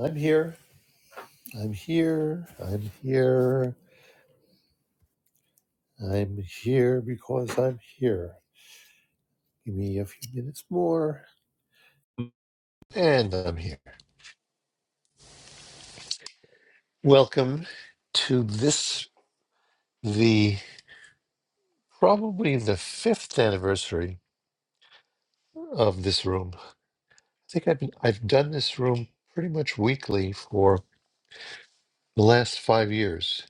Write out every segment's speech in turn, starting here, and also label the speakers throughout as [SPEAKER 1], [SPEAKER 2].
[SPEAKER 1] I'm here. I'm here. I'm here. I'm here because I'm here. Give me a few minutes more. And I'm here. Welcome to this, the probably the fifth anniversary of this room. I think I've been, I've done this room pretty much weekly for the last five years,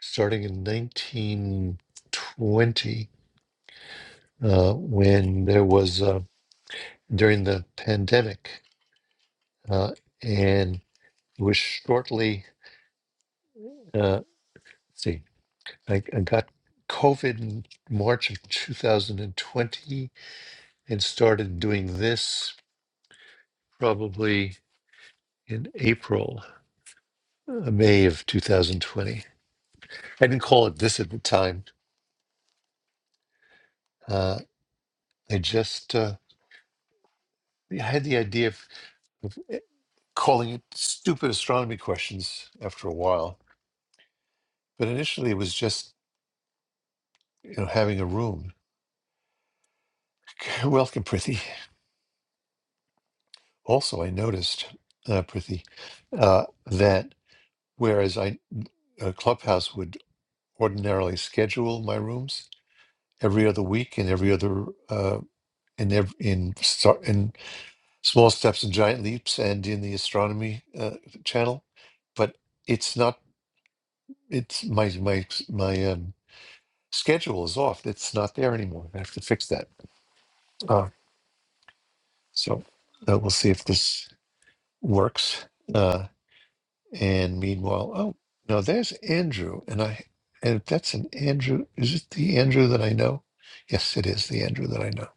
[SPEAKER 1] starting in 1920 uh, when there was uh, during the pandemic. Uh, and It was shortly, uh, let's see, I, I got COVID in March of 2020 and twenty and started doing this probably in April, uh, May of 2020. I didn't call it this at the time. Uh, I just uh, I had the idea of, of eh, calling it stupid astronomy questions after a while. But initially, it was just you know having a room. Welcome, Prithi. Also, I noticed, uh, Prithi, uh, that Whereas I uh, Clubhouse would ordinarily schedule my rooms every other week and every other uh, in ev- in star- in small steps and giant leaps and in the astronomy uh, channel, but it's not. It's my my my um, schedule is off. It's not there anymore. I have to fix that. Uh, so uh, we'll see if this works. Uh, And meanwhile, oh, no, there's Andrew. And I, and if that's an Andrew. Is it the Andrew that I know? Yes, it is the Andrew that I know.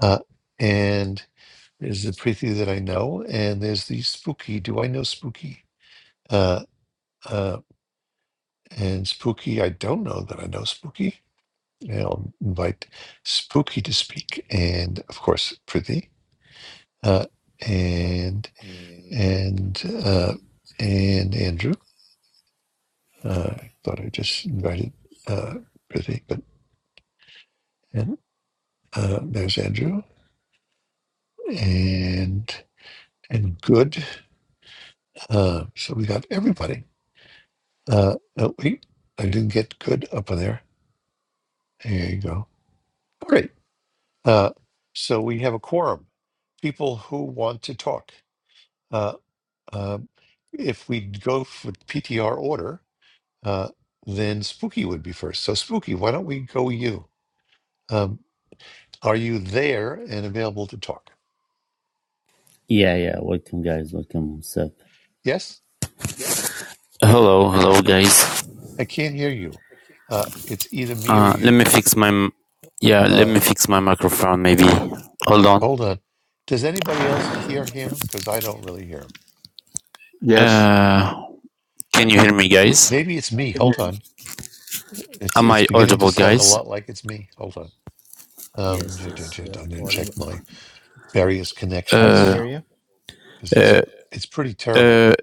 [SPEAKER 1] Uh, and there's the Preeti that I know. And there's the Spooky. Do I know Spooky? Uh, uh, and Spooky, I don't know that I know Spooky. And I'll invite Spooky to speak. And of course, Preeti. Uh, and, and, uh, and Andrew. Uh, thought I just invited uh, Prithik, but and uh, there's Andrew and and good. Uh, so we got everybody. Uh, oh, wait, I didn't get good up on there. There you go. All right. Uh, so we have a quorum. People who want to talk. Uh, uh, if we go for PTR order, uh, then Spooky would be first. So Spooky, why don't we go you? Um, are you there and available to talk?
[SPEAKER 2] Yeah, yeah. Welcome, guys. Welcome, Seb.
[SPEAKER 1] Yes.
[SPEAKER 2] Hello, hello guys.
[SPEAKER 1] I can't hear you. Uh, it's either me or
[SPEAKER 2] Uh, let
[SPEAKER 1] you.
[SPEAKER 2] me fix my m- yeah. Let
[SPEAKER 1] Uh,
[SPEAKER 2] me fix my microphone. Maybe hold on.
[SPEAKER 1] hold on. Does anybody else hear him? Because I don't really hear him.
[SPEAKER 3] Yes,
[SPEAKER 2] Uh,
[SPEAKER 3] I
[SPEAKER 2] can you
[SPEAKER 3] can,
[SPEAKER 2] hear me, guys?
[SPEAKER 1] Maybe it's
[SPEAKER 3] I
[SPEAKER 1] me.
[SPEAKER 3] can hear
[SPEAKER 1] Hold
[SPEAKER 3] you.
[SPEAKER 1] on. It's
[SPEAKER 2] Am
[SPEAKER 1] it's
[SPEAKER 2] I
[SPEAKER 1] beginning to
[SPEAKER 2] audible,
[SPEAKER 1] sound a
[SPEAKER 2] guys?
[SPEAKER 1] lot like it's me. Hold on. Um,
[SPEAKER 4] Yes,
[SPEAKER 1] ju-
[SPEAKER 4] yes, you are
[SPEAKER 1] I'm gonna
[SPEAKER 4] all.
[SPEAKER 1] check my various
[SPEAKER 5] I can
[SPEAKER 1] connections
[SPEAKER 2] Uh,
[SPEAKER 5] hear you.
[SPEAKER 1] because
[SPEAKER 2] uh,
[SPEAKER 1] it's it's pretty terrible.
[SPEAKER 2] uh,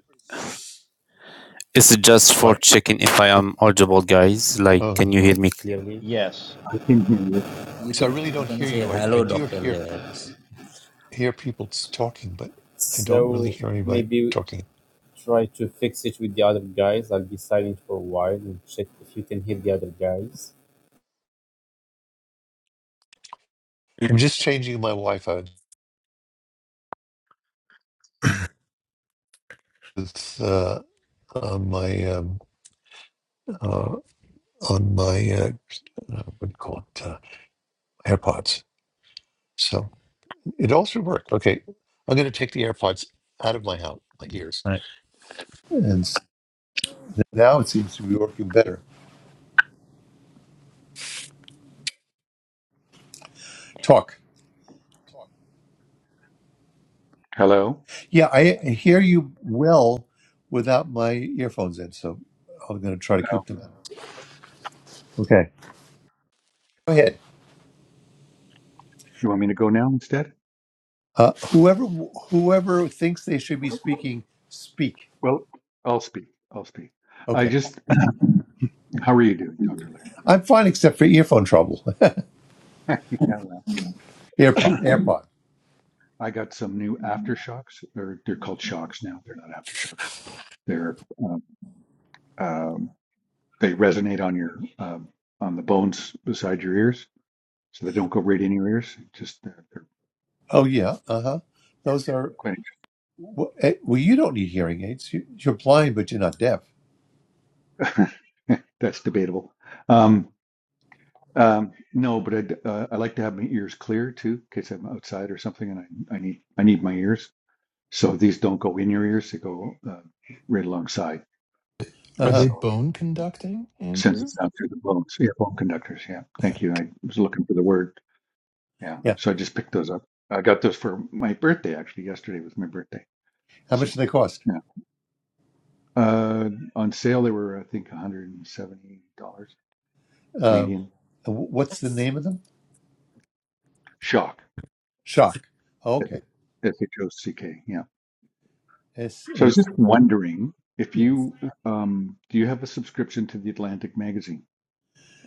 [SPEAKER 2] it's just for
[SPEAKER 1] Why?
[SPEAKER 2] checking if I am audible, guys. Like,
[SPEAKER 1] Uh,
[SPEAKER 2] can you hear me clearly?
[SPEAKER 5] Yes.
[SPEAKER 3] I can hear you.
[SPEAKER 4] Yeah, you
[SPEAKER 1] so I
[SPEAKER 4] can
[SPEAKER 1] really
[SPEAKER 4] you
[SPEAKER 1] don't
[SPEAKER 4] can
[SPEAKER 1] hear
[SPEAKER 4] say
[SPEAKER 1] you. I, I
[SPEAKER 4] hello,
[SPEAKER 1] do
[SPEAKER 4] Doctor
[SPEAKER 1] hear
[SPEAKER 4] Laird.
[SPEAKER 1] s- hear people s- talking, but I don't really
[SPEAKER 2] So
[SPEAKER 1] hear anybody
[SPEAKER 2] maybe
[SPEAKER 1] talking.
[SPEAKER 2] try to fix it with the other guys. I'll be silent for a while and check if you can hear the other guys.
[SPEAKER 1] I'm just changing my Wi-Fi with uh, on my um, uh, on my uh, uh, what do you call it uh, AirPods. So it also worked. Okay, I'm going to take the AirPods out of my house, my ears, and s- now it seems to be working better. Talk.
[SPEAKER 3] Hello.
[SPEAKER 1] Yeah, I hear you well without my earphones in, so I'm going to try to
[SPEAKER 3] Oh,
[SPEAKER 1] keep them. out. Okay, go ahead.
[SPEAKER 3] you want me to go now instead?
[SPEAKER 1] Uh, whoever whoever thinks they should be speaking, speak.
[SPEAKER 3] Well, I'll speak. I'll speak. I
[SPEAKER 1] Okay,
[SPEAKER 3] just, how are you doing, Dr. Laird?
[SPEAKER 1] I'm fine except for earphone trouble.
[SPEAKER 3] yeah, well,
[SPEAKER 1] AirPod, AirPod.
[SPEAKER 3] I got some new aftershocks, or they're called shocks now. They're not aftershocks. They're, um, um, they resonate on your, um, on the bones beside your ears. So they don't go right in your ears. Just, they they're
[SPEAKER 1] Oh yeah, uh huh. Those are.
[SPEAKER 3] quite,
[SPEAKER 1] Well, eh, well, you don't need hearing aids. You- You're blind, but you're not deaf.
[SPEAKER 3] that's debatable. Um, Um, no, but I'd, uh, I like to have my ears clear too, in case I'm outside or something, and I, I need I need my ears. So these don't go in your ears; they go uh, right alongside,
[SPEAKER 1] Uh
[SPEAKER 6] Are
[SPEAKER 3] and
[SPEAKER 1] huh.
[SPEAKER 6] they
[SPEAKER 3] so
[SPEAKER 6] bone conducting,
[SPEAKER 3] it sends it
[SPEAKER 6] Andrew?
[SPEAKER 3] down through the bones. Yeah, bone conductors. Yeah,
[SPEAKER 6] Yeah.
[SPEAKER 3] thank you. I was looking for the word. Yeah,
[SPEAKER 1] Yeah.
[SPEAKER 3] so I just picked those up. I got those for my birthday actually. Yesterday was my birthday,
[SPEAKER 1] How much do
[SPEAKER 3] so
[SPEAKER 1] they cost?
[SPEAKER 3] yeah. Uh, on sale they were I think 170 dollars
[SPEAKER 1] Um,
[SPEAKER 3] Canadian.
[SPEAKER 1] and wh- what's the name of them?
[SPEAKER 3] Shock.
[SPEAKER 1] Shock.
[SPEAKER 3] S
[SPEAKER 1] Okay.
[SPEAKER 3] H O C K. yeah.
[SPEAKER 1] S
[SPEAKER 3] So I was
[SPEAKER 1] H.
[SPEAKER 3] just wondering if
[SPEAKER 1] Yes.
[SPEAKER 3] you um, do you have a subscription to the Atlantic magazine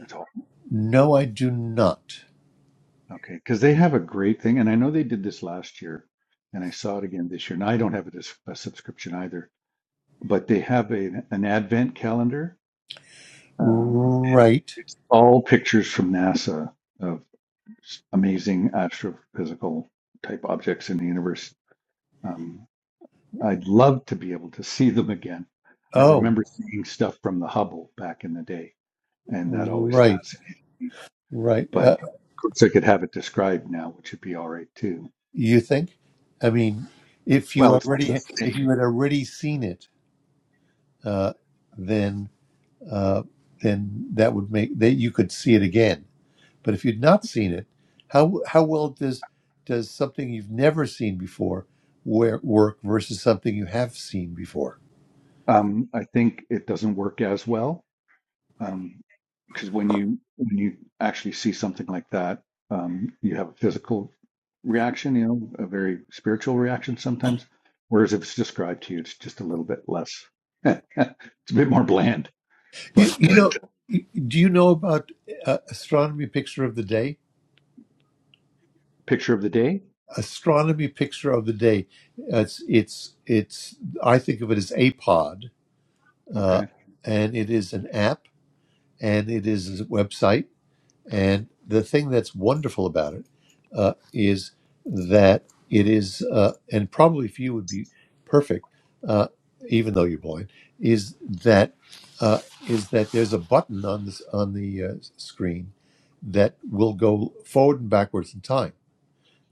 [SPEAKER 3] at all?
[SPEAKER 1] No, I do not.
[SPEAKER 3] Okay, because they have a great thing, and I know they did this last year, and I saw it again this year. And I don't have a, dis- a subscription either, but they have a, an advent calendar. Um,
[SPEAKER 1] Right.
[SPEAKER 3] it's all pictures from NASA of s- amazing astrophysical type objects in the universe. Um, I'd love to be able to see them again. I
[SPEAKER 1] Oh,
[SPEAKER 3] remember seeing stuff from the Hubble back in the day and that always
[SPEAKER 1] right,
[SPEAKER 3] fascinated me.
[SPEAKER 1] right.
[SPEAKER 3] But
[SPEAKER 1] Uh,
[SPEAKER 3] of course, I could have it described now, which would be all right too.
[SPEAKER 1] you think? I mean, if you
[SPEAKER 3] Well, it's not the
[SPEAKER 1] already, if
[SPEAKER 3] same.
[SPEAKER 1] you had already seen it, uh, then uh, then that would make that you could see it again But if you'd not seen it, how how well does does something you've never seen before where, work versus something you have seen before?
[SPEAKER 3] Um, I think it doesn't work as well um, because when you when you actually see something like that, um, you have a physical reaction, you know, a very spiritual reaction sometimes. Whereas if it's described to you, it's just a little bit less. it's a bit more bland.
[SPEAKER 1] You,
[SPEAKER 3] But
[SPEAKER 1] you know,
[SPEAKER 3] um,
[SPEAKER 1] do you know about uh, astronomy picture of the day?
[SPEAKER 3] picture of the day.
[SPEAKER 1] Astronomy picture of the day. It's it's it's. I think of it as APOD, uh,
[SPEAKER 3] Okay.
[SPEAKER 1] and it is an app and it is a website And the thing that's wonderful about it uh, is that it is, uh, and probably for you would be perfect, uh, even though you're blind, is that uh, is that there's a button on this on the uh, screen that will go forward and backwards in time.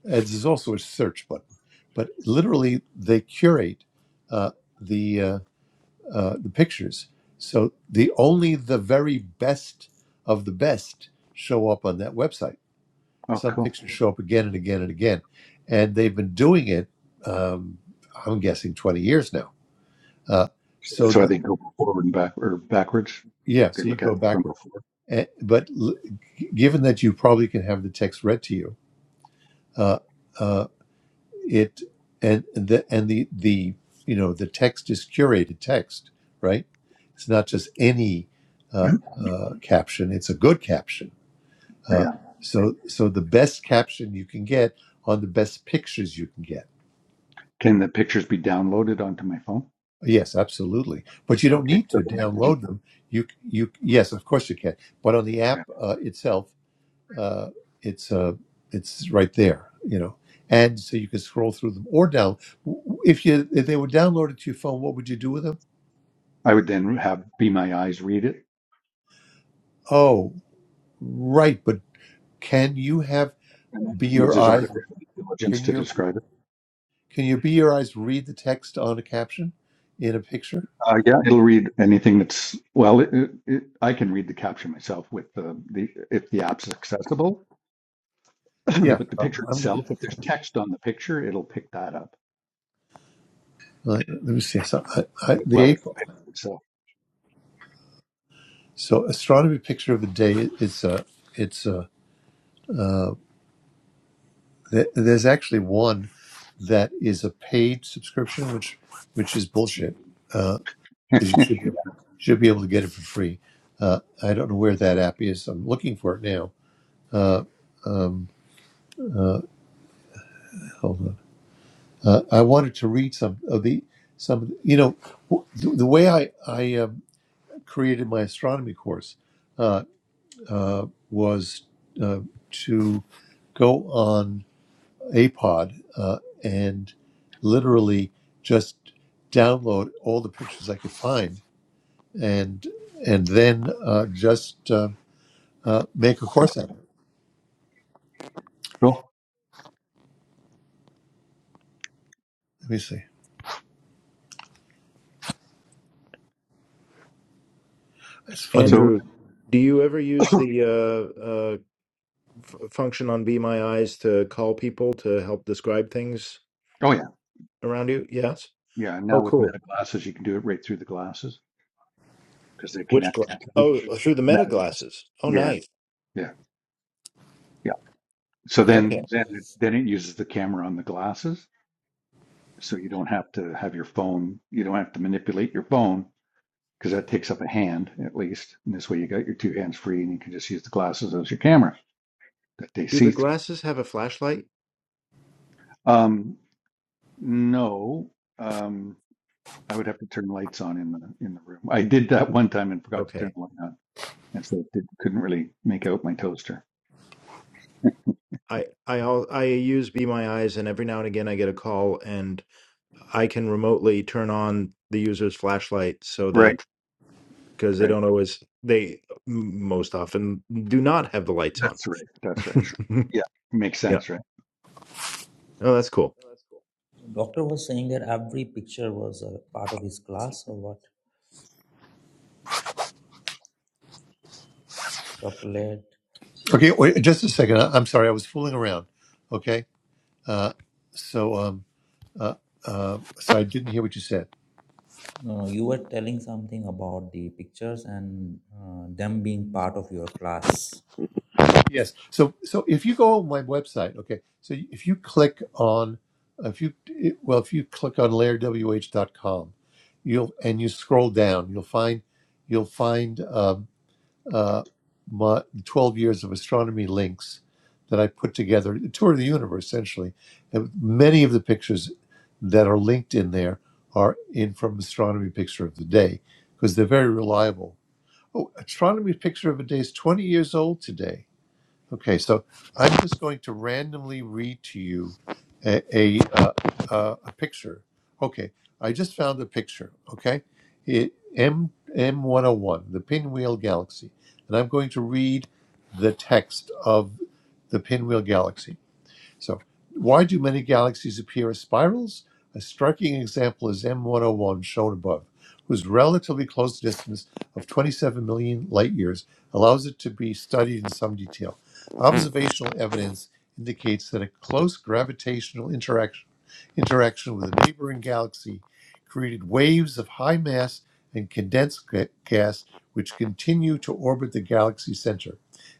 [SPEAKER 1] And there's also a search button, but literally they curate uh, the uh, uh, the pictures. So the only the very best of the best show up on that website.
[SPEAKER 3] Oh,
[SPEAKER 1] Some
[SPEAKER 3] cool.
[SPEAKER 1] pictures show up again and again and again, and they've been doing it. Um, I'm guessing 20 years now. Uh, so
[SPEAKER 3] So I
[SPEAKER 1] that
[SPEAKER 3] think go forward and back or backwards.
[SPEAKER 1] yeah,
[SPEAKER 3] They
[SPEAKER 1] so you
[SPEAKER 3] look at
[SPEAKER 1] go
[SPEAKER 3] it from
[SPEAKER 1] backwards.
[SPEAKER 3] before.
[SPEAKER 1] Eh, but l- given that you probably can have the text read to you. Uh, uh, it and the and the the you know the text is curated text right it's not just any uh,
[SPEAKER 3] Mhm.
[SPEAKER 1] uh, caption it's a good caption uh,
[SPEAKER 3] Yeah.
[SPEAKER 1] so so the best caption you can get on the best pictures you can get
[SPEAKER 3] Can the pictures be downloaded onto my phone?
[SPEAKER 1] yes absolutely but you don't
[SPEAKER 3] Okay.
[SPEAKER 1] need
[SPEAKER 3] So
[SPEAKER 1] to
[SPEAKER 3] then I could do.
[SPEAKER 1] download them you you yes of course you can but on the app
[SPEAKER 3] yeah.
[SPEAKER 1] uh, itself uh, it's uh, it's right there, you know. And so you can scroll through them or down. If you if they were downloaded to your phone, what would you do with them?
[SPEAKER 3] I would then have be my eyes read it,
[SPEAKER 1] Oh, right. But can you have
[SPEAKER 3] and that
[SPEAKER 1] be your
[SPEAKER 3] uses
[SPEAKER 1] eyes?
[SPEAKER 3] artificial intelligence
[SPEAKER 1] Can
[SPEAKER 3] to
[SPEAKER 1] your
[SPEAKER 3] describe it.
[SPEAKER 1] can your be your eyes read the text on a caption in a picture?
[SPEAKER 3] Uh, yeah, it'll read anything that's well. It, it, it, I can read the caption myself with the, the if the app's accessible,
[SPEAKER 1] Yeah.
[SPEAKER 3] but the picture
[SPEAKER 1] I'm,
[SPEAKER 3] itself, if there's text on the picture, it'll pick that up
[SPEAKER 1] uh, let me see. So I, I,
[SPEAKER 3] as
[SPEAKER 1] the
[SPEAKER 3] well as the
[SPEAKER 1] April.
[SPEAKER 3] picture itself.
[SPEAKER 1] So astronomy picture of the day. It's uh, it's uh, th- there's actually one that is a paid subscription, which which is bullshit. Uh, 'cause you should, should be able to get it for free. Uh, I don't know where that app is. I'm looking for it now. Uh, um, hold on. Uh, I wanted to read some of the some. You know, w- the, the way I I um, created my astronomy course uh, uh, was uh, to go on Apod uh, and literally just download all the pictures I could find and and then uh, just uh, uh, make a course out of it.
[SPEAKER 3] Cool.
[SPEAKER 1] Let me see. That's funny.
[SPEAKER 3] So
[SPEAKER 5] Andrew, do you ever use the
[SPEAKER 3] Oh
[SPEAKER 5] uh, uh, f- function on Be My Eyes to call people to help describe things
[SPEAKER 3] yeah.
[SPEAKER 5] around you? Yes.
[SPEAKER 3] Yeah, and
[SPEAKER 5] Oh,
[SPEAKER 3] now with
[SPEAKER 5] cool.
[SPEAKER 3] Meta glasses, you can do it right through the glasses because they're
[SPEAKER 5] Which glass?
[SPEAKER 3] connecting to the
[SPEAKER 5] Oh, through the meta
[SPEAKER 3] Meta glasses.
[SPEAKER 5] glasses. Oh,
[SPEAKER 3] Yeah,
[SPEAKER 5] nice.
[SPEAKER 3] yeah, yeah. So
[SPEAKER 5] Okay.
[SPEAKER 3] then, then, it- then it uses the camera on the glasses, so you don't have to have your phone. You don't have to manipulate your phone because that takes up a hand at least. And this way, you got your two hands free, and you can just use the glasses as your camera that they
[SPEAKER 5] Do
[SPEAKER 3] see
[SPEAKER 5] the
[SPEAKER 3] through.
[SPEAKER 5] glasses have a flashlight?
[SPEAKER 3] Um, no, um, I would have to turn lights on in the in the room. I did that one time and forgot to turn
[SPEAKER 5] Okay.
[SPEAKER 3] the light on, and so it did, couldn't really make out my toaster.
[SPEAKER 5] I I al- I use Be My Eyes, and every now and again I get a call, and I can remotely turn on the user's flashlight so
[SPEAKER 3] Right,
[SPEAKER 5] that because they
[SPEAKER 3] right.
[SPEAKER 5] don't always they m- most often do not have the lights on
[SPEAKER 3] That's right. That's right. Yeah, makes
[SPEAKER 5] yeah.
[SPEAKER 3] sense, right?
[SPEAKER 5] Oh, that's cool.
[SPEAKER 4] Doctor was saying that every picture was a part of his class, or what? Doctor Laird,
[SPEAKER 1] Okay, wait just a second. I, I'm sorry, I was fooling around. Okay, uh, so um, uh, uh, so I didn't hear what you said.
[SPEAKER 4] no, no, you were telling something about the pictures and uh, them being part of your class.
[SPEAKER 1] Yes. So so if you go on my website, okay. So if you click on if you well if you click on laird w h dot com, you'll and you scroll down, you'll find you'll find. um, uh, my 12 years of astronomy links that I put together, a tour of the universe essentially. And many of the pictures that are linked in there are in from Astronomy Picture of the Day because they're very reliable. Oh, Astronomy Picture of the Day is 20 years old today Okay, so I'm just going to randomly read to you a a, uh, uh, a picture. Okay, I just found a picture. Okay, it, M M101, the Pinwheel Galaxy, and I'm going to read the text of the Pinwheel Galaxy. So, why do many galaxies appear as spirals? A striking example is M101, shown above, whose relatively close distance of 27 million light years allows it to be studied in some detail. Observational evidence indicates that a close gravitational interaction interaction with a neighboring galaxy created waves of high mass and condensed ga- gas which continue to orbit the galaxy center.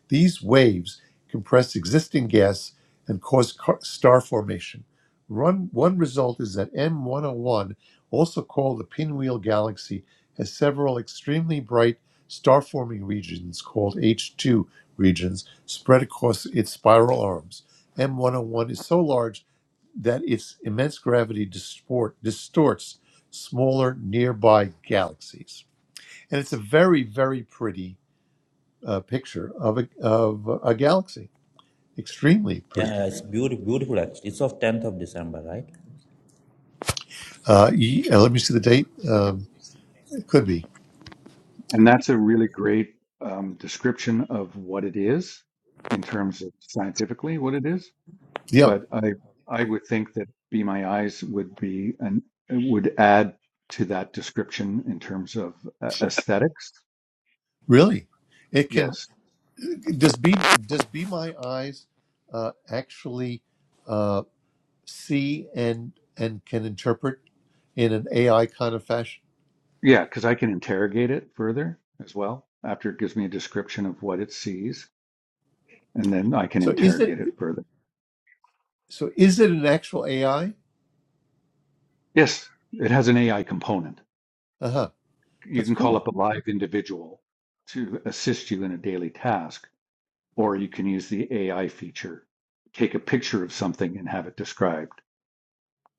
[SPEAKER 1] These waves compress existing gas and cause star formation. Run, one result is that M101, also called the Pinwheel Galaxy, has several extremely bright star forming regions called H2 regions spread across its spiral arms. M101 is so large that its immense gravity distort, distorts smaller nearby galaxies. And it's a very, very pretty uh, picture of a, of a galaxy. Extremely pretty.
[SPEAKER 4] Yeah, yeah, it's beautiful, beautiful actually. It's of tenth of December, right?
[SPEAKER 1] Uh, ye- uh, let me see the date. Um, it could be.
[SPEAKER 3] And that's a really great um, description of what it is in terms of scientifically what it is.
[SPEAKER 1] Yeah,
[SPEAKER 3] But I I would think that Be My Eyes would be and would add to that description in terms of uh, aesthetics.
[SPEAKER 1] really. It can.
[SPEAKER 3] Yes.
[SPEAKER 1] Does be does be my eyes uh, actually uh, see and and can interpret in an AI kind of fashion?
[SPEAKER 3] Yeah, because I can interrogate it further as well after it gives me a description of what it sees, and then I can
[SPEAKER 1] So is
[SPEAKER 3] interrogate
[SPEAKER 1] it
[SPEAKER 3] it further.
[SPEAKER 1] so is it an actual AI?
[SPEAKER 3] Yes, it has an AI component.
[SPEAKER 1] Uh huh.
[SPEAKER 3] You
[SPEAKER 1] That's
[SPEAKER 3] can call
[SPEAKER 1] cool.
[SPEAKER 3] up a live individual to assist you in a daily task, or you can use the AI feature, take a picture of something and have it described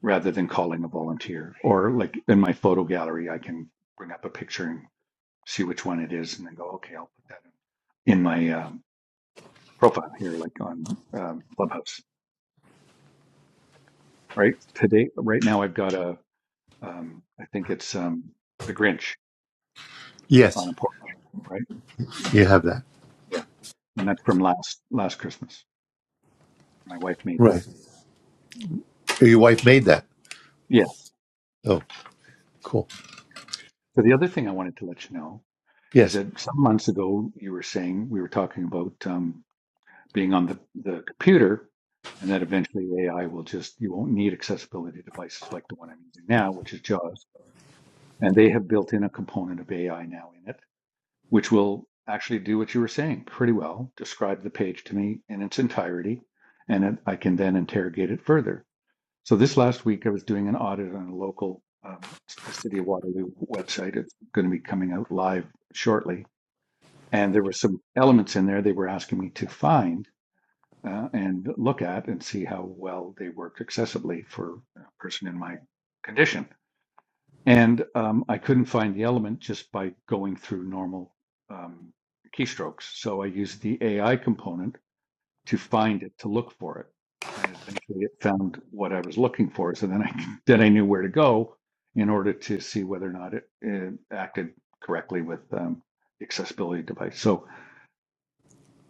[SPEAKER 3] rather than calling a volunteer. Or, like in my photo gallery, I can bring up a picture and see which one it is and then go, okay, I'll put that in my um, profile here, like on um, Clubhouse, right? Today, right now, I've got a, um, I think it's um, The Grinch on a
[SPEAKER 1] Yes,
[SPEAKER 3] port, right?
[SPEAKER 1] you have that.
[SPEAKER 3] and that's from last last Christmas. My wife made that.
[SPEAKER 1] Right. Your wife made that.
[SPEAKER 3] Yes.
[SPEAKER 1] Oh, cool.
[SPEAKER 3] So the other thing I wanted to let you know is
[SPEAKER 1] Yes.
[SPEAKER 3] that some months ago you were saying we were talking about um, being on the, the computer, and that eventually AI will just you won't need accessibility devices like the one I'm using now, which is JAWS, and they have built in a component of AI now in it, which will actually do what you were saying pretty well, describe the page to me in its entirety, and it, I can then interrogate it further. So this last week, I was doing an audit on a local, um, the City of Waterloo website. It's going to be coming out live shortly. And there were some elements in there they were asking me to find uh, and look at and see how well they worked accessibly for a person in my condition. And um, I couldn't find the element just by going through normal um, keystrokes. So I used the AI component to find it, to look for it. And eventually it found what I was looking for. So then I then I knew where to go in order to see whether or not it, it acted correctly with um, the accessibility device. So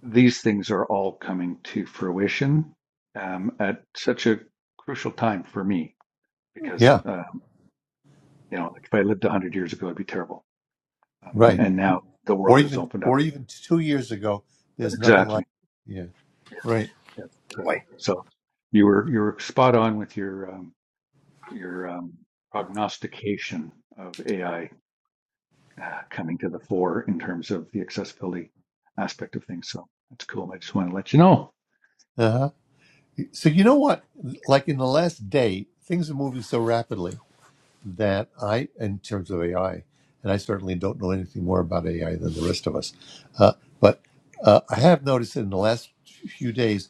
[SPEAKER 3] these things are all coming to fruition um, at such a crucial time for me because
[SPEAKER 1] Yeah.
[SPEAKER 3] um, you know like if I lived 100 years ago it'd be terrible. Um,
[SPEAKER 1] Right.
[SPEAKER 3] and now the world
[SPEAKER 1] Or
[SPEAKER 3] has
[SPEAKER 1] even
[SPEAKER 3] opened up.
[SPEAKER 1] or even two years ago, there's nothing like.
[SPEAKER 3] Exactly,
[SPEAKER 1] Yeah. Right.
[SPEAKER 3] that's incredible. So you were you were spot on with your um, your um, prognostication of AI uh, coming to the fore in terms of the accessibility aspect of things. So that's cool. I just want to let you know.
[SPEAKER 1] Uh-huh. So you know what? Like in the last day, things are moving so rapidly that I, in terms of AI, and I certainly don't know anything more about AI than the rest of us, uh, but uh, I have noticed in the last few days,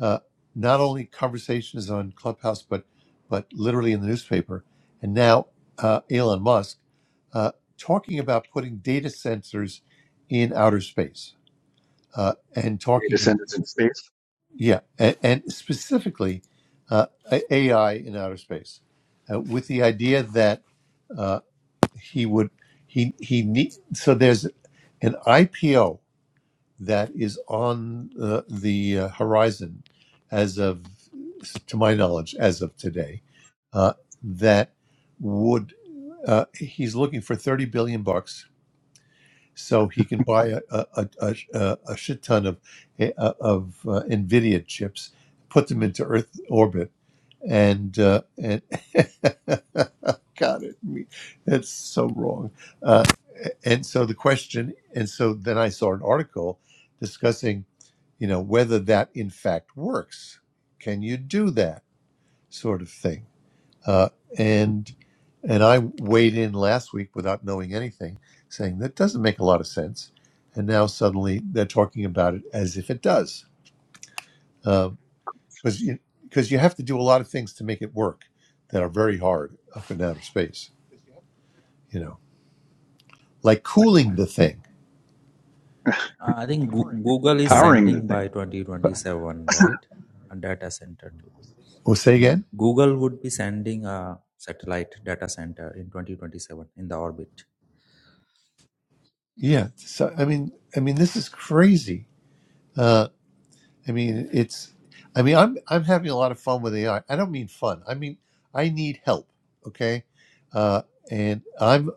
[SPEAKER 1] uh, not only conversations on Clubhouse, but but literally in the newspaper, and now uh, Elon Musk uh, talking about putting data sensors in outer space uh, and
[SPEAKER 3] Data
[SPEAKER 1] talking
[SPEAKER 3] centers in space
[SPEAKER 1] yeah, and, and specifically uh, A- AI in outer space, uh, with the idea that uh, he would he he need so there's an IPO that is on uh, the uh, horizon as of to my knowledge as of today uh, that would uh, he's looking for thirty billion bucks so he can buy a a, a, a, a shit ton of eh, uh, of uh, Nvidia chips, put them into Earth orbit, and uh, and God, it me that's so wrong. Uh, and so the question, and so then I saw an article discussing, you know, whether that in fact works. Can you do that sort of thing? uh, and and I weighed in last week without knowing anything, saying that doesn't make a lot of sense, and now suddenly they're talking about it as if it does, because you because you have to do a lot of things to make it work that are very hard up in outer space, you know, like
[SPEAKER 3] are
[SPEAKER 1] cooling the thing,
[SPEAKER 4] I think Goo- Google
[SPEAKER 1] you
[SPEAKER 4] is
[SPEAKER 1] know.
[SPEAKER 3] powering the thing.
[SPEAKER 4] sending by twenty
[SPEAKER 1] But
[SPEAKER 4] twenty seven, right? A data center to
[SPEAKER 1] we say again,
[SPEAKER 4] Google would be sending a satellite data center in twenty twenty seven in the orbit.
[SPEAKER 1] yeah. So I mean, I mean, this is crazy. Uh, I mean, it's. I mean, I'm I'm having a lot of fun with AI. I I don't mean fun. I mean, I need help. Okay, uh, and I'm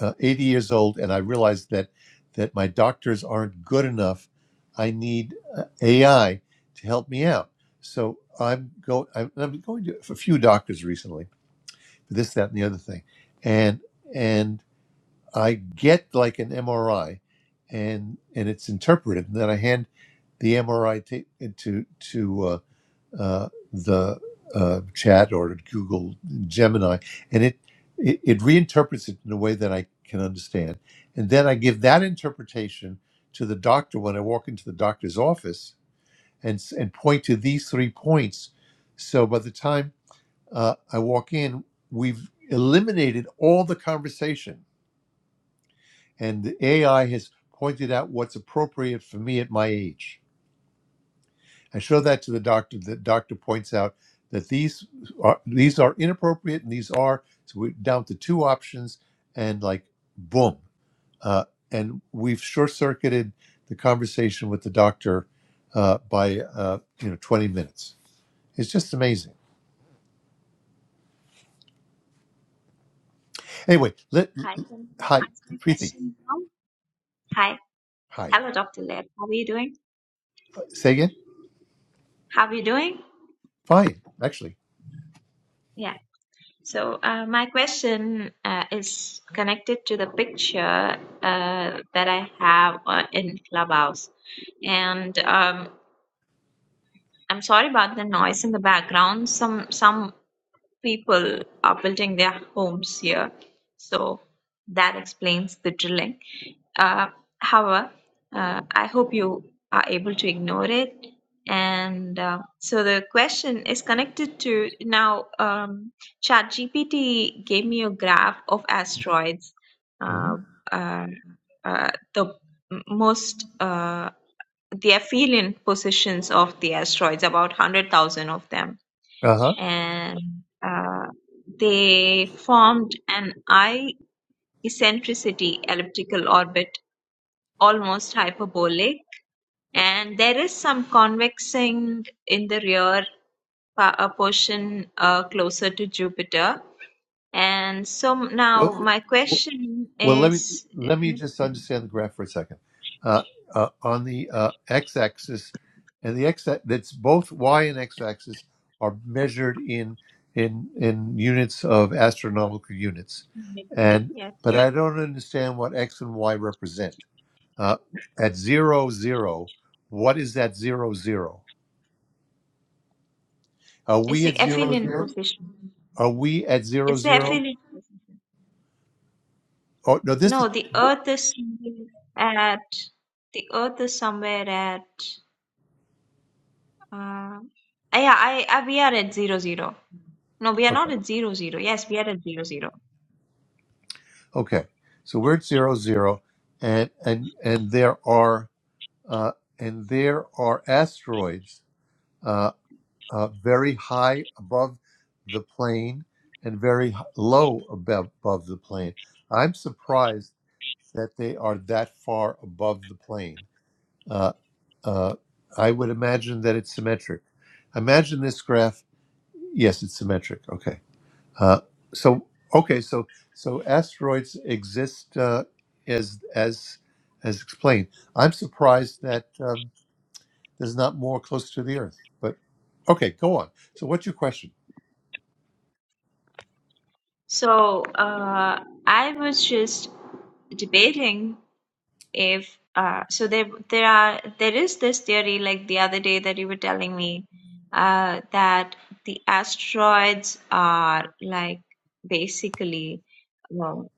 [SPEAKER 1] uh, 80 years old, and I realize that that my doctors aren't good enough. I need uh, AI to help me out. So I'm go. I'm, I'm going to a few doctors recently for this, that, and the other thing, and and. I get like an MRI, and and it's interpreted. And then I hand the MRI ta- to to uh, uh, the uh, chat or to Google Gemini, and it, it it reinterprets it in a way that I can understand. And then I give that interpretation to the doctor when I walk into the doctor's office and s- and point to these three points. So by the time uh, I walk in, we've eliminated all the conversation and the AI has pointed out what's appropriate for me at my age. I show that to the doctor. The doctor points out that these are these are inappropriate and these are so we're down to two options, and like boom, uh, and we've short circuited the conversation with the doctor uh, by uh, you know twenty minutes. It's just amazing. Anyway, let,
[SPEAKER 7] Hi, can you
[SPEAKER 1] hi
[SPEAKER 7] ask my
[SPEAKER 1] Preeti,
[SPEAKER 7] question now? Hi.
[SPEAKER 1] hi.
[SPEAKER 7] Hello, Dr. Lab. How are you doing?
[SPEAKER 1] Say again.
[SPEAKER 7] How are you doing?
[SPEAKER 1] Fine, actually.
[SPEAKER 7] Yeah. So, uh, my question uh, is connected to the picture uh, that I have uh, in Clubhouse. And um, I'm sorry about the noise in the background. Some some people are building their homes here. So that explains the drilling. Uh, however, uh, I hope you are able to ignore it. And uh, so the question is connected to now. Um, ChatGPT gave me a graph of asteroids,
[SPEAKER 1] Uh
[SPEAKER 7] uh, uh, uh, the m- most, uh, the aphelion positions of the asteroids, about 100,000 of them.
[SPEAKER 1] huh.
[SPEAKER 7] And uh, they formed an eye eccentricity elliptical orbit almost hyperbolic, and there is some convexing in the rear pa- uh, portion uh, closer to Jupiter. And so now my question
[SPEAKER 1] Well, let me
[SPEAKER 7] is,
[SPEAKER 1] let me just understand the graph for a second. Uh, uh, on the uh, x-axis and the x that's both y and x-axis are measured in in in units of astronomical units, and
[SPEAKER 7] yes,
[SPEAKER 1] but I don't understand what x and y represent. Uh, at zero zero, what is that zero zero? Are
[SPEAKER 7] it's
[SPEAKER 1] we
[SPEAKER 7] the
[SPEAKER 1] at zero
[SPEAKER 7] aphelion
[SPEAKER 1] zero?
[SPEAKER 7] position.
[SPEAKER 1] Are we at zero
[SPEAKER 7] It's the
[SPEAKER 1] zero?
[SPEAKER 7] aphelion position.
[SPEAKER 1] Oh no, this is
[SPEAKER 7] No, the Earth is somewhere at the Earth is somewhere at. Uh, yeah, I, I we are at zero zero. No, we are
[SPEAKER 1] okay.
[SPEAKER 7] not at zero zero. Yes, we are at zero zero.
[SPEAKER 1] Okay, so we're at zero zero, and and and there are uh, and there are asteroids uh, uh, very high above the plane and very h- low above, above the plane. I'm surprised that they are that far above the plane. Uh, uh, I would imagine that it's symmetric. Imagine this graph. Yes, it's symmetric. Okay uh, so okay, so so asteroids exist uh, as as as explained. I'm surprised that um, there's not more close to the Earth. But okay, go on. So what's your question?
[SPEAKER 7] So uh, I was just debating if uh, so there there are there is this theory like the other day that you were telling me uh, that the asteroids are like basically well,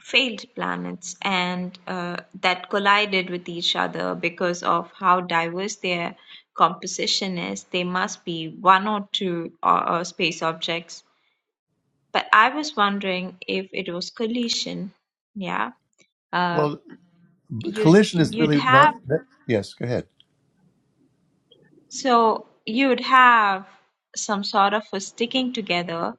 [SPEAKER 7] failed planets and uh, that collided with each other because of how diverse their composition is. They must be one or two uh, uh, space objects but I was wondering if it was collision. Yeah. Uh,
[SPEAKER 1] Well,
[SPEAKER 7] you
[SPEAKER 1] collision is
[SPEAKER 7] you'd
[SPEAKER 1] really not.
[SPEAKER 7] have
[SPEAKER 1] Yes, go ahead.
[SPEAKER 7] so you'd have some sort of a sticking together.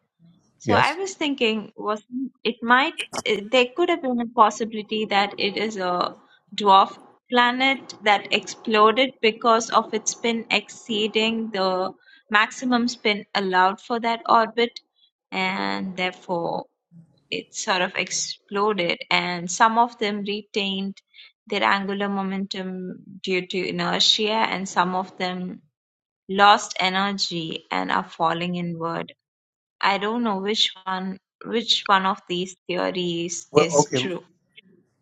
[SPEAKER 7] So I
[SPEAKER 1] Yes.
[SPEAKER 7] was thinking was it might it- there could have been a possibility that it is a dwarf planet that exploded because of its spin exceeding the maximum spin allowed for that orbit and therefore it sort of exploded and some of them retained their angular momentum due to inertia and some of them lost energy and are falling inward i don't know which one which one of these theories
[SPEAKER 1] Well,
[SPEAKER 7] is
[SPEAKER 1] okay.
[SPEAKER 7] true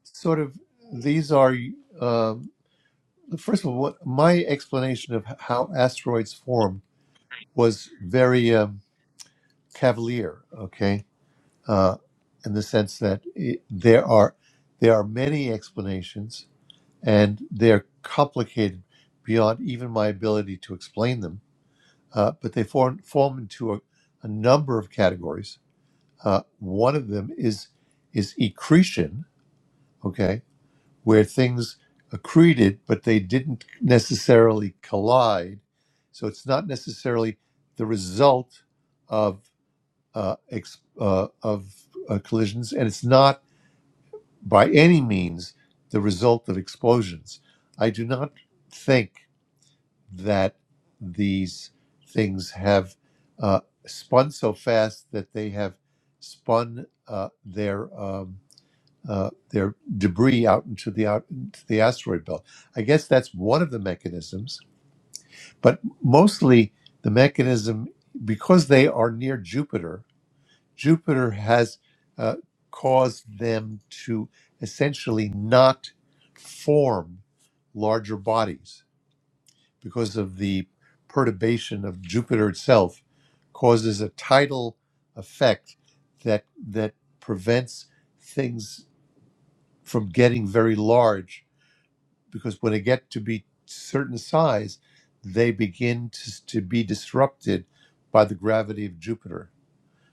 [SPEAKER 1] Sort of. These are um, first of all. What my explanation of how asteroids form was very um, cavalier. Okay uh, in the sense that it, there are there are many explanations, and they're complicated beyond even my ability to explain them. Uh, but they form form into a, a number of categories. Uh, one of them is is accretion, okay, where things accreted, but they didn't necessarily collide. So it's not necessarily the result of uh, ex- uh, of uh, collisions, and it's not by any means the result of explosions. I do not think that these things have uh, spun so fast that they have spun uh, their um, uh, their debris out into the out into the asteroid belt. I guess that's one of the mechanisms, but mostly the mechanism because they are near Jupiter Jupiter has uh, caused them to essentially not form larger bodies because of the perturbation of Jupiter itself causes a tidal effect that that prevents things from getting very large because when they get to be certain size they begin to, to be disrupted by the gravity of Jupiter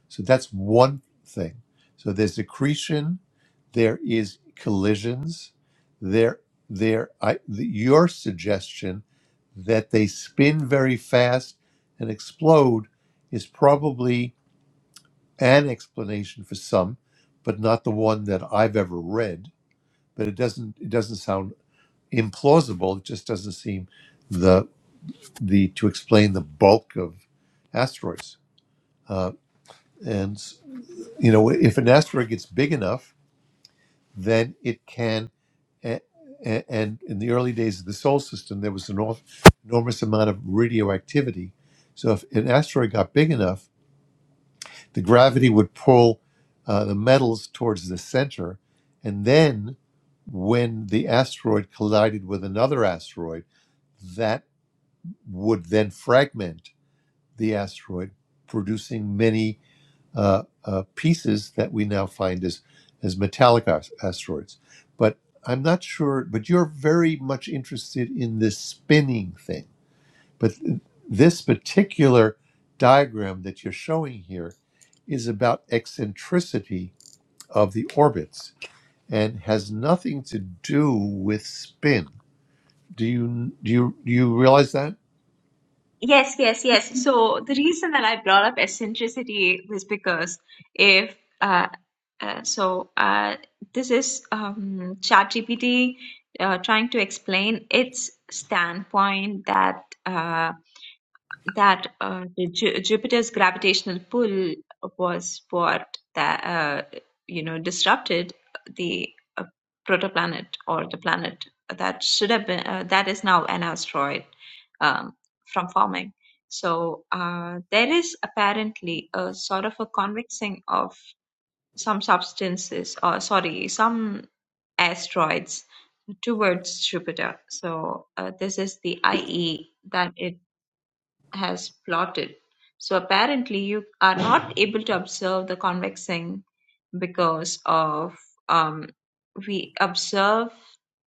[SPEAKER 1] so that's one thing. So there's accretion, there is collisions, there there I the, your suggestion that they spin very fast and explode is probably an explanation for some, but not the one that I've ever read. But it doesn't it doesn't sound implausible. It just doesn't seem the the to explain the bulk of asteroids. Uh, and you know if an asteroid gets big enough then it can. a- a- And in the early days of the solar system, there was an enorm- enormous amount of radioactivity. So if an asteroid got big enough, the gravity would pull uh, the metals towards the center, and then when the asteroid collided with another asteroid, that would then fragment the asteroid, producing many uh, uh, pieces that we now find as as metallic as- asteroids. But I'm not sure. But you're very much interested in this spinning thing. But th- this particular diagram that you're showing here is about eccentricity of the orbits and has nothing to do with spin. Do you do you do you realize that?
[SPEAKER 7] Yes, yes, yes. So the reason that I brought up eccentricity was because if uh, uh, so uh, this is um, ChatGPT uh, trying to explain its standpoint that uh that uh, the Ju- Jupiter's gravitational pull was what that uh, you know disrupted the uh, protoplanet or the planet that should have been uh, that is now an asteroid um, from forming. So uh, there is apparently a sort of a convexing of some substances or sorry some asteroids towards Jupiter. So uh, this is the IE that it has plotted. So apparently you are not able to observe the convex thing because of um, we observe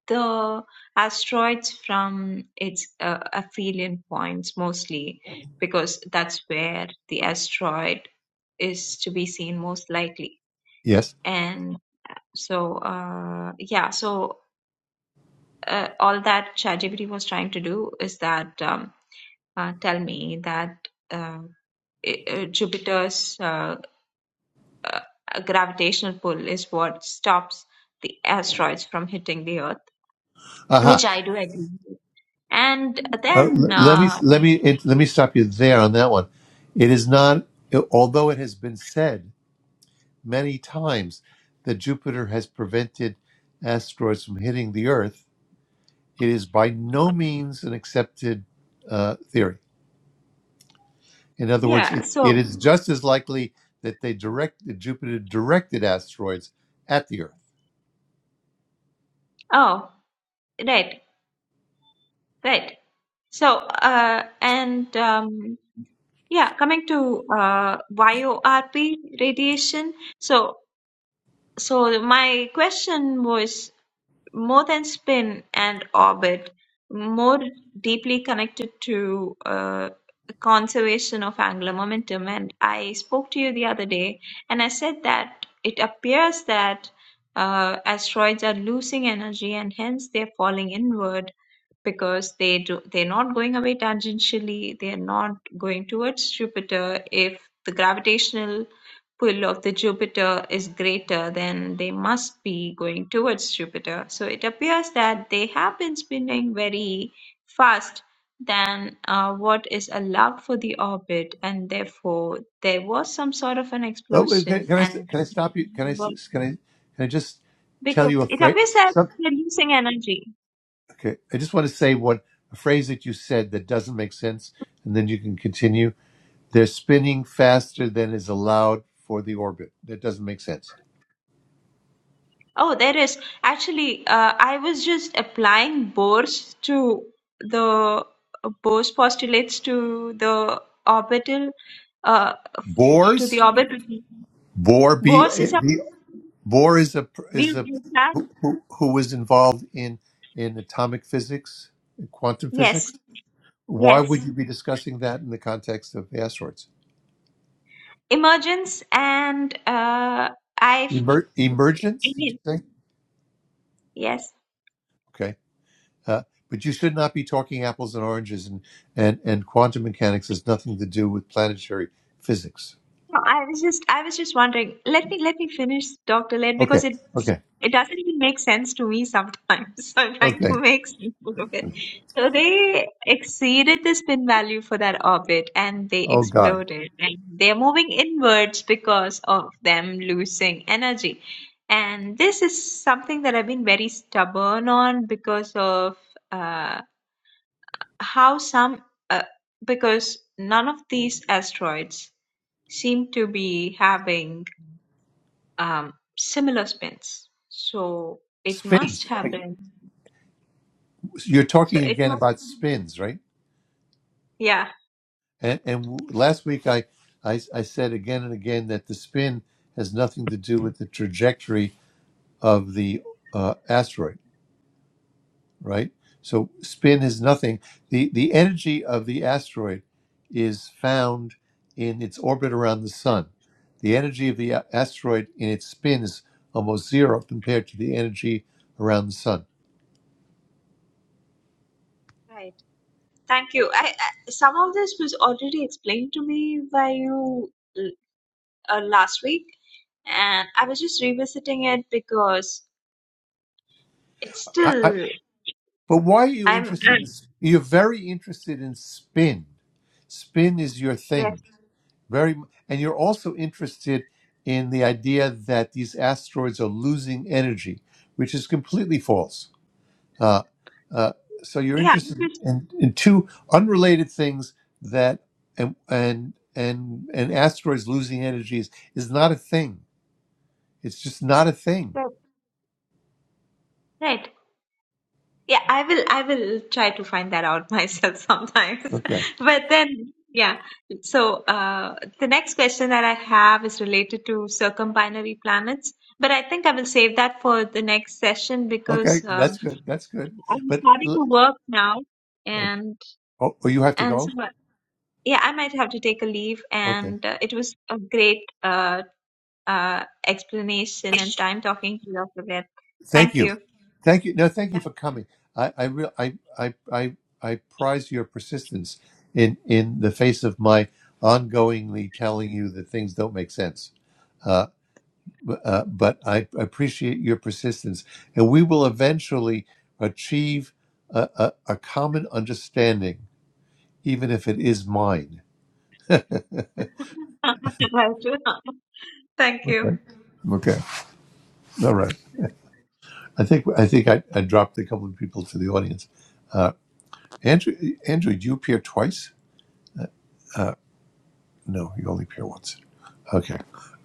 [SPEAKER 7] the asteroids from its uh, aphelion points mostly because that's where the asteroid is to be seen most likely
[SPEAKER 1] Yes.
[SPEAKER 7] and so uh, yeah so uh, all that ChatGPT was trying to do is that um, uh, tell me that uh, i- uh, Jupiter's uh, uh, gravitational pull is what stops the asteroids from hitting the Earth,
[SPEAKER 1] Aha.
[SPEAKER 7] which I do agree with. And
[SPEAKER 1] Uh,
[SPEAKER 7] then,
[SPEAKER 1] l- let me
[SPEAKER 7] uh,
[SPEAKER 1] let me it, let me stop you there on that one. It is not, although it has been said many times that Jupiter has prevented asteroids from hitting the Earth. It is by no means an accepted uh, theory. In other words,
[SPEAKER 7] yeah,
[SPEAKER 1] it,
[SPEAKER 7] so,
[SPEAKER 1] it is just as likely that they direct that Jupiter directed asteroids at the Earth.
[SPEAKER 7] oh, right, right. So, uh, and um, yeah, coming to uh, YORP radiation. So, so my question was more than spin and orbit, more deeply connected to uh, conservation of angular momentum. And I spoke to you the other day, and I said that it appears that uh, asteroids are losing energy, and hence they're falling inward because they do they're not going away tangentially. They're not going towards Jupiter if the gravitational pull of the Jupiter is greater, then they must be going towards Jupiter. So it appears that they have been spinning very fast than uh, what is allowed for the orbit, and therefore there was some sort of an
[SPEAKER 1] But wait, can,
[SPEAKER 7] explosion.
[SPEAKER 1] can I
[SPEAKER 7] And
[SPEAKER 1] can I stop you? Can I
[SPEAKER 7] well,
[SPEAKER 1] can I can I just tell
[SPEAKER 7] because
[SPEAKER 1] you a
[SPEAKER 7] it appears
[SPEAKER 1] phrase?
[SPEAKER 7] that they're losing energy.
[SPEAKER 1] Okay, I just want to say what a phrase that you said that doesn't make sense, and then you can continue. They're spinning faster than is allowed for the orbit. That doesn't make sense.
[SPEAKER 7] Oh, there is. Actually, uh, I was just applying Bohr's to the Bohr's postulates to the orbital, uh, f- to the
[SPEAKER 1] Bohr's
[SPEAKER 7] orbital.
[SPEAKER 1] Bohr B,
[SPEAKER 7] Bohr's is
[SPEAKER 1] B
[SPEAKER 7] supposed
[SPEAKER 1] Bohr is a
[SPEAKER 7] to be
[SPEAKER 1] is a
[SPEAKER 7] in fact-
[SPEAKER 1] who, who who was involved in in atomic physics, quantum physics.
[SPEAKER 7] Yes,
[SPEAKER 1] Why would
[SPEAKER 7] yes.
[SPEAKER 1] you be discussing that in the context of asteroids?
[SPEAKER 7] Emergence and uh, I, f-
[SPEAKER 1] Emer,
[SPEAKER 7] I
[SPEAKER 1] emergence? Did you
[SPEAKER 7] mean,
[SPEAKER 1] say?
[SPEAKER 7] yes.
[SPEAKER 1] Okay. Uh, but you should not be talking apples and oranges, and, and, and quantum mechanics has nothing to do with planetary physics.
[SPEAKER 7] No, I was just I was just wondering. Let me let me finish Dr. Led
[SPEAKER 1] Okay,
[SPEAKER 7] because it
[SPEAKER 1] okay,
[SPEAKER 7] it doesn't even make sense to me sometimes. So I'm trying
[SPEAKER 1] okay.
[SPEAKER 7] to make sense out of it. So they exceeded the spin value for that orbit and they
[SPEAKER 1] Oh, God.
[SPEAKER 7] exploded and they're moving inwards because of them losing energy. And this is something that I've been very stubborn on because of uh how some uh, because none of these asteroids seem to be having um, similar spins. So it must
[SPEAKER 1] Spins.
[SPEAKER 7] have been.
[SPEAKER 1] You're
[SPEAKER 7] So
[SPEAKER 1] talking
[SPEAKER 7] it
[SPEAKER 1] again
[SPEAKER 7] must.
[SPEAKER 1] about spins, right?
[SPEAKER 7] Yeah.
[SPEAKER 1] And, and w- last week I, I, I said again and again that the spin has nothing to do with the trajectory of the uh, asteroid. right? So spin is nothing. The the energy of the asteroid is found in its orbit around the sun. The energy of the a- asteroid in its spin is almost zero compared to the energy around the sun.
[SPEAKER 7] Right. Thank you. I, I, some of this was already explained to me by you l- uh, last week, and I was just revisiting it because it's
[SPEAKER 1] I, I,
[SPEAKER 7] still.
[SPEAKER 1] but why are you
[SPEAKER 7] I'm. I'm
[SPEAKER 1] interested in? s- You're very interested in spin. Spin is your
[SPEAKER 7] Yes.
[SPEAKER 1] thing. Very, m- and you're also interested in the idea that these asteroids are losing energy, which is completely false Uh, uh, so you're
[SPEAKER 7] Yeah.
[SPEAKER 1] interested
[SPEAKER 7] Because,
[SPEAKER 1] in, in two unrelated things that and and and and asteroids losing energies is not a thing. It's just not a thing.
[SPEAKER 7] right. Yeah, I will I will try to find that out myself sometimes.
[SPEAKER 1] Okay.
[SPEAKER 7] But then yeah. So uh the next question that I have is related to circumbinary planets. But I think I will save that for the next session because
[SPEAKER 1] Okay. That's
[SPEAKER 7] um
[SPEAKER 1] good. That's good.
[SPEAKER 7] I'm
[SPEAKER 1] But
[SPEAKER 7] starting
[SPEAKER 1] l-
[SPEAKER 7] to work now
[SPEAKER 1] okay.
[SPEAKER 7] and
[SPEAKER 1] Oh, oh, you have to
[SPEAKER 7] and so
[SPEAKER 1] go.
[SPEAKER 7] uh, yeah, I might have to take a leave
[SPEAKER 1] Okay.
[SPEAKER 7] and uh, it was a great uh uh explanation and time talking to you, Dr. Ved.
[SPEAKER 1] Thank
[SPEAKER 7] Thank
[SPEAKER 1] you.
[SPEAKER 7] you.
[SPEAKER 1] Thank you. No, thank you for coming. I I real I I I I prize your persistence in in the face of my ongoingly telling you that things don't make sense. Uh, uh, but I appreciate your persistence. And we will eventually achieve a, a, a common understanding, even if it is mine.
[SPEAKER 7] Right. Thank you.
[SPEAKER 1] Okay. Okay. All right. I think I think I, I dropped a couple of people to the audience. Uh, Andrew, Andrew, do you appear twice? Uh, no, you only appear once. Okay.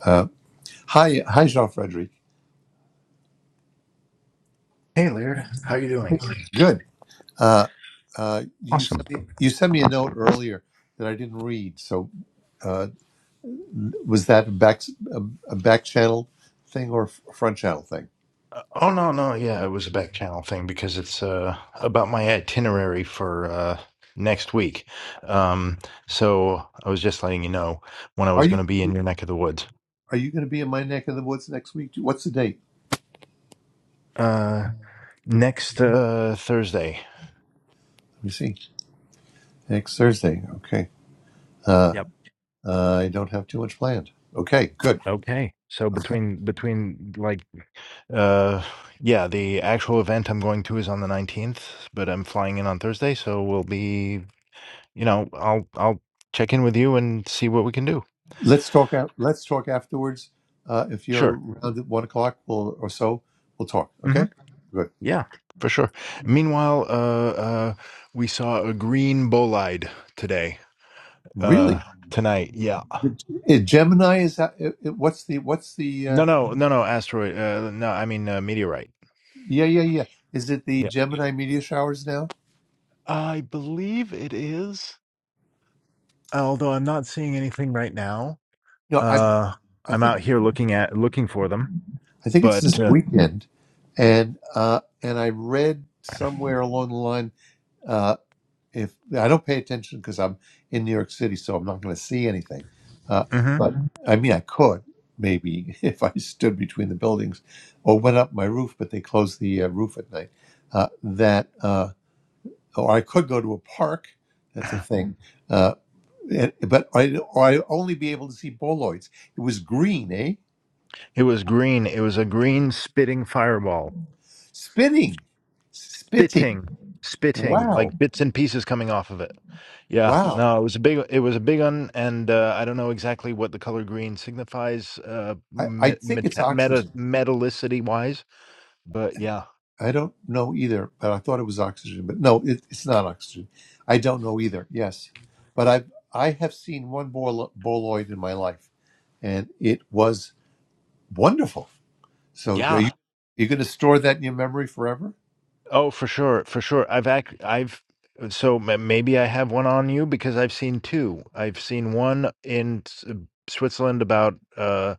[SPEAKER 1] Uh, hi, hi, Jean Frederic.
[SPEAKER 5] Hey, Laird, how you doing?
[SPEAKER 1] Good. Uh, uh, you
[SPEAKER 5] Awesome.
[SPEAKER 1] sent me, you sent me a note earlier that I didn't read, so. Uh, Was that a back a, a back channel thing or a f- front channel thing?
[SPEAKER 5] Uh, oh no, no, yeah, it was a back channel thing because it's uh about my itinerary for uh next week. Um, so I was just letting you know when I
[SPEAKER 1] Are
[SPEAKER 5] was
[SPEAKER 1] you
[SPEAKER 5] going to
[SPEAKER 1] gonna
[SPEAKER 5] be in
[SPEAKER 1] be,
[SPEAKER 5] your neck of the woods.
[SPEAKER 1] are you going to be in my neck of the woods next week? What's the date?
[SPEAKER 5] Uh, next uh Thursday.
[SPEAKER 1] Let me see. Next Thursday. Okay. Uh,
[SPEAKER 5] Yep.
[SPEAKER 1] uh, I don't have too much planned. Okay, good.
[SPEAKER 5] Okay. So between between like Uh, yeah, the actual event I'm going to is on the 19th, but I'm flying in on Thursday, so we'll be you know, I'll I'll check in with you and see what we can do.
[SPEAKER 1] Let's talk out. Let's talk afterwards. Uh, if you're
[SPEAKER 5] Sure.
[SPEAKER 1] around at one o'clock we'll, or so, we'll talk.
[SPEAKER 5] hmm
[SPEAKER 1] Okay. Good.
[SPEAKER 5] Yeah, for sure. Meanwhile, uh, uh, we saw a green bolide today. Uh,
[SPEAKER 1] Really?
[SPEAKER 5] tonight. Yeah.
[SPEAKER 1] It- Gemini is that? It, it- what's the what's the? Uh,
[SPEAKER 5] No, no, no, no. Asteroid. Uh, no, I mean uh, meteorite.
[SPEAKER 1] yeah, yeah, yeah. Is it the
[SPEAKER 5] Yeah.
[SPEAKER 1] Gemini media showers now?
[SPEAKER 5] I believe it is. Although I'm not seeing anything right now.
[SPEAKER 1] No, I
[SPEAKER 5] Uh,
[SPEAKER 1] I
[SPEAKER 5] I'm
[SPEAKER 1] think
[SPEAKER 5] out here looking at looking for them,
[SPEAKER 1] I think it's
[SPEAKER 5] but
[SPEAKER 1] this
[SPEAKER 5] uh,
[SPEAKER 1] weekend, and uh, and I read somewhere along the line. Uh, if I don't pay attention because I'm in New York City, so I'm not going to see anything. Uh,
[SPEAKER 5] mhm.
[SPEAKER 1] but Mhm. I mean, I could maybe if I stood between the buildings or went up my roof, but they close the uh, roof at night. Uh, that uh, or I could go to a park. That's a thing. Uh, and- but I or I only be able to see boloids. It was green, eh?
[SPEAKER 5] it was green. It was a green spitting fireball.
[SPEAKER 1] Spinning, spitting.
[SPEAKER 5] spitting spitting
[SPEAKER 1] Wow.
[SPEAKER 5] like bits and pieces coming off of it yeah
[SPEAKER 1] Wow.
[SPEAKER 5] no it was a big it was a big one and uh, i don't know exactly what the color green signifies uh
[SPEAKER 1] I, I
[SPEAKER 5] me-
[SPEAKER 1] think it's
[SPEAKER 5] meta, meta
[SPEAKER 1] oxygen.
[SPEAKER 5] metallicity wise but yeah
[SPEAKER 1] I don't know either, but I thought it was oxygen. But no, it, it's not oxygen. I don't know either. Yes. But I've, I have seen one bol- boloid in my life, and it was wonderful. So are
[SPEAKER 5] yeah
[SPEAKER 1] you you going to store that in your memory forever?
[SPEAKER 5] oh for sure for sure i've act i've so ma- maybe i have one on you because i've seen two i've seen one in S- switzerland about uh,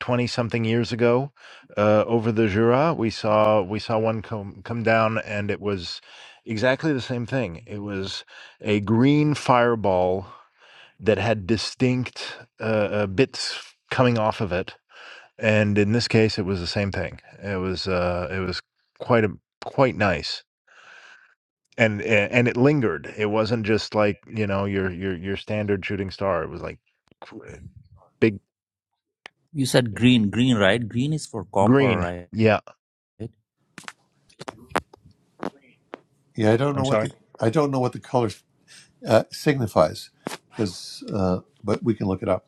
[SPEAKER 5] 20 something years ago uh, over the Jura. We saw we saw one come come down and it was exactly the same thing. It was a green fireball that had distinct uh, uh, bits coming off of it. And in this case, it was the same thing. It was uh, it was quite a quite nice. And a- and it lingered. It wasn't just like, you know, your your your standard shooting star. It was like qu- big
[SPEAKER 4] You said green, green, right? Green is for copper,
[SPEAKER 5] green.
[SPEAKER 4] right?
[SPEAKER 5] Yeah.
[SPEAKER 1] Yeah, I don't
[SPEAKER 5] I'm
[SPEAKER 1] know what
[SPEAKER 5] sorry.
[SPEAKER 1] the I don't know what the color uh, signifies, because uh, but we can look it up.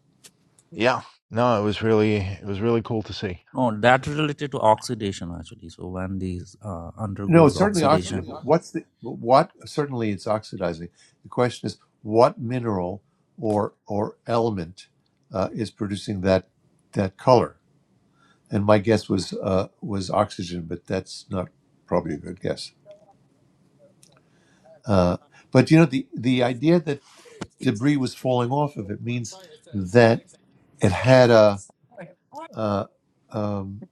[SPEAKER 5] Yeah. No, it was really it was really cool to see.
[SPEAKER 4] No, that related to oxidation actually. So when these uh,
[SPEAKER 1] No, it's
[SPEAKER 4] undergoes
[SPEAKER 1] certainly oxidative. What's the what? Certainly, it's oxidizing. The question is, what mineral or or element uh, is producing that that color? And my guess was uh, was oxygen, but that's not probably a good guess. Uh, but you know, the the idea that debris was falling off of it means that it had a. Uh, um,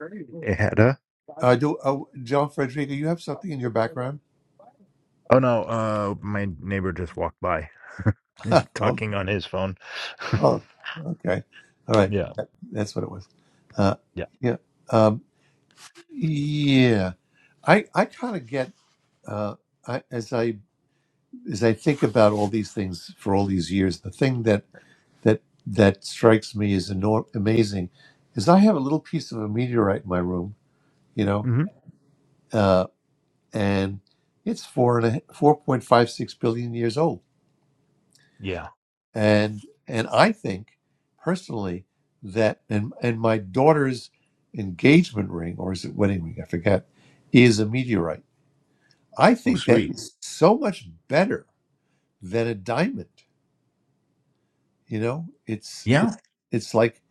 [SPEAKER 5] It had a
[SPEAKER 1] I do, uh, John Frederica, you have something in your background?
[SPEAKER 5] oh no, uh my neighbor just walked by
[SPEAKER 1] Um,
[SPEAKER 5] talking on his phone.
[SPEAKER 1] Oh, okay. All right.
[SPEAKER 5] yeah.
[SPEAKER 1] That, that's what it was. Uh,
[SPEAKER 5] Yeah.
[SPEAKER 1] yeah. Um, yeah. I, I kind of get, uh, I, as I, as I think about all these things for all these years, the thing that, that, that strikes me as enorm- amazing is I have a little piece of a meteorite in my room, you know,
[SPEAKER 5] hmm
[SPEAKER 1] uh, and it's four and a, 4.56 billion years old
[SPEAKER 5] Yeah.
[SPEAKER 1] and and I think personally that and and my daughter's engagement ring or is it wedding ring I forget is a meteorite. I
[SPEAKER 5] Oh,
[SPEAKER 1] think that
[SPEAKER 5] sweet.
[SPEAKER 1] is so much better than a diamond. You know, it's it,
[SPEAKER 5] Yeah.
[SPEAKER 1] it's like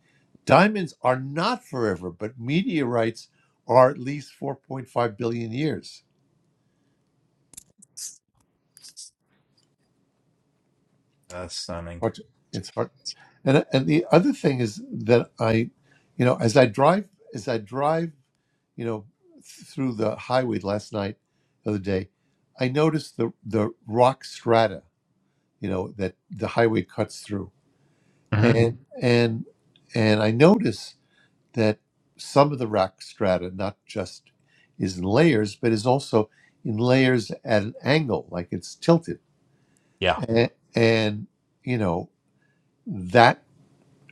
[SPEAKER 1] diamonds are not forever, but meteorites are at least 4.5 billion years.
[SPEAKER 5] That's stunning.
[SPEAKER 1] Hard to- It's hard. And and the other thing is that I, you know, as I drive as I drive, you know, th- through the highway last night, the other day, I noticed the the rock strata, you know, that the highway cuts through,
[SPEAKER 5] hmm
[SPEAKER 1] and and and I notice that some of the rock strata not just is in layers, but is also in layers at an angle, like it's tilted,
[SPEAKER 5] Yeah.
[SPEAKER 1] and, and you know that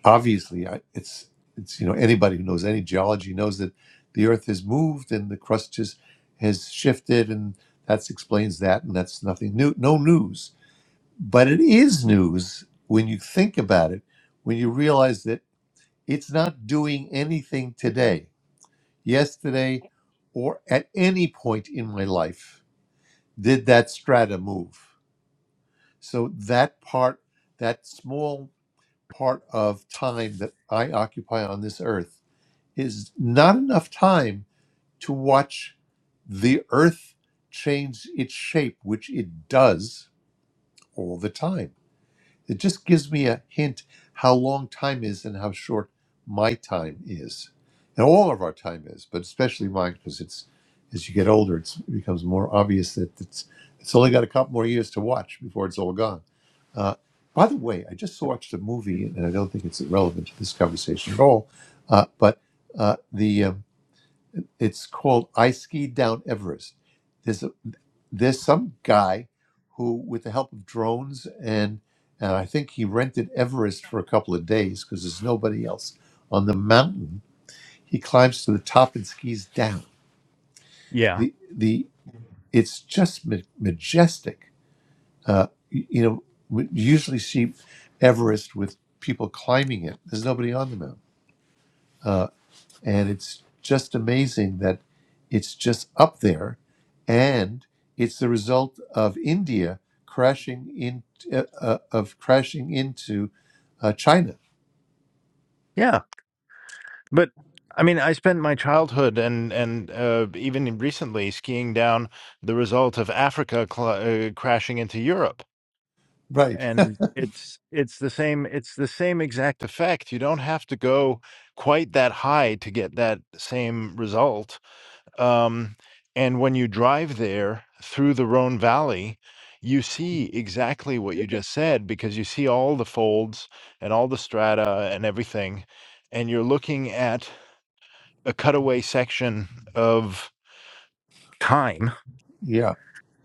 [SPEAKER 1] obviously I- it's it's you know anybody who knows any geology knows that the earth has moved and the crust just has shifted and that explains that and that's nothing new no news but it is news when you think about it when you realize that it's not doing anything today yesterday or at any point in my life did that strata move so that part that small part of time that i occupy on this earth is not enough time to watch the earth change its shape, which it does all the time. It just gives me a hint how long time is and how short my time is. And all of our time is, but especially mine, because it's as you get older, it's, it becomes more obvious that it's it's only got a couple more years to watch before it's all gone. Uh, by the way, I just watched a movie, and I don't think it's relevant to this conversation at all. Uh, but uh, the um, it's called I Skied Down Everest. There's a, there's some guy who, with the help of drones and and I think he rented Everest for a couple of days because there's nobody else on the mountain. He climbs to the top and skis down.
[SPEAKER 5] Yeah.
[SPEAKER 1] The the it's just ma- majestic. Uh, y- you know, we usually see Everest with people climbing it. There's nobody on the mountain. Uh, And it's just amazing that it's just up there. And it's the result of India crashing in uh, uh, of crashing into uh, China.
[SPEAKER 5] Yeah. But I mean, I spent my childhood and and uh, even recently skiing down the result of Africa cl- uh, crashing into Europe.
[SPEAKER 1] Right.
[SPEAKER 5] and it's it's the same it's the same exact effect you don't have to go quite that high to get that same result um, and when you drive there through the rhone valley you see exactly what you just said because you see all the folds and all the strata and everything and you're looking at a cutaway section of time
[SPEAKER 1] Yeah.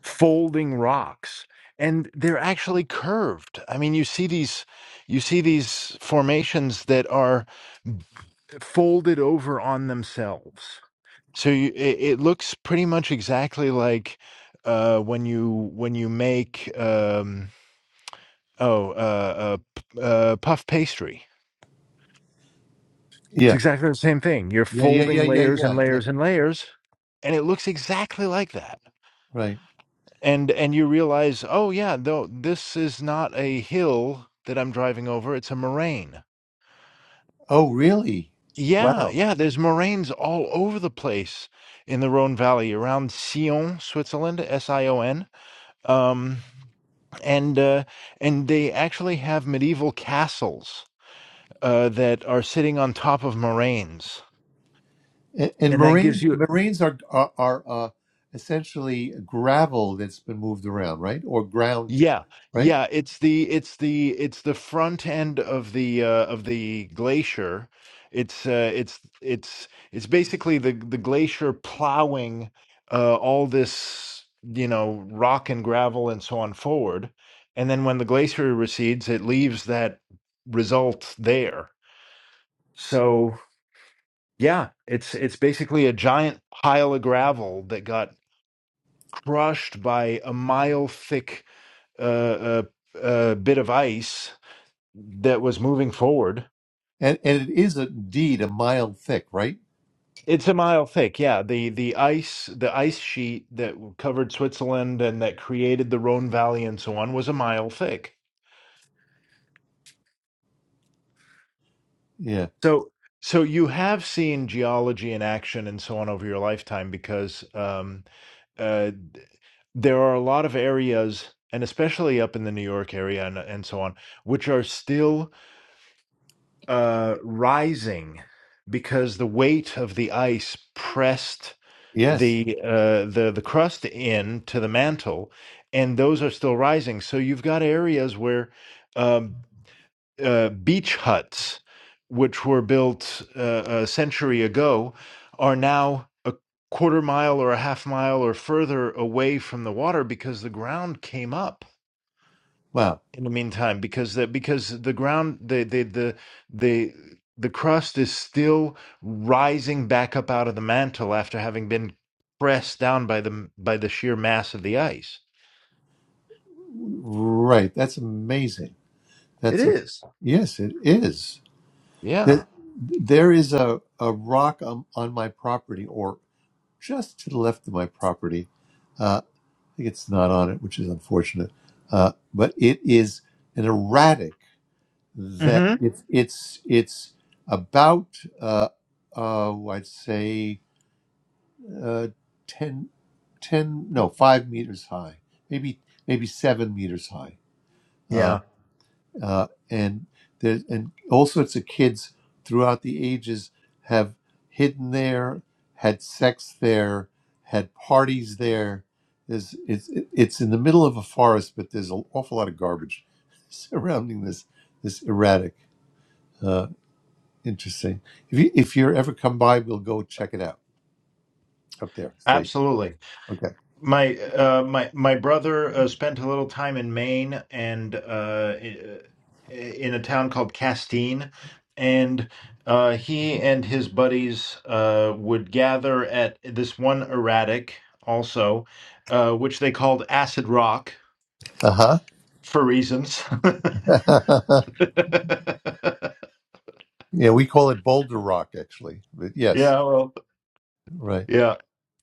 [SPEAKER 5] folding rocks and they're actually curved i mean you see these you see these formations that are folded over on themselves so you, it, it looks pretty much exactly like uh, when you when you make um, oh uh, uh, p- uh, puff pastry it's
[SPEAKER 1] Yeah.
[SPEAKER 5] exactly the same thing you're
[SPEAKER 1] Yeah. Yeah. Yeah.
[SPEAKER 5] folding
[SPEAKER 1] Yeah.
[SPEAKER 5] layers and
[SPEAKER 1] Yeah. Yeah.
[SPEAKER 5] layers and layers and it looks exactly like that
[SPEAKER 1] Right.
[SPEAKER 5] and and you realize oh yeah though this is not a hill that i'm driving over it's a moraine
[SPEAKER 1] Oh, really?
[SPEAKER 5] yeah
[SPEAKER 1] Wow.
[SPEAKER 5] yeah there's moraines all over the place in the rhone valley around sion switzerland s-i-o-n um, and uh, and they actually have medieval castles uh, that are sitting on top of moraines
[SPEAKER 1] And, and
[SPEAKER 5] and that gives
[SPEAKER 1] marines
[SPEAKER 5] you
[SPEAKER 1] marines are are, are uh, essentially gravel that's been moved around, right? Or ground,
[SPEAKER 5] Yeah,
[SPEAKER 1] right?
[SPEAKER 5] yeah, it's the it's the it's the front end of the uh of the glacier. It's uh it's it's it's basically the the glacier plowing uh all this, you know, rock and gravel and so on forward. And then when the glacier recedes, it leaves that result there. So, yeah, it's it's basically a giant pile of gravel that got crushed by a mile thick uh, uh, uh, bit of ice that was moving forward.
[SPEAKER 1] And and it is indeed a mile thick, right?
[SPEAKER 5] It's a mile thick, yeah. The the ice the ice sheet that covered Switzerland and that created the Rhone Valley and so on was a mile thick.
[SPEAKER 1] Yeah.
[SPEAKER 5] So so you have seen geology in action and so on over your lifetime because um, uh, there are a lot of areas, and especially up in the New York area and and so on, which are still uh, rising because the weight of the ice pressed
[SPEAKER 1] Yes.
[SPEAKER 5] the uh, the the crust in to the mantle, and those are still rising. So you've got areas where um, uh, beach huts, which were built uh, a century ago, are now a quarter mile or a half mile or further away from the water because the ground came up
[SPEAKER 1] Wow.
[SPEAKER 5] in the meantime because the because the ground the the the the the crust is still rising back up out of the mantle after having been pressed down by the by the sheer mass of the ice
[SPEAKER 1] Right. That's amazing.
[SPEAKER 5] It
[SPEAKER 1] That's a
[SPEAKER 5] is.
[SPEAKER 1] yes, it is.
[SPEAKER 5] yeah
[SPEAKER 1] That there is a, a rock on, on my property or just to the left of my property. Uh, I think it's not on it, which is unfortunate. Uh, but it is an erratic that
[SPEAKER 5] Mm-hmm.
[SPEAKER 1] it's it's it's about uh, uh, I'd say uh, 10, ten, no five meters high, maybe maybe seven meters high Uh,
[SPEAKER 5] Yeah.
[SPEAKER 1] uh, and there and all sorts of kids throughout the ages have hidden there, had sex there, had parties there. There's, it's it's in the middle of a forest, but there's an awful lot of garbage surrounding this this erratic. Uh, interesting. If you if you're ever come by, we'll go check it out up there. State.
[SPEAKER 5] absolutely
[SPEAKER 1] Okay.
[SPEAKER 5] My uh, my my brother uh, spent a little time in Maine and uh, i- in a town called Castine, and uh, he and his buddies uh, would gather at this one erratic also, uh, which they called Acid Rock
[SPEAKER 1] Uh huh.
[SPEAKER 5] for reasons.
[SPEAKER 1] yeah, we call it Boulder Rock actually, but yes,
[SPEAKER 5] Yeah, well,
[SPEAKER 1] right.
[SPEAKER 5] yeah.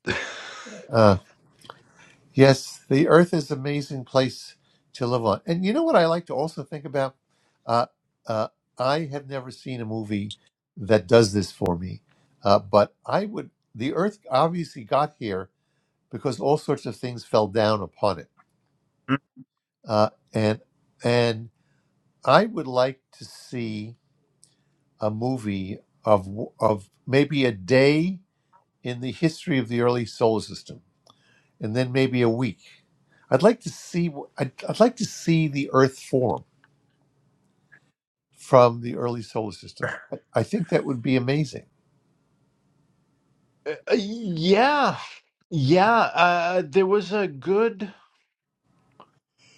[SPEAKER 1] Uh, Yes, the earth is an amazing place to live on. And you know what I like to also think about? Uh, uh, I have never seen a movie that does this for me. Uh, but I would, the earth obviously got here because all sorts of things fell down upon it. Uh, and, and I would like to see a movie of, w- of maybe a day in the history of the early solar system and then maybe a week. I'd like to see I'd, I'd like to see the Earth form from the early solar system. I, I think that would be amazing.
[SPEAKER 5] Uh, yeah, yeah. Uh, there was a good.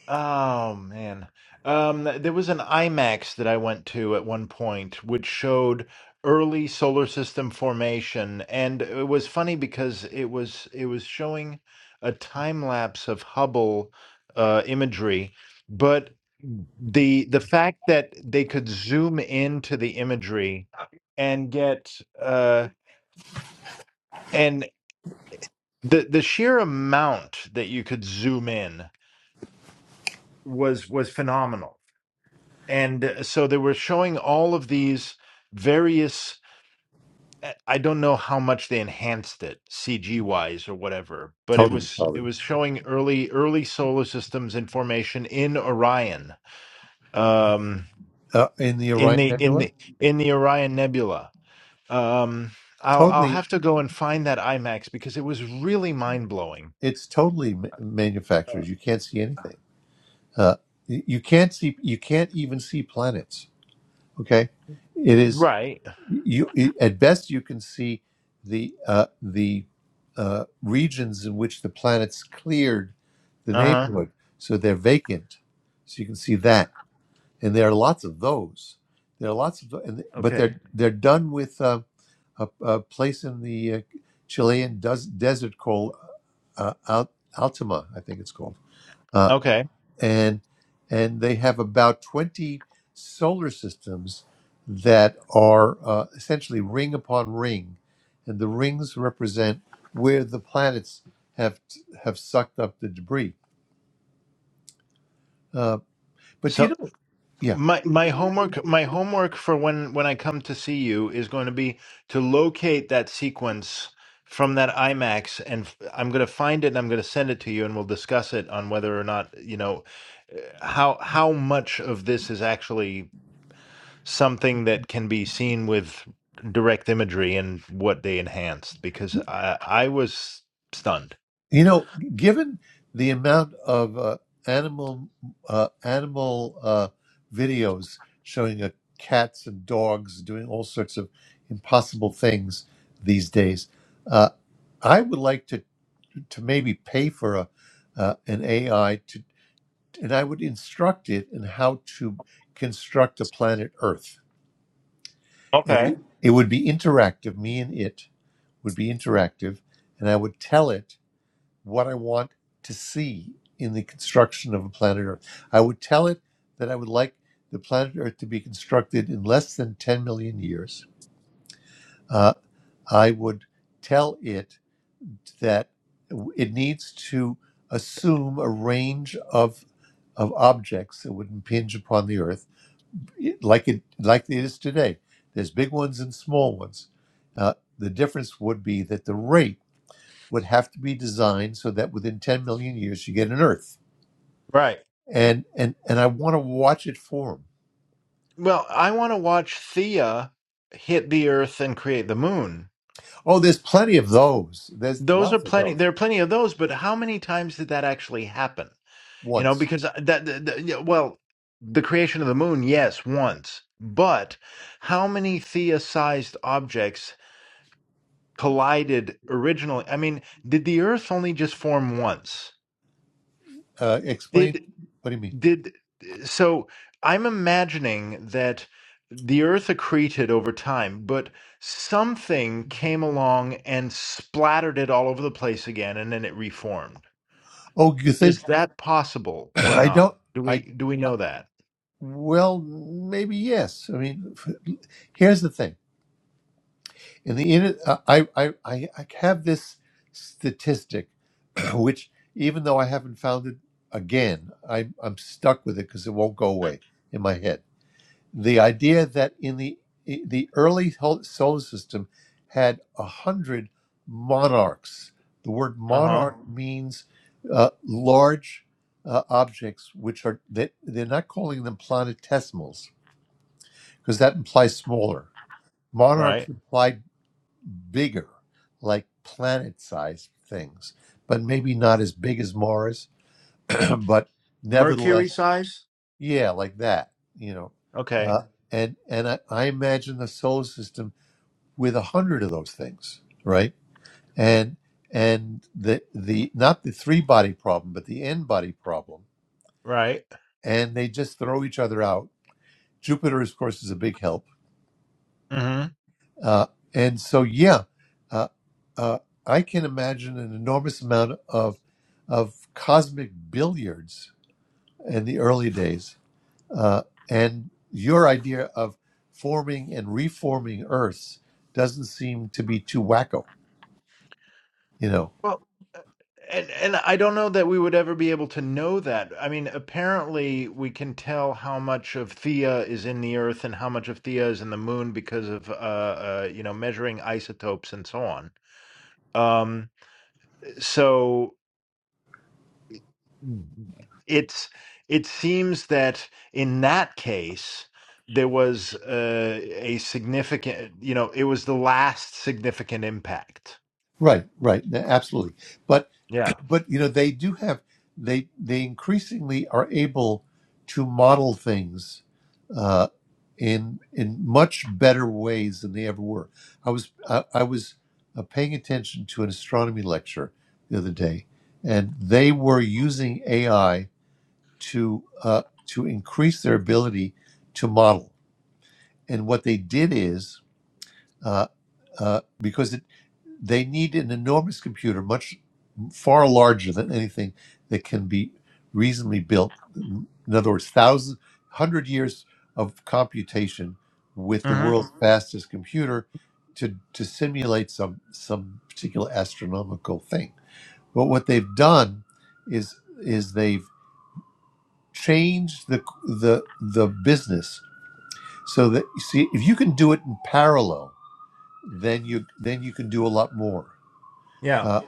[SPEAKER 5] Oh man. Um, there was an IMAX that I went to at one point, which showed early solar system formation, and it was funny because it was it was showing a time lapse of Hubble uh, imagery, but the the fact that they could zoom into the imagery and get uh, and the the sheer amount that you could zoom in was was phenomenal and uh, so they were showing all of these various i I don't know how much they enhanced it cg wise or whatever but it
[SPEAKER 1] Totally,
[SPEAKER 5] was it
[SPEAKER 1] probably
[SPEAKER 5] was showing early early solar systems in formation in orion um
[SPEAKER 1] uh, in the
[SPEAKER 5] in
[SPEAKER 1] Orion
[SPEAKER 5] the in
[SPEAKER 1] Nebula.
[SPEAKER 5] the in the orion nebula um i'll i'll
[SPEAKER 1] Totally,
[SPEAKER 5] have to go and find that imax because it was really mind blowing
[SPEAKER 1] it's totally ma- manufactured. You can't see anything. Uh, y- you can't see. You can't even see planets. Okay, it is
[SPEAKER 5] right
[SPEAKER 1] you. It, at best, you can see the uh, the uh, regions in which the planets cleared the
[SPEAKER 5] uh-huh
[SPEAKER 1] neighborhood. So they're vacant. So you can see that. And there are lots of those. There are lots of, tho- and, but
[SPEAKER 5] okay
[SPEAKER 1] they're they're done with uh, a, a place in the uh, Chilean des- desert called uh, uh, Al- Altima, I think it's called. Uh,
[SPEAKER 5] okay
[SPEAKER 1] and and they have about 20 solar systems that are uh, essentially ring upon ring. And the rings represent where the planets have have sucked up the debris. Uh, But
[SPEAKER 5] so
[SPEAKER 1] you know, yeah,
[SPEAKER 5] my my homework my homework for when when I come to see you is going to be to locate that sequence from that IMAX and f- I'm going to find it and I'm going to send it to you and we'll discuss it on whether or not you know uh, how how much of this is actually something that can be seen with direct imagery and what they enhanced because I I was stunned.
[SPEAKER 1] you know, given the amount of uh, animal uh, animal uh, videos showing uh, cats and dogs doing all sorts of impossible things these days, uh, I would like to to maybe pay for a uh, an AI to, and I would instruct it in how to construct a planet Earth, and
[SPEAKER 5] Okay.
[SPEAKER 1] we, it would be interactive. Me and it would be interactive, and I would tell it what I want to see in the construction of a planet Earth. I would tell it that I would like the planet Earth to be constructed in less than 10 million years. Uh, I would tell it that it needs to assume a range of of objects that would impinge upon the Earth, like it like it is today. There's big ones and small ones. Uh, the difference would be that the rate would have to be designed so that within 10 million years you get an Earth
[SPEAKER 5] Right.
[SPEAKER 1] and and and I want to watch it for them.
[SPEAKER 5] Well, I want to watch Thea hit the earth and create the moon
[SPEAKER 1] Oh, there's plenty of those. There's
[SPEAKER 5] Those are
[SPEAKER 1] lots of
[SPEAKER 5] plenty.
[SPEAKER 1] those.
[SPEAKER 5] There are plenty of those, but how many times did that actually happen? You know,
[SPEAKER 1] Once,
[SPEAKER 5] because that, that, that- yeah, well, the creation of the moon, yes, once, but how many Theia-sized objects collided originally? I mean, did the Earth only just form once?
[SPEAKER 1] uh, explain.
[SPEAKER 5] Did
[SPEAKER 1] What do you mean?
[SPEAKER 5] did so? I'm imagining that the Earth accreted over time, but something came along and splattered it all over the place again, and then it reformed
[SPEAKER 1] Oh, you think
[SPEAKER 5] Is that possible or
[SPEAKER 1] I
[SPEAKER 5] not?
[SPEAKER 1] don't?
[SPEAKER 5] Do
[SPEAKER 1] I
[SPEAKER 5] we do we
[SPEAKER 1] uh,
[SPEAKER 5] know that?
[SPEAKER 1] well, maybe yes. I mean, here's the thing. In the inner, uh, I, I I I have this statistic, which even though I haven't found it again, I, I'm stuck with it because it won't go away in my head the idea that in the the early hol- solar system had a hundred monarchs. The word
[SPEAKER 5] Uh huh.
[SPEAKER 1] monarch Mhm. means uh, large uh, objects, which are they, they're not calling them planetesimals because that implies smaller. Monarchs
[SPEAKER 5] Right.
[SPEAKER 1] imply bigger, like planet-sized things, but maybe not as big as Mars, but
[SPEAKER 5] Mercury
[SPEAKER 1] nevertheless,
[SPEAKER 5] size.
[SPEAKER 1] yeah, like that. You know,
[SPEAKER 5] Okay.
[SPEAKER 1] uh, and and I, I imagine the solar system with a hundred of those things, right? And and the the not the three body problem, but the n body problem,
[SPEAKER 5] Right.
[SPEAKER 1] and they just throw each other out. Jupiter, of course, is a big help,
[SPEAKER 5] hmm
[SPEAKER 1] uh, and so yeah, uh, uh, I can imagine an enormous amount of of cosmic billiards in the early days, uh, and your idea of forming and reforming Earths doesn't seem to be too wacko, you know.
[SPEAKER 5] Well, uh, and and I don't know that we would ever be able to know that. I mean, apparently we can tell how much of Thea is in the Earth and how much of Thea is in the Moon because of uh, uh you know measuring isotopes and so on. Um. So. it's it seems that in that case there was uh, a significant you know it was the last significant impact
[SPEAKER 1] Right, right, a- absolutely. But
[SPEAKER 5] yeah
[SPEAKER 1] but you know they do have they they increasingly are able to model things uh, in in much better ways than they ever were. I was I, I was uh, paying attention to an astronomy lecture the other day, and they were using AI to uh, to increase their ability to model. And what they did is uh, uh, because it they need an enormous computer, much far larger than anything that can be reasonably built. In other words, thousands, hundred years of computation with the
[SPEAKER 5] Mm-hmm.
[SPEAKER 1] world's Mhm. fastest computer to to simulate some some particular astronomical thing. But what they've done is is they've changed the the the business so that you see if you can do it in parallel, then you then you can do a lot more.
[SPEAKER 5] yeah
[SPEAKER 1] Uh,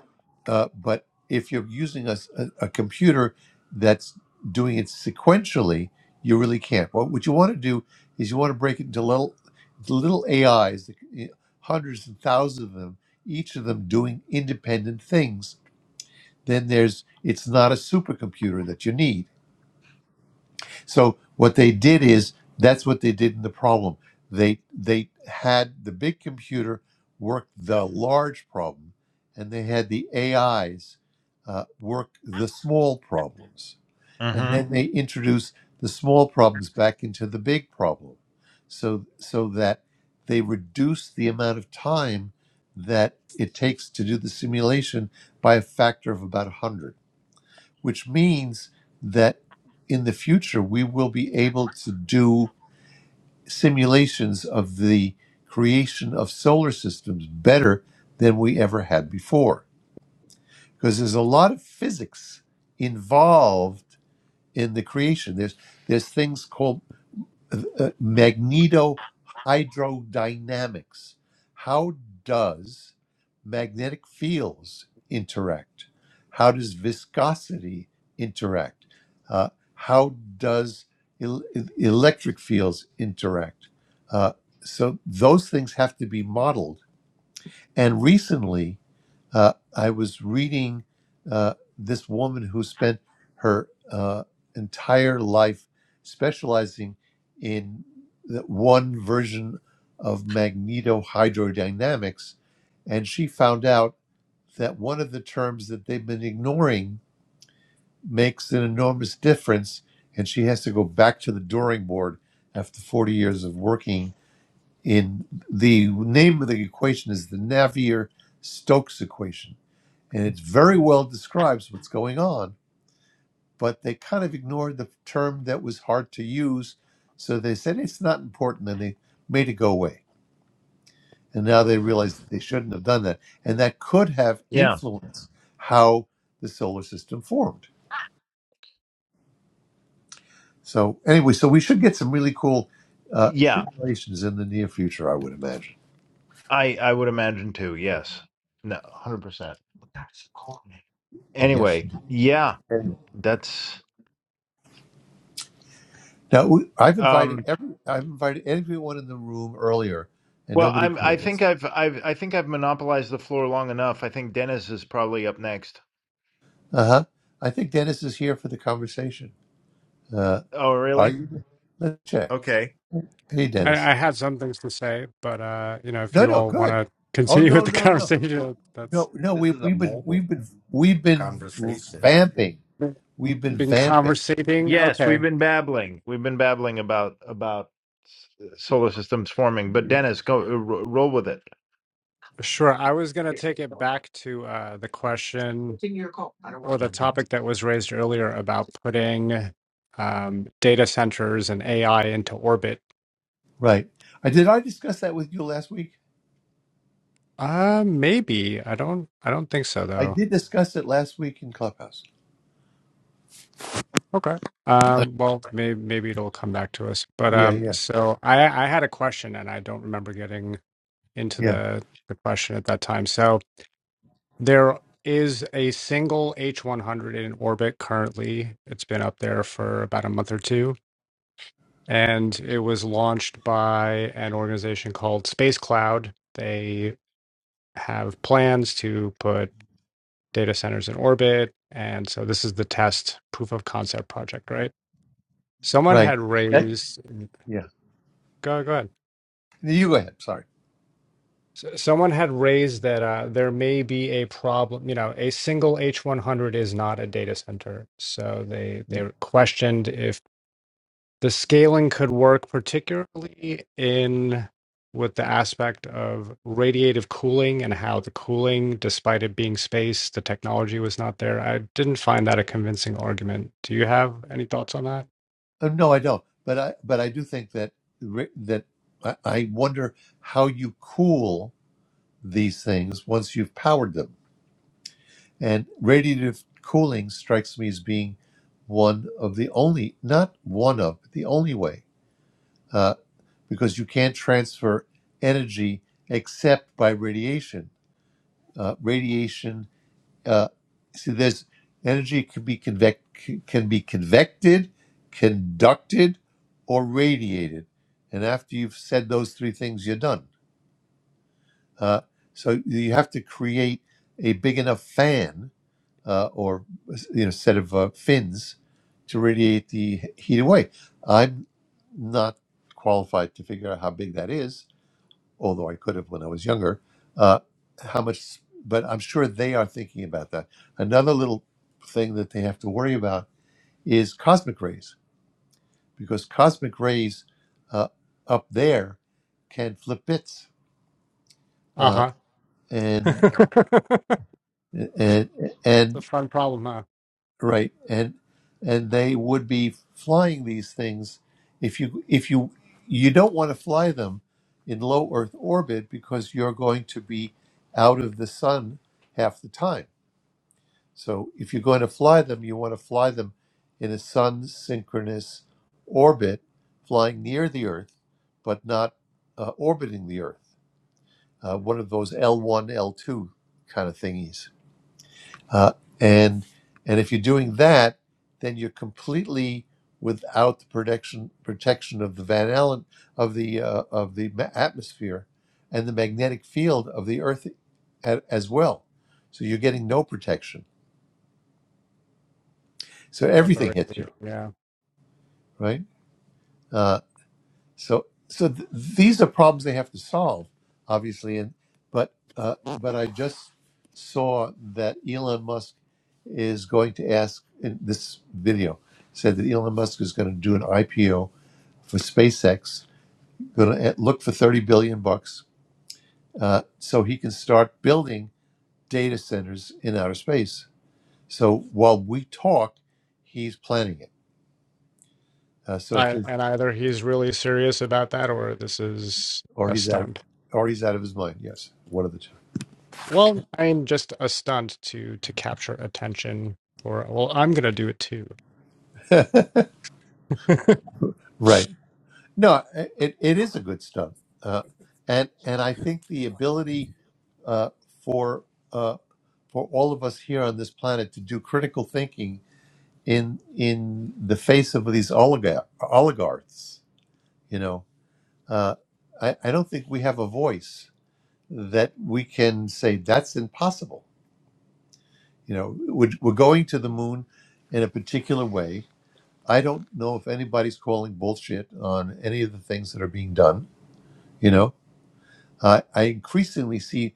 [SPEAKER 1] uh, but if you're using a, s- a- a computer that's doing it sequentially, you really can't. What, what you want to do is you want to break it into little, into little AIs, that c- eh, hundreds and thousands of them, each of them doing independent things. Then there's it's not a supercomputer that you need so what they did is that's what they did in the problem. They they had the big computer work the large problem, and they had the AIs uh, work the small problems, and
[SPEAKER 5] Mm-hmm.
[SPEAKER 1] then they introduced the small problems back into the big problem, so so that they reduce the amount of time that it takes to do the simulation by a factor of about 100 which means that in the future we will be able to do simulations of the creation of solar systems better than we ever had before because there's a lot of physics involved in the creation there's there's things called uh, magnetohydrodynamics. How does magnetic fields interact? How does viscosity interact? Uh, how does el- electric fields interact? Uh, so those things have to be modeled. And recently, uh, I was reading uh, this woman who spent her uh, entire life specializing in the one version of magnetohydrodynamics, and she found out that one of the terms that they've been ignoring makes an enormous difference, and she has to go back to the drawing board after 40 years of working in the name of the equation is the Navier Stokes equation and it very well describes what's going on. But they kind of ignored the term that was hard to use, so they said it's not important, and they made it go away. And now they realize that they shouldn't have done that, and that could have
[SPEAKER 5] Yeah.
[SPEAKER 1] influenced how the solar system formed. So anyway, so we should get some really cool uh,
[SPEAKER 5] yeah
[SPEAKER 1] simulations in the near future, I would imagine.
[SPEAKER 5] i i would imagine too yes no 100% that's the cool
[SPEAKER 1] Yes.
[SPEAKER 5] anyway
[SPEAKER 1] indeed.
[SPEAKER 5] yeah
[SPEAKER 1] Anyway.
[SPEAKER 5] that's
[SPEAKER 1] Now we- I've invited
[SPEAKER 5] um
[SPEAKER 1] every I've invited everyone in the room earlier, and
[SPEAKER 5] well
[SPEAKER 1] nobody
[SPEAKER 5] i'm i
[SPEAKER 1] came.
[SPEAKER 5] think i've i've i think i've monopolized the floor long enough i think dennis is probably up next
[SPEAKER 1] Uh huh. I think Dennis is here for the conversation. Uh,
[SPEAKER 5] oh
[SPEAKER 1] are
[SPEAKER 5] really
[SPEAKER 1] you? Let's check.
[SPEAKER 5] okay
[SPEAKER 1] Hey,
[SPEAKER 8] I,
[SPEAKER 1] Dennis.
[SPEAKER 8] I had some things to say, but uh, you know, if
[SPEAKER 1] No,
[SPEAKER 8] you
[SPEAKER 1] no,
[SPEAKER 8] all want
[SPEAKER 1] good.
[SPEAKER 8] to
[SPEAKER 1] Oh
[SPEAKER 8] continue with
[SPEAKER 1] no,
[SPEAKER 8] the
[SPEAKER 1] no, no,
[SPEAKER 8] conversation, that's
[SPEAKER 1] no, no.
[SPEAKER 5] This-
[SPEAKER 1] We we've been we've been we've
[SPEAKER 5] God.
[SPEAKER 1] been vamping. We've been
[SPEAKER 8] been
[SPEAKER 1] vamping.
[SPEAKER 8] conversating.
[SPEAKER 5] Yes, we've
[SPEAKER 8] Okay,
[SPEAKER 5] been babbling. We've been babbling about about s- solar systems forming, but Dennis, go r- roll with it.
[SPEAKER 8] sure. I was gonna take it back to uh, the question or the topic that was raised earlier about putting um, data centers and AI into orbit.
[SPEAKER 1] Right. I did. I discuss that with you last week.
[SPEAKER 8] Uh, maybe I don't. I don't think so,
[SPEAKER 1] I
[SPEAKER 8] though.
[SPEAKER 1] did discuss it last week in Clubhouse.
[SPEAKER 8] Okay.
[SPEAKER 1] Uh,
[SPEAKER 8] Um, well, maybe maybe it'll come back to us. But
[SPEAKER 1] yeah,
[SPEAKER 8] um,
[SPEAKER 1] yeah,
[SPEAKER 8] so I I had a question and I don't remember getting into
[SPEAKER 1] yeah.
[SPEAKER 8] the, the question at that time. So there is a single H100 in orbit currently. It's been up there for about a month or two, and it was launched by an organization called Space Cloud. They have plans to put data centers in orbit, and so this is the test proof of concept project, right? Someone
[SPEAKER 1] Right.
[SPEAKER 8] had
[SPEAKER 1] That.
[SPEAKER 8] raised.
[SPEAKER 1] Yeah.
[SPEAKER 8] Go go ahead.
[SPEAKER 1] You go ahead. Sorry.
[SPEAKER 8] S- Someone had raised that uh, there may be a problem. You know, a single H100 is not a data center. So they they questioned if the scaling could work particularly in with the aspect of radiative cooling and how the cooling despite it being space the technology was not there i didn't find that a convincing argument do you have any thoughts on that
[SPEAKER 1] Uh, no, I don't. But I but I do think that ri- that I, I wonder how you cool. these things once you've powered them. And radiative cooling strikes me as being one of the only, not one of, but the only way, uh, because you can't transfer energy except by radiation. Uh, radiation, uh, see, there's energy can be convec- can be convected, conducted, or radiated. And after you've said those three things, you're done. Uh, so you have to create a big enough fan uh, or you know set of uh, fins to radiate the heat away. I'm not qualified to figure out how big that is, although I could have when I was younger. Uh, how much? But I'm sure they are thinking about that. Another little thing that they have to worry about is cosmic rays, because cosmic rays uh, up there can flip bits, uh,
[SPEAKER 8] uh-huh
[SPEAKER 1] and
[SPEAKER 8] it's
[SPEAKER 1] and and
[SPEAKER 8] a fun problem huh?
[SPEAKER 1] right and and they would be flying these things if you if you you don't want to fly them in low earth orbit because you're going to be out of the sun half the time so if you're going to fly them you want to fly them in a sun synchronous orbit flying near the earth but not uh, orbiting the earth uh, one of those l1 l2 kind of thingies uh, and and if you're doing that, then you're completely without the protection protection of the Van Allen of the uh, of the ma- atmosphere and the magnetic field of the Earth a- as well. So you're getting no protection. So
[SPEAKER 8] From the
[SPEAKER 1] everything hits
[SPEAKER 8] raid,
[SPEAKER 1] you,
[SPEAKER 8] yeah.
[SPEAKER 1] right? Uh, So, so th- these are problems they have to solve, obviously. And but uh, but I just saw that Elon Musk is going to ask in this video said that Elon Musk is going to do an IPO for SpaceX, going to look for thirty billion bucks, uh, so he can start building data centers in outer space. So while we talk, he's planning it. Uh, so if
[SPEAKER 8] I,
[SPEAKER 1] there's,
[SPEAKER 8] and either he's really serious about that or this is
[SPEAKER 1] or
[SPEAKER 8] a
[SPEAKER 1] he's out of
[SPEAKER 8] stunt.
[SPEAKER 1] or he's out of his mind. Yes, one of the
[SPEAKER 8] Well, I mean, just a stunt to to capture attention. Or well, I'm gonna do it too.
[SPEAKER 1] two. right. No, it, it is a good stunt, uh, and and I think the ability uh, for uh, for all of us here on this planet to do critical thinking in in the face of these oligar- oligarchs, you know, uh, I, I don't think we have a voice that we can say that's impossible. You know, we're, we're going to the moon in a particular way. I don't know if anybody's calling bullshit on any of the things that are being done. You know, Uh, I increasingly see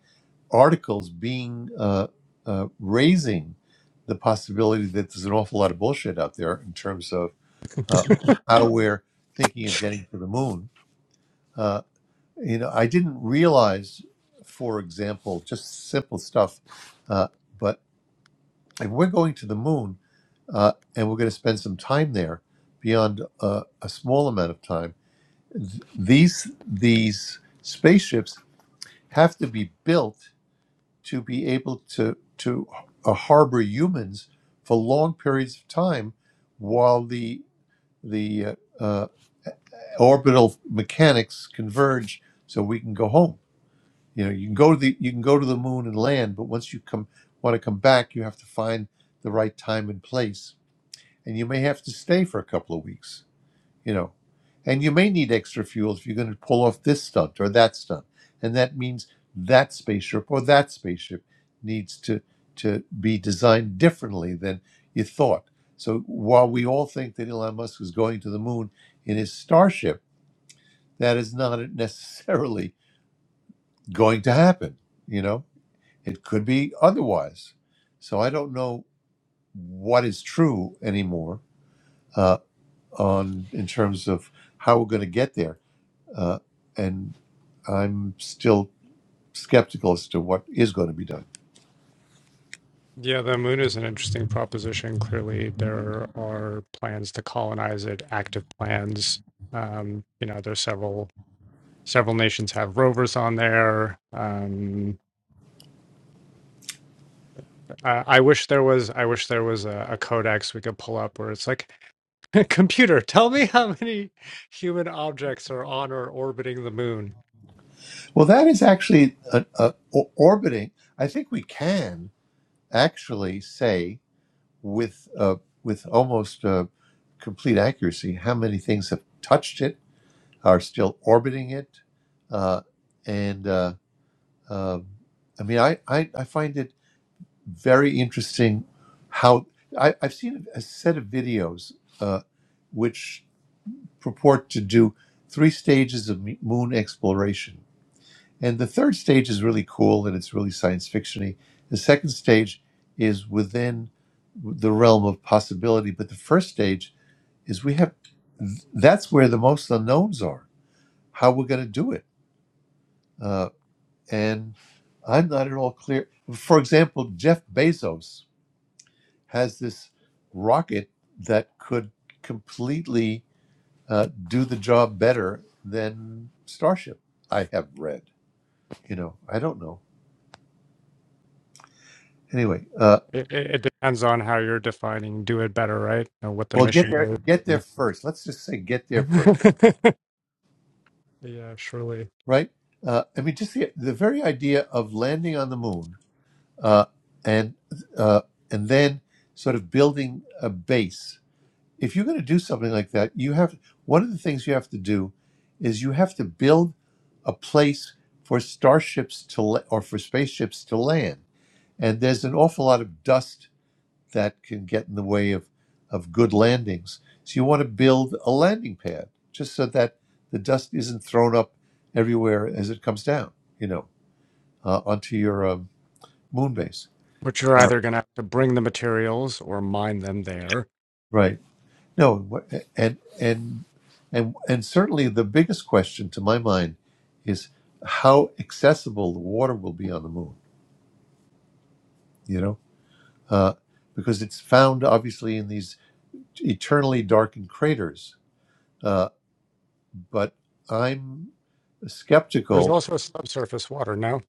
[SPEAKER 1] articles being uh, uh, raising the possibility that there's an awful lot of bullshit out there in terms of uh, how we're thinking of getting to the moon. Uh, you know, I didn't realize, for example, just simple stuff, uh, but if we're going to the moon uh, and we're going to spend some time there beyond uh, a small amount of time, th- these these spaceships have to be built to be able to to uh, harbor humans for long periods of time while the the uh, uh, orbital mechanics converge so we can go home you know you can go to the you can go to the moon and land but once you come want to come back you have to find the right time and place and you may have to stay for a couple of weeks you know and you may need extra fuel if you're going to pull off this stunt or that stunt and that means that spaceship or that spaceship needs to to be designed differently than you thought so while we all think that Elon Musk is going to the moon in his starship that is not necessarily going to happen you know it could be otherwise so i don't know what is true anymore uh, on in terms of how we're going to get there uh, and I'm still skeptical as to what is going to be done.
[SPEAKER 8] yeah, the moon is an interesting proposition. Clearly, there are plans to colonize it, active plans. Um, you know, there's several several nations have rovers on there. Um, I, I wish there was I wish there was a, a codex we could pull up where it's like Computer, tell me how many human objects are on or orbiting the moon.
[SPEAKER 1] Well, that is actually uh uh o- orbiting. I think we can actually say with uh, with almost uh, complete accuracy how many things have touched it, are still orbiting it, uh, and uh, um I mean, I, I I find it very interesting how I, I've seen a set of videos uh, which. purport to do three stages of moon exploration. And the third stage is really cool and it's really science fictiony. The second stage is within the realm of possibility, but the first stage is we have th- that's where the most unknowns are. How we're going to do it, uh, and I'm not at all clear. For example, Jeff Bezos has this rocket that could completely uh, do the job better than Starship. I have read. You know, I don't know. Anyway, uh,
[SPEAKER 8] It, it, it depends on how you're defining do it better, right? And what the
[SPEAKER 1] well, get
[SPEAKER 8] mission
[SPEAKER 1] there,
[SPEAKER 8] is.
[SPEAKER 1] get there first. Let's just say get
[SPEAKER 8] and-
[SPEAKER 1] there first,
[SPEAKER 8] yeah, surely.
[SPEAKER 1] right? Uh, I mean, just the the very idea of landing on the moon uh, and uh, and then sort of building a base. If you're going to do something like that, you have one of the things you have to do is you have to build a place for starships to la- or for spaceships to land and there's an awful lot of dust that can get in the way of of good landings. So you want to build a landing pad just so that the dust isn't thrown up everywhere as it comes down, you know, uh, onto your um, moon base.
[SPEAKER 8] But you're
[SPEAKER 1] Uh,
[SPEAKER 8] either going to have to bring the materials or mine them there.
[SPEAKER 1] right. No, and and and and certainly the biggest question to my mind is how accessible the water will be on the moon. You know, uh, because it's found obviously in these eternally darkened craters uh, but I'm
[SPEAKER 8] There's
[SPEAKER 1] skeptical.
[SPEAKER 8] also subsurface water now,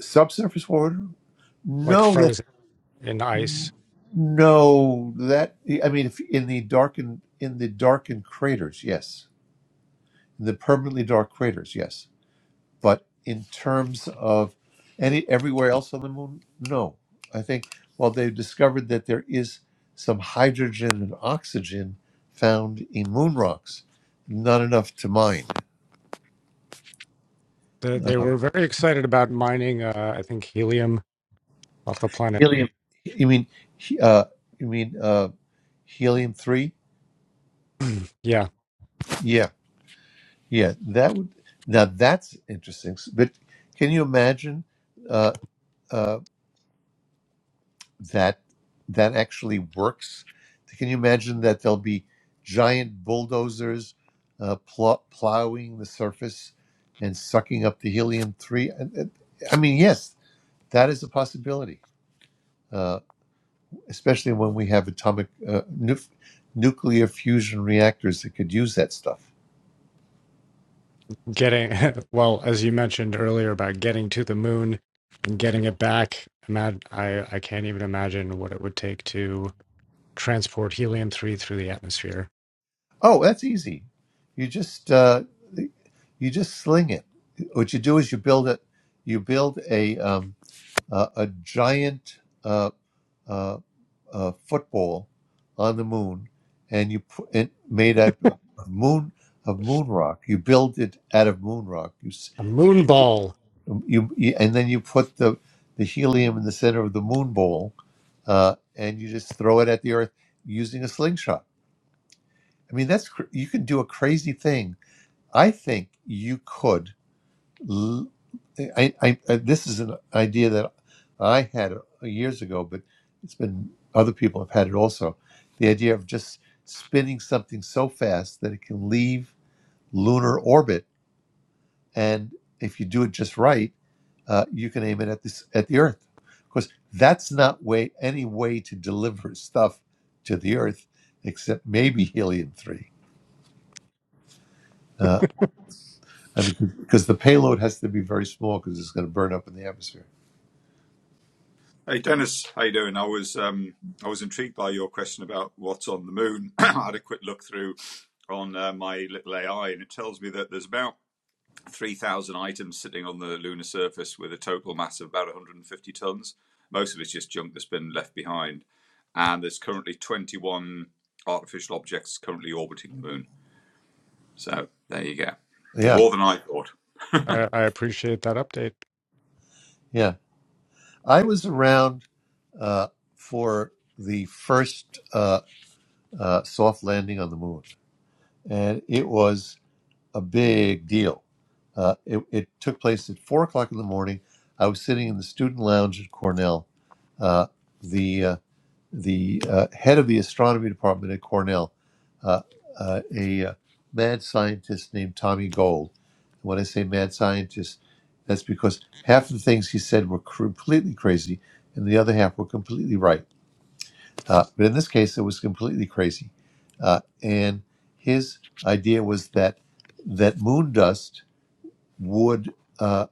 [SPEAKER 1] Subsurface water?
[SPEAKER 8] like
[SPEAKER 1] No, that
[SPEAKER 8] frozen in ice.
[SPEAKER 1] no, that I mean, if in the darkened in the darkened craters, yes, in the permanently dark craters, yes, but in terms of any everywhere else on the moon, no. I think well, they've discovered that there is some hydrogen and oxygen found in moon rocks, not enough to mine.
[SPEAKER 8] The, they
[SPEAKER 1] Uh,
[SPEAKER 8] were very excited about mining, uh, I think, helium off the planet.
[SPEAKER 1] helium. You mean, he- uh, you mean? Uh, Helium three?
[SPEAKER 8] yeah,
[SPEAKER 1] Yeah, yeah. That would now that's interesting. S- But can you imagine uh, uh, that that actually works? Can you imagine that there'll be giant bulldozers uh, pl- plowing the surface and sucking up the helium three? I I mean, yes, that is a possibility. Uh, especially when we have atomic uh, nu- nuclear fusion reactors that could use that stuff.
[SPEAKER 8] getting well as you mentioned earlier about getting to the moon and getting it back imag- I, I can't even imagine what it would take to transport helium-3 through the atmosphere
[SPEAKER 1] Oh, that's easy. You just uh, you just sling it. What you do is you build it. You build a um, a, a giant uh, uh, uh, football on the moon, and you put it made out of moon of moon rock. You build it out of moon rock. You s-
[SPEAKER 8] a moon ball
[SPEAKER 1] you, you and then you put the the helium in the center of the moon ball, uh, and you just throw it at the Earth using a slingshot. I mean, that's cr- you can do a crazy thing. I think you could. L- I, I, I- this is an idea that I had years ago, but it's been other people have had it also. The idea of just spinning something so fast that it can leave lunar orbit, and if you do it just right, uh, you can aim it at this at the Earth. Of course, that's not way any way to deliver stuff to the Earth, except maybe helium three. Uh, I mean, because the payload has to be very small because it's going to burn up in the atmosphere.
[SPEAKER 9] Hey Dennis, how you doing? I was um, I was intrigued by your question about what's on the moon. I had a quick look through on uh, my little AI, and it tells me that there's about three thousand items sitting on the lunar surface with a total mass of about 150 tons. Most of it's just junk that's been left behind, and there's currently 21 artificial objects currently orbiting the moon. So there you go,
[SPEAKER 1] Yeah,
[SPEAKER 9] more than I thought.
[SPEAKER 8] i, I appreciate that update
[SPEAKER 1] yeah. I was around uh, for the first uh, uh, soft landing on the moon, and it was a big deal. Uh, it, it took place at four o'clock in the morning. I was sitting in the student lounge at Cornell. Uh, the uh, the uh, head of the astronomy department at Cornell, uh, uh, a uh, mad scientist named Tommy Gold. When I say mad scientist, that's because half of the things he said were cr- completely crazy, and the other half were completely right. Uh, but in this case, it was completely crazy. Uh, and his idea was that that moon dust would, uh,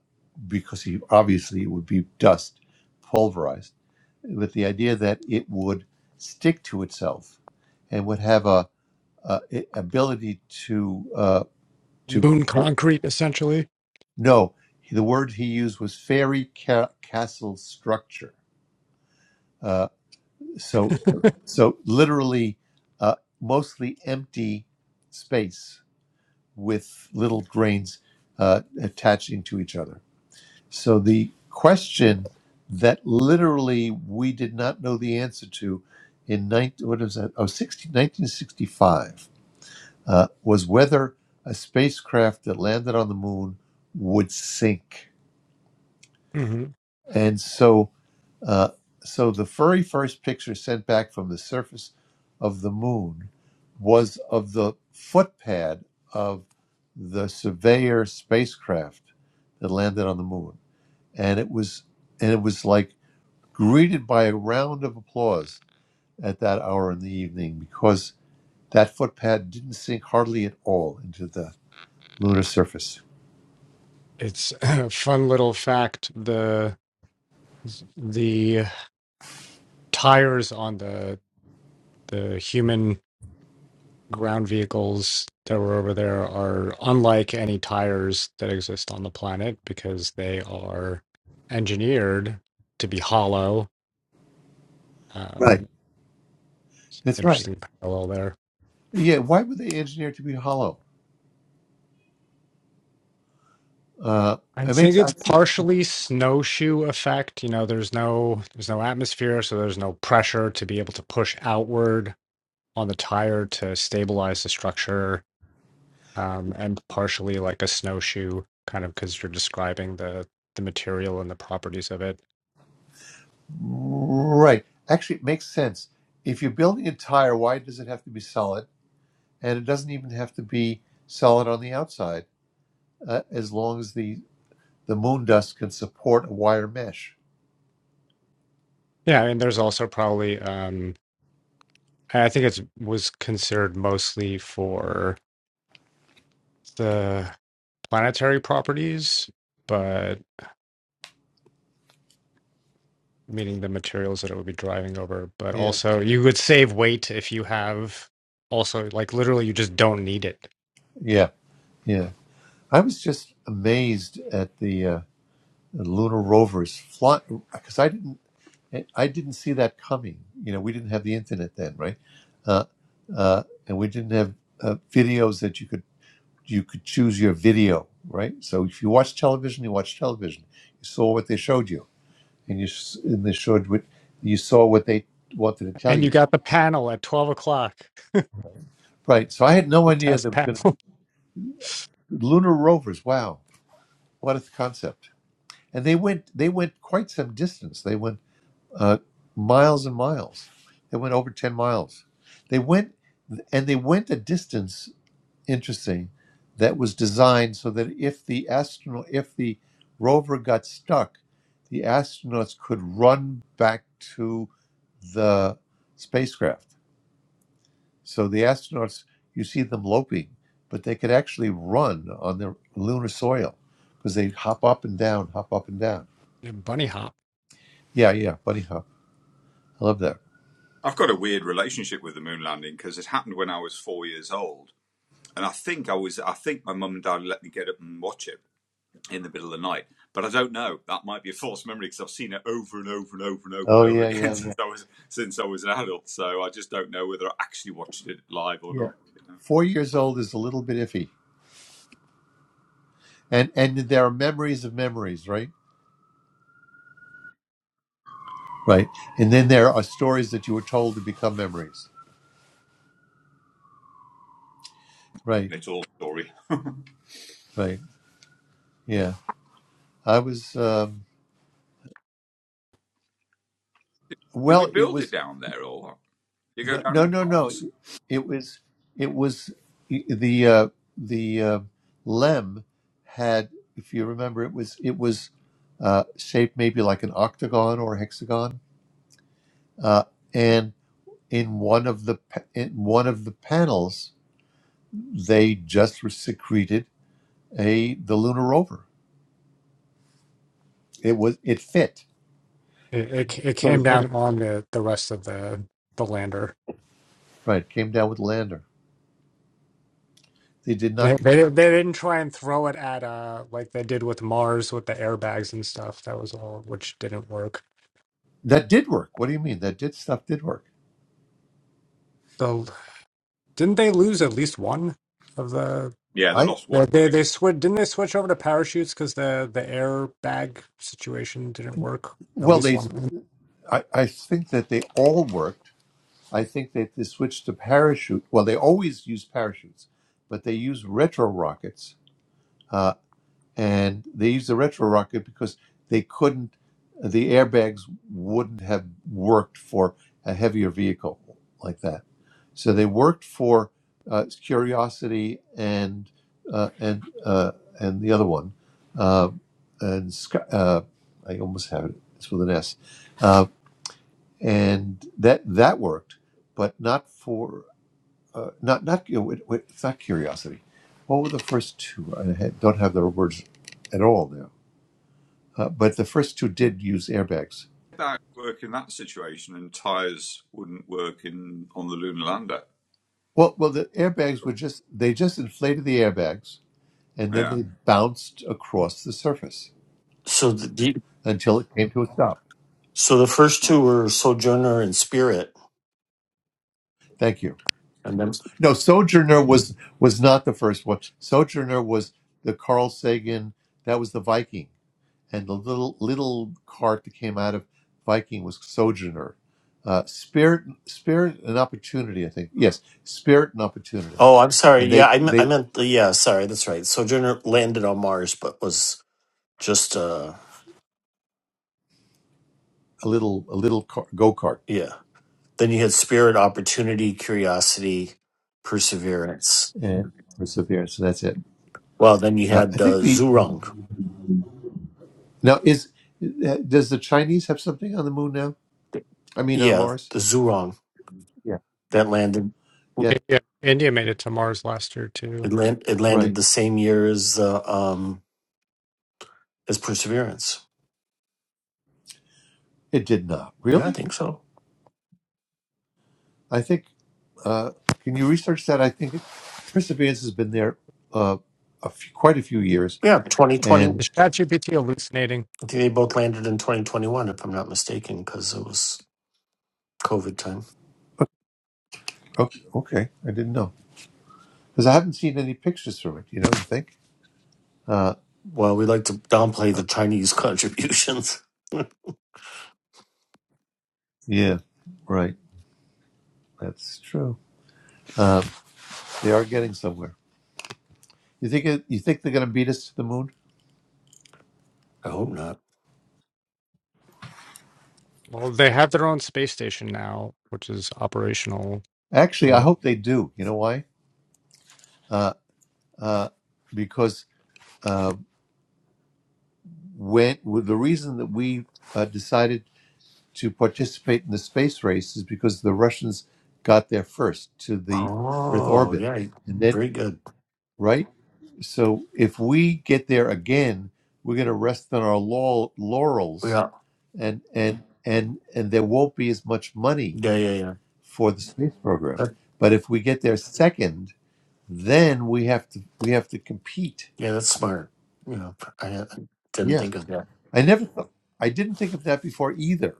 [SPEAKER 1] because he obviously it would be dust, pulverized with the idea that it would stick to itself and would have a, a, a ability to uh, to
[SPEAKER 8] moon concrete essentially
[SPEAKER 1] no the word he used was fairy ca- castle structure uh, so so literally uh, mostly empty space with little grains uh, attaching to each other So the question that literally we did not know the answer to in 19, what was that? oh 60 1965 uh, was whether a spacecraft that landed on the moon would sink.
[SPEAKER 8] hmm
[SPEAKER 1] And so, uh, so the very first picture sent back from the surface of the moon was of the footpad of the Surveyor spacecraft that landed on the moon, and it was, and it was like greeted by a round of applause at that hour in the evening because that footpad didn't sink hardly at all into the lunar surface.
[SPEAKER 8] it's a fun little fact the the tires on the the human ground vehicles that were over there are unlike any tires that exist on the planet because they are engineered to be hollow.
[SPEAKER 1] Right.
[SPEAKER 8] Um, it's an
[SPEAKER 1] That's right.
[SPEAKER 8] interesting parallel there.
[SPEAKER 1] Yeah. Why were they engineered to be hollow? Uh,
[SPEAKER 8] I
[SPEAKER 1] it
[SPEAKER 8] think
[SPEAKER 1] makes I
[SPEAKER 8] it's
[SPEAKER 1] see-
[SPEAKER 8] partially snowshoe effect. You know, there's no there's no atmosphere, so there's no pressure to be able to push outward on the tire to stabilize the structure, um, and partially like a snowshoe kind of because you're describing the the material and the properties of it
[SPEAKER 1] right. Actually, it makes sense. If you're building a tire, why does it have to be solid? And it doesn't even have to be solid on the outside, uh, as long as the the moon dust can support a wire mesh.
[SPEAKER 8] Yeah, and there's also probably um I think it was considered mostly for the planetary properties, but meaning the materials that it would be driving over, but
[SPEAKER 1] Yeah.
[SPEAKER 8] also you would save weight if you have also like literally you just don't need it.
[SPEAKER 1] Yeah. Yeah. I was just amazed at the, uh, the lunar rovers fly because I didn't I didn't see that coming. You know, we didn't have the internet then, right? Uh, uh, and we didn't have uh, videos that you could you could choose your video, right? So if you watch television, you watch television. You saw what they showed you, and you s- and they showed what you saw what they wanted to tell
[SPEAKER 8] And you
[SPEAKER 1] you,
[SPEAKER 8] got the panel at 12 o'clock,
[SPEAKER 1] right? So I had no
[SPEAKER 8] the
[SPEAKER 1] idea
[SPEAKER 8] test
[SPEAKER 1] there was going to
[SPEAKER 8] panel.
[SPEAKER 1] lunar rovers. Wow, what a concept! And they went they went quite some distance. They went. uh, miles and miles. They went over 10 miles. They went, and they went a distance, interesting, that was designed so that if the astronaut, if the rover got stuck, the astronauts could run back to the spacecraft. So the astronauts, you see them loping, but they could actually run on the lunar soil because they hop up and down, hop up and down.
[SPEAKER 8] Bunny hop.
[SPEAKER 1] Yeah, yeah, bunny hop. I love that.
[SPEAKER 9] I've got a weird relationship with the moon landing because it happened when I was four years old And I think I was, I think my mum and dad let me get up and watch it in the middle of the night. But I don't know. That might be a false memory because I've seen it over and over and over and over and
[SPEAKER 1] Oh,
[SPEAKER 9] over
[SPEAKER 1] yeah,
[SPEAKER 9] again
[SPEAKER 1] yeah,
[SPEAKER 9] since I was since I was an adult. So I just don't know whether I actually watched it live or
[SPEAKER 1] yeah.
[SPEAKER 9] not. You know?
[SPEAKER 1] Four years old is a little bit iffy, and and there are memories of memories, right? Right, and then there are stories that you were told to become memories. Right,
[SPEAKER 9] And it's all story.
[SPEAKER 1] right, yeah. I was um,
[SPEAKER 9] Did we
[SPEAKER 1] well. It
[SPEAKER 9] build it
[SPEAKER 1] was
[SPEAKER 9] down there or what? Did You go
[SPEAKER 1] no,
[SPEAKER 9] down
[SPEAKER 1] no,
[SPEAKER 9] in
[SPEAKER 1] no, no.
[SPEAKER 9] parts?
[SPEAKER 1] It was it was e, the uh, the uh, lem had, if you remember, it was it was uh, shaped maybe like an octagon or a hexagon, uh, and in one of the pa- in one of the panels they just secreted a the lunar rover. It was it fit.
[SPEAKER 8] It, it it
[SPEAKER 1] So
[SPEAKER 8] came down on the the rest of the the lander.
[SPEAKER 1] Right, came down with lander. They did
[SPEAKER 8] They,
[SPEAKER 1] not.
[SPEAKER 8] they they didn't try and throw it at uh like they did with Mars with the airbags and stuff. That was all, which didn't work.
[SPEAKER 1] That did work. What do you mean? That did stuff did work.
[SPEAKER 8] So didn't they lose at least one of the
[SPEAKER 9] Yeah, they
[SPEAKER 1] I
[SPEAKER 9] lost one
[SPEAKER 8] they they,
[SPEAKER 9] thing.
[SPEAKER 8] they switch didn't they switch over to parachutes because the the airbag situation didn't work at
[SPEAKER 1] well,
[SPEAKER 8] least
[SPEAKER 1] they.
[SPEAKER 8] one time.
[SPEAKER 1] I, I think that they all worked. I think that they switched to parachute. Well, they always use parachutes, but they use retro rockets. uh, and they used the retro rocket because they couldn't the airbags wouldn't have worked for a heavier vehicle like that so they worked for uh, curiosity and uh, and uh, and the other one uh, and Sky- uh, i almost have it it's with an s uh, and that that worked but not for uh, not not you know, wait, wait, it's not curiosity what were the first two i had- don't have their words at all now uh, but the first two did use airbags.
[SPEAKER 9] That work in that situation and tires wouldn't work in on the lunar lander.
[SPEAKER 1] Well, well, the airbags were just they just inflated the airbags and then
[SPEAKER 9] Yeah.
[SPEAKER 1] they bounced across the surface
[SPEAKER 10] So the the-
[SPEAKER 1] until it came to a stop.
[SPEAKER 10] so the first two were Sojourner and Spirit,
[SPEAKER 1] Thank you.
[SPEAKER 10] and then
[SPEAKER 1] No, Sojourner was was not the first one. Sojourner was the Carl Sagan. That was the Viking, and the little little cart that came out of Viking was Sojourner. Uh, spirit, spirit, and opportunity. I think yes, spirit and opportunity,
[SPEAKER 10] oh, I'm sorry,
[SPEAKER 1] and
[SPEAKER 10] yeah,
[SPEAKER 1] they
[SPEAKER 10] I me- I
[SPEAKER 1] they
[SPEAKER 10] meant the yeah, sorry, that's right. Sojourner landed on Mars, but was just uh
[SPEAKER 1] a little a little go kart
[SPEAKER 10] yeah. Then you had Spirit, Opportunity, Curiosity, Perseverance.
[SPEAKER 1] and perseverance. So that's it.
[SPEAKER 10] Well, then you
[SPEAKER 1] Uh, I
[SPEAKER 10] had
[SPEAKER 1] think
[SPEAKER 10] uh,
[SPEAKER 1] the
[SPEAKER 10] Zhurong.
[SPEAKER 1] now is uh, does the Chinese have something on the moon now? I mean on
[SPEAKER 10] yeah,
[SPEAKER 1] Mars?
[SPEAKER 10] the Zhurong
[SPEAKER 1] Yeah.
[SPEAKER 10] that landed
[SPEAKER 1] Yeah.
[SPEAKER 8] India, India made it to Mars last year too.
[SPEAKER 10] it, land, it
[SPEAKER 1] Right.
[SPEAKER 10] landed the same year as uh, um as Perseverance.
[SPEAKER 1] It did not
[SPEAKER 10] Yeah, I
[SPEAKER 1] really.
[SPEAKER 10] think so.
[SPEAKER 1] I think. Uh, can you research that? I think perseverance has been there uh, a few, quite a few years.
[SPEAKER 10] Yeah, 2020,
[SPEAKER 1] And
[SPEAKER 8] Is ChatGPT hallucinating?
[SPEAKER 10] I think they both landed in 2021, if I'm not mistaken, because it was COVID time.
[SPEAKER 1] okay, okay, I didn't know because I haven't seen any pictures from it. You know, you think? Uh,
[SPEAKER 10] Well, we like to downplay the Chinese contributions. I
[SPEAKER 1] yeah. Right. That's true. Um, they are getting somewhere. You think it, you think they're going to beat us to the moon?
[SPEAKER 10] hope not.
[SPEAKER 8] Well, they have their own space station now, which is operational.
[SPEAKER 1] Actually, I
[SPEAKER 8] And
[SPEAKER 1] hope they do. You know why? Uh, uh, because uh, when with the reason that we uh, decided to participate in the space race is because the Russians got there first to the Earth
[SPEAKER 10] Oh,
[SPEAKER 1] orbit,
[SPEAKER 10] yeah.
[SPEAKER 1] and then
[SPEAKER 10] Very good.
[SPEAKER 1] right. So if we get there again, we're going to rest on our laurel, laurels,
[SPEAKER 10] Yeah.
[SPEAKER 1] and and and and there won't be as much money
[SPEAKER 10] Yeah, yeah, yeah.
[SPEAKER 1] for the space program.
[SPEAKER 10] That,
[SPEAKER 1] But if we get there second, then we have to we have to compete
[SPEAKER 10] yeah, that's smart. You know, I uh, didn't
[SPEAKER 1] Yeah,
[SPEAKER 10] think of that.
[SPEAKER 1] I never thought, I didn't think of that before either.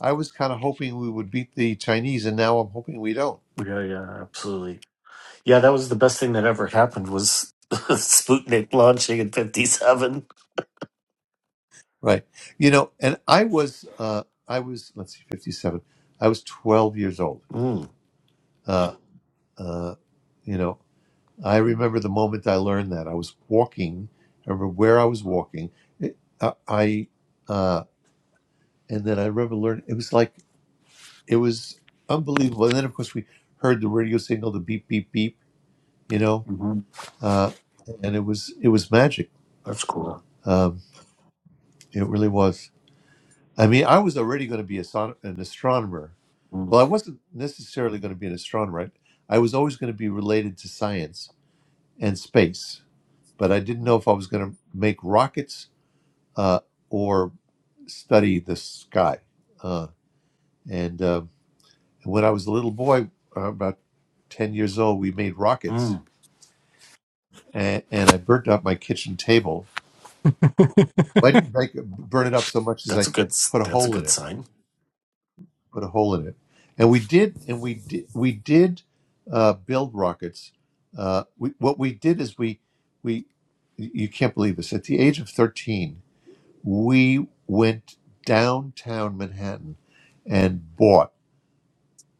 [SPEAKER 1] I was kind of hoping we would beat the Chinese, and now I'm hoping we don't.
[SPEAKER 10] Yeah, yeah, absolutely. Yeah, that was the best thing that ever happened was Sputnik launching in 57.
[SPEAKER 1] Right. You know, and I was, uh, I was, let's see, 57. I was 12 years old.
[SPEAKER 10] Mm.
[SPEAKER 1] Uh, uh, you know, I remember the moment I learned that. I was walking, I remember where I was walking. It, uh, I, uh, and then I remember learning, it was like, it was unbelievable. And then, of course, we heard the radio signal, the beep, beep, beep, you know.
[SPEAKER 10] hmm
[SPEAKER 1] uh, and it was it was magic.
[SPEAKER 10] That's cool.
[SPEAKER 1] Um, it really was. I mean, I was already going to be a, son- an astronomer.
[SPEAKER 10] Mm.
[SPEAKER 1] Well, I wasn't necessarily going to be an astronomer. I, I was always going to be related to science and space, but I didn't know if I was going to make rockets uh, or study the sky. Uh, and uh, when I was a little boy, uh, about ten years old, we made rockets,
[SPEAKER 10] Mm.
[SPEAKER 1] and, and I burnt up my kitchen table. Well, I didn't break, burn it up so much as
[SPEAKER 10] That's
[SPEAKER 1] I
[SPEAKER 10] a good, s-
[SPEAKER 1] put a
[SPEAKER 10] that's a
[SPEAKER 1] hole in
[SPEAKER 10] good
[SPEAKER 1] it
[SPEAKER 10] sign.
[SPEAKER 1] put a hole in it. And we did, and we did, we did uh, build rockets. Uh, we, what we did is we, we, you can't believe this. At the age of thirteen, we went downtown Manhattan and bought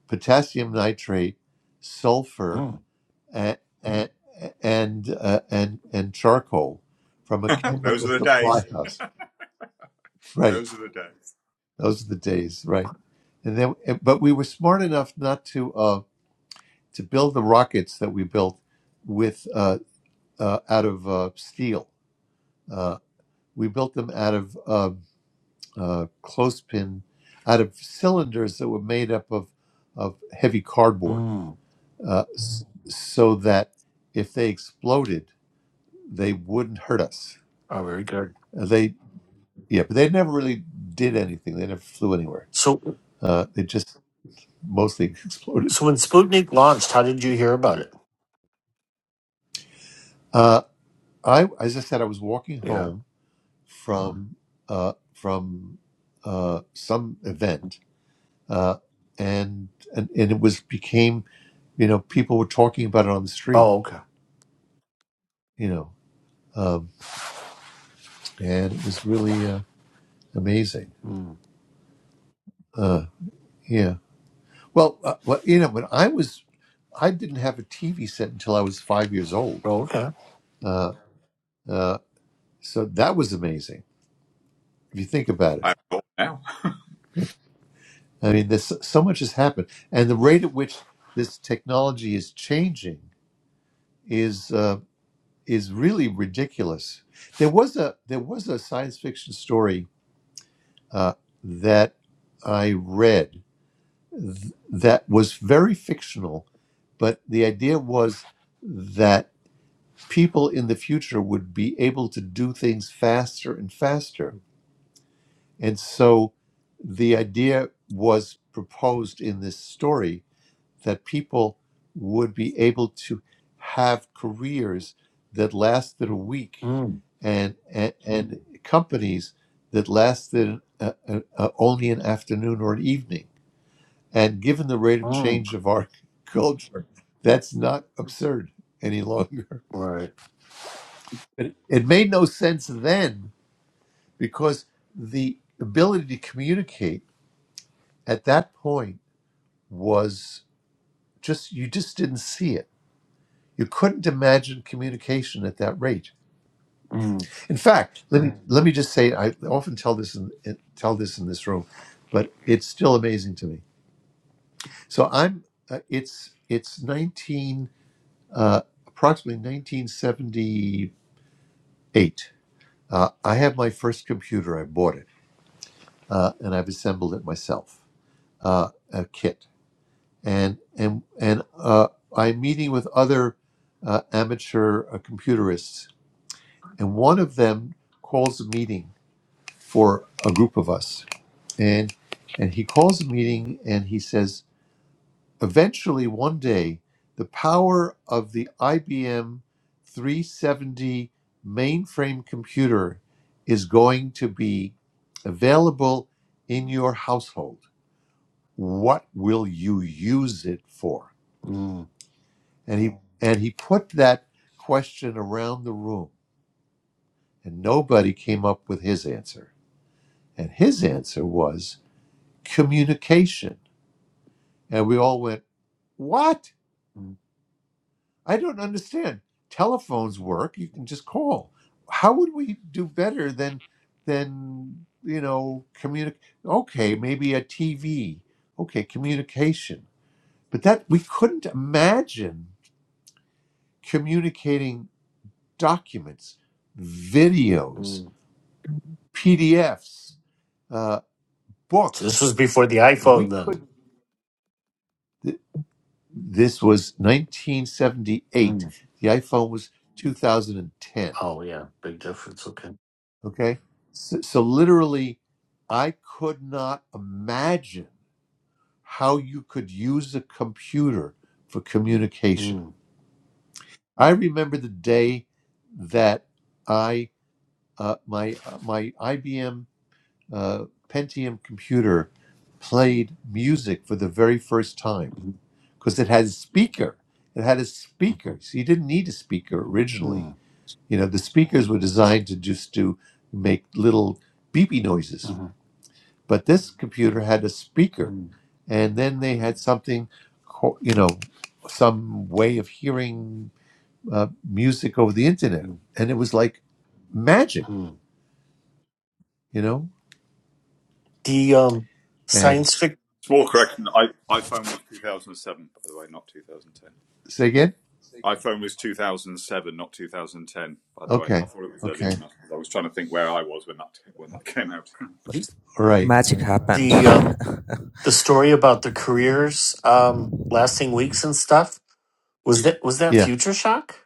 [SPEAKER 1] potassium nitrate, sulfur,
[SPEAKER 10] Mm.
[SPEAKER 1] and and and uh, and, and charcoal from a
[SPEAKER 9] Huh. Those are
[SPEAKER 1] chemical
[SPEAKER 9] the days.
[SPEAKER 1] supply house. Right,
[SPEAKER 9] Those are the days.
[SPEAKER 1] those are the days. Right, and then, but we were smart enough not to. Uh, to build the rockets that we built with uh, uh, out of uh, steel. Uh, we built them out of um uh, clothespin, out of cylinders that were made up of of heavy cardboard,
[SPEAKER 10] mm.
[SPEAKER 1] uh, s- so that if they exploded, they wouldn't hurt us.
[SPEAKER 10] Oh, very good.
[SPEAKER 1] Uh, they yeah, but they never really did anything. They never flew anywhere.
[SPEAKER 10] So,
[SPEAKER 1] Uh, they just mostly exploded.
[SPEAKER 10] so when Sputnik launched, how did you hear about it?
[SPEAKER 1] Uh, I as I said, I was walking
[SPEAKER 10] Yeah.
[SPEAKER 1] home from uh, from uh, some event, uh, and, and and it was became, you know, people were talking about it on the street,
[SPEAKER 10] Oh, okay.
[SPEAKER 1] you know, um, and it was really uh, amazing.
[SPEAKER 10] Mm.
[SPEAKER 1] Uh, yeah. Well, uh, well, you know, when I was, I didn't have a TV set until I was five years old.
[SPEAKER 10] Oh, okay.
[SPEAKER 1] Uh, uh, so that was amazing if you think about
[SPEAKER 9] I'm old now.
[SPEAKER 1] it. I mean, this so so much has happened, and the rate at which this technology is changing is. uh, is really ridiculous. There was a there was a science fiction story uh, that I read th- that was very fictional, but the idea was that people in the future would be able to do things faster and faster, and so the idea was proposed in this story that people would be able to have careers that lasted a week
[SPEAKER 10] Mm.
[SPEAKER 1] and and, and companies that lasted uh, uh, uh, only an afternoon or an evening and given the rate of
[SPEAKER 10] Mm.
[SPEAKER 1] change of our culture that's not absurd any longer
[SPEAKER 10] Right.
[SPEAKER 1] it, it made no sense then because the ability to communicate at that point was just you just didn't see it You couldn't imagine communication at that rate.
[SPEAKER 10] Mm.
[SPEAKER 1] In fact, let me Mm. let me just say I often tell this in, in- tell this in this room, but it's still amazing to me. So I'm uh, it's it's 19 uh, approximately 1978. Uh, I have my first computer. I bought it uh, and I've assembled it myself, uh, a kit. And and and uh, I'm meeting with other uh, amateur uh, computerists, and one of them calls a meeting for a group of us. And and he calls a meeting and he says, eventually one day, the power of the IBM 370 mainframe computer is going to be available in your household. What will you use it for?
[SPEAKER 10] Mm.
[SPEAKER 1] And he and he put that question around the room and nobody came up with his answer. And his answer was communication And we all went, What?
[SPEAKER 10] Mm.
[SPEAKER 1] I don't understand. Telephones work. You can just call. How would we do better than than you know communicate? Okay, maybe a TV. Okay, communication. But that we couldn't imagine communicating documents, videos,
[SPEAKER 10] Mm.
[SPEAKER 1] PDFs, uh,
[SPEAKER 10] So this
[SPEAKER 1] books.
[SPEAKER 10] was before the
[SPEAKER 1] We
[SPEAKER 10] iPhone, then.
[SPEAKER 1] could. th- This was 1978.
[SPEAKER 10] Mm.
[SPEAKER 1] The iPhone was 2010
[SPEAKER 10] Oh, yeah. Big difference. Okay.
[SPEAKER 1] Okay. So, so literally, I could not imagine how you could use a computer for communication.
[SPEAKER 10] Mm.
[SPEAKER 1] I remember the day that I uh, my uh, my IBM uh, Pentium computer played music for the very first time
[SPEAKER 10] Mm.
[SPEAKER 1] because it had a speaker. It had a speaker,
[SPEAKER 10] Mm.
[SPEAKER 1] so you didn't need a speaker originally.
[SPEAKER 10] Mm.
[SPEAKER 1] You know, the speakers were designed to just to make little beepy noises
[SPEAKER 10] Mm.
[SPEAKER 1] but this computer had a speaker
[SPEAKER 10] Mm.
[SPEAKER 1] and then they had something you know some way of hearing uh, music over the internet
[SPEAKER 10] Mm.
[SPEAKER 1] and it was like magic
[SPEAKER 10] Mm.
[SPEAKER 1] you know
[SPEAKER 10] The um,
[SPEAKER 1] and
[SPEAKER 10] science fic,
[SPEAKER 9] Small correction. I, iPhone was 2007, by the way, not 2010.
[SPEAKER 1] say again
[SPEAKER 9] iPhone was 2007, not 2010. By the way, I
[SPEAKER 1] okay
[SPEAKER 9] thought it was earlier
[SPEAKER 1] okay
[SPEAKER 9] than that because I was trying to think where I was when that when that came out.
[SPEAKER 10] the,
[SPEAKER 1] all right Right.
[SPEAKER 10] the um, the story about the careers um lasting weeks and stuff was that was that
[SPEAKER 1] yeah
[SPEAKER 10] Future Shock?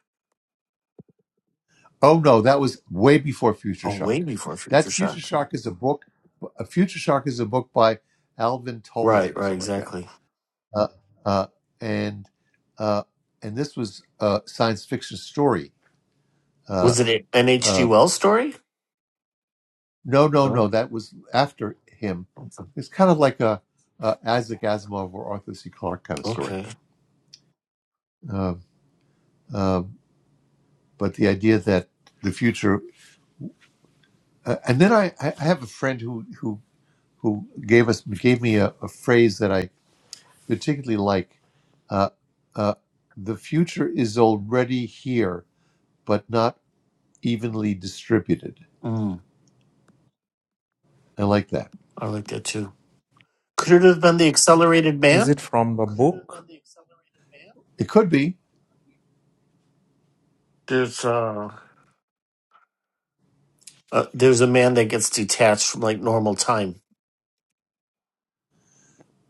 [SPEAKER 1] oh no that was way before future
[SPEAKER 10] Oh, way
[SPEAKER 1] shock
[SPEAKER 10] before
[SPEAKER 1] that
[SPEAKER 10] Future
[SPEAKER 1] future
[SPEAKER 10] Shock.
[SPEAKER 1] shock is a book a future shock is a book by alvin Toler, or
[SPEAKER 10] Right, right,
[SPEAKER 1] something like that
[SPEAKER 10] exactly.
[SPEAKER 1] uh, uh, and uh, and this was a science fiction story Uh,
[SPEAKER 10] Was it an H.G.
[SPEAKER 1] uh,
[SPEAKER 10] Wells story?
[SPEAKER 1] no, no,
[SPEAKER 10] No.
[SPEAKER 1] no, that was after him. It's kind of like a, a Isaac Asimov or Arthur C. Clarke kind of story.
[SPEAKER 10] Okay.
[SPEAKER 1] Um um, but the idea that the future, uh, and then I, I I have a friend who who who gave us gave me a, a phrase that I particularly like. Uh, uh, the future is already here, but not evenly distributed.
[SPEAKER 10] Mm,
[SPEAKER 1] I like that.
[SPEAKER 10] I like that too. Could it have been the Accelerated
[SPEAKER 4] Is
[SPEAKER 10] Man?
[SPEAKER 4] it from the
[SPEAKER 1] It could be.
[SPEAKER 10] There's uh, uh there's a man that gets detached from like normal time.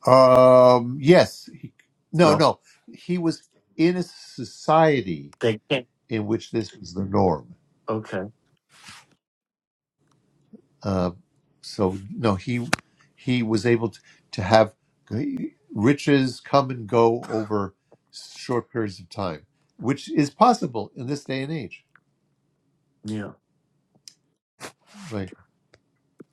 [SPEAKER 1] Um, yes. He, no,
[SPEAKER 10] No,
[SPEAKER 1] no. He was in a society
[SPEAKER 10] they can't.
[SPEAKER 1] in which this was the norm.
[SPEAKER 10] Okay.
[SPEAKER 1] Uh, so no, he he was able to, to have riches come and go over short periods of time, which is possible in this day and age.
[SPEAKER 10] Yeah.
[SPEAKER 1] Right?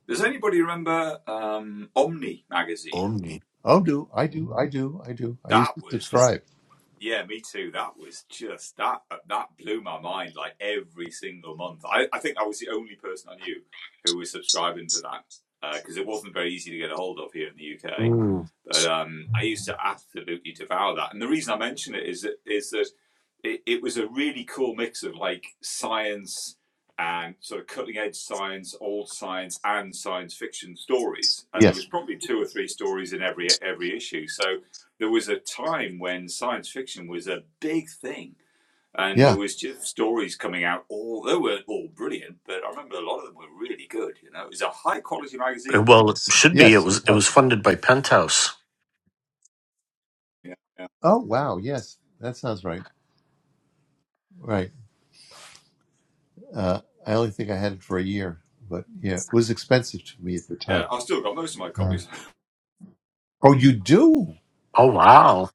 [SPEAKER 9] Does anybody remember um, Omni magazine?
[SPEAKER 10] Omni.
[SPEAKER 1] Oh, do I do I do I do I used
[SPEAKER 9] That
[SPEAKER 1] to
[SPEAKER 9] was
[SPEAKER 1] subscribe.
[SPEAKER 9] Yeah, me too. That was just that that blew my mind. Like every single month, I, I think I was the only person I knew who was subscribing to that because uh, it wasn't very easy to get a hold of here in the UK.
[SPEAKER 10] Mm.
[SPEAKER 9] But um, I used to absolutely devour that. And the reason I mention it is that is that it, it was a really cool mix of like science and sort of cutting edge science, old science, and science fiction stories. And there was
[SPEAKER 1] Yes.
[SPEAKER 9] probably two or three stories in every every issue. So there was a time when science fiction was a big thing and there
[SPEAKER 1] Yeah.
[SPEAKER 9] was just stories coming out all they weren't all brilliant but i remember a lot of them were really good you know it was a high quality magazine
[SPEAKER 10] And
[SPEAKER 9] that
[SPEAKER 10] Well, it
[SPEAKER 9] was
[SPEAKER 10] should be. It
[SPEAKER 1] Yes.
[SPEAKER 10] was.
[SPEAKER 1] It
[SPEAKER 10] It
[SPEAKER 1] was.
[SPEAKER 10] was funded by Penthouse.
[SPEAKER 9] yeah yeah,
[SPEAKER 1] Oh, wow. Yes, that sounds right. Right. Uh, I only think I had it for a year, but yeah, it was expensive to me at the
[SPEAKER 9] yeah
[SPEAKER 1] time.
[SPEAKER 9] i've still got most of my
[SPEAKER 1] Uh,
[SPEAKER 9] copies
[SPEAKER 1] oh, you do?
[SPEAKER 10] Oh wow,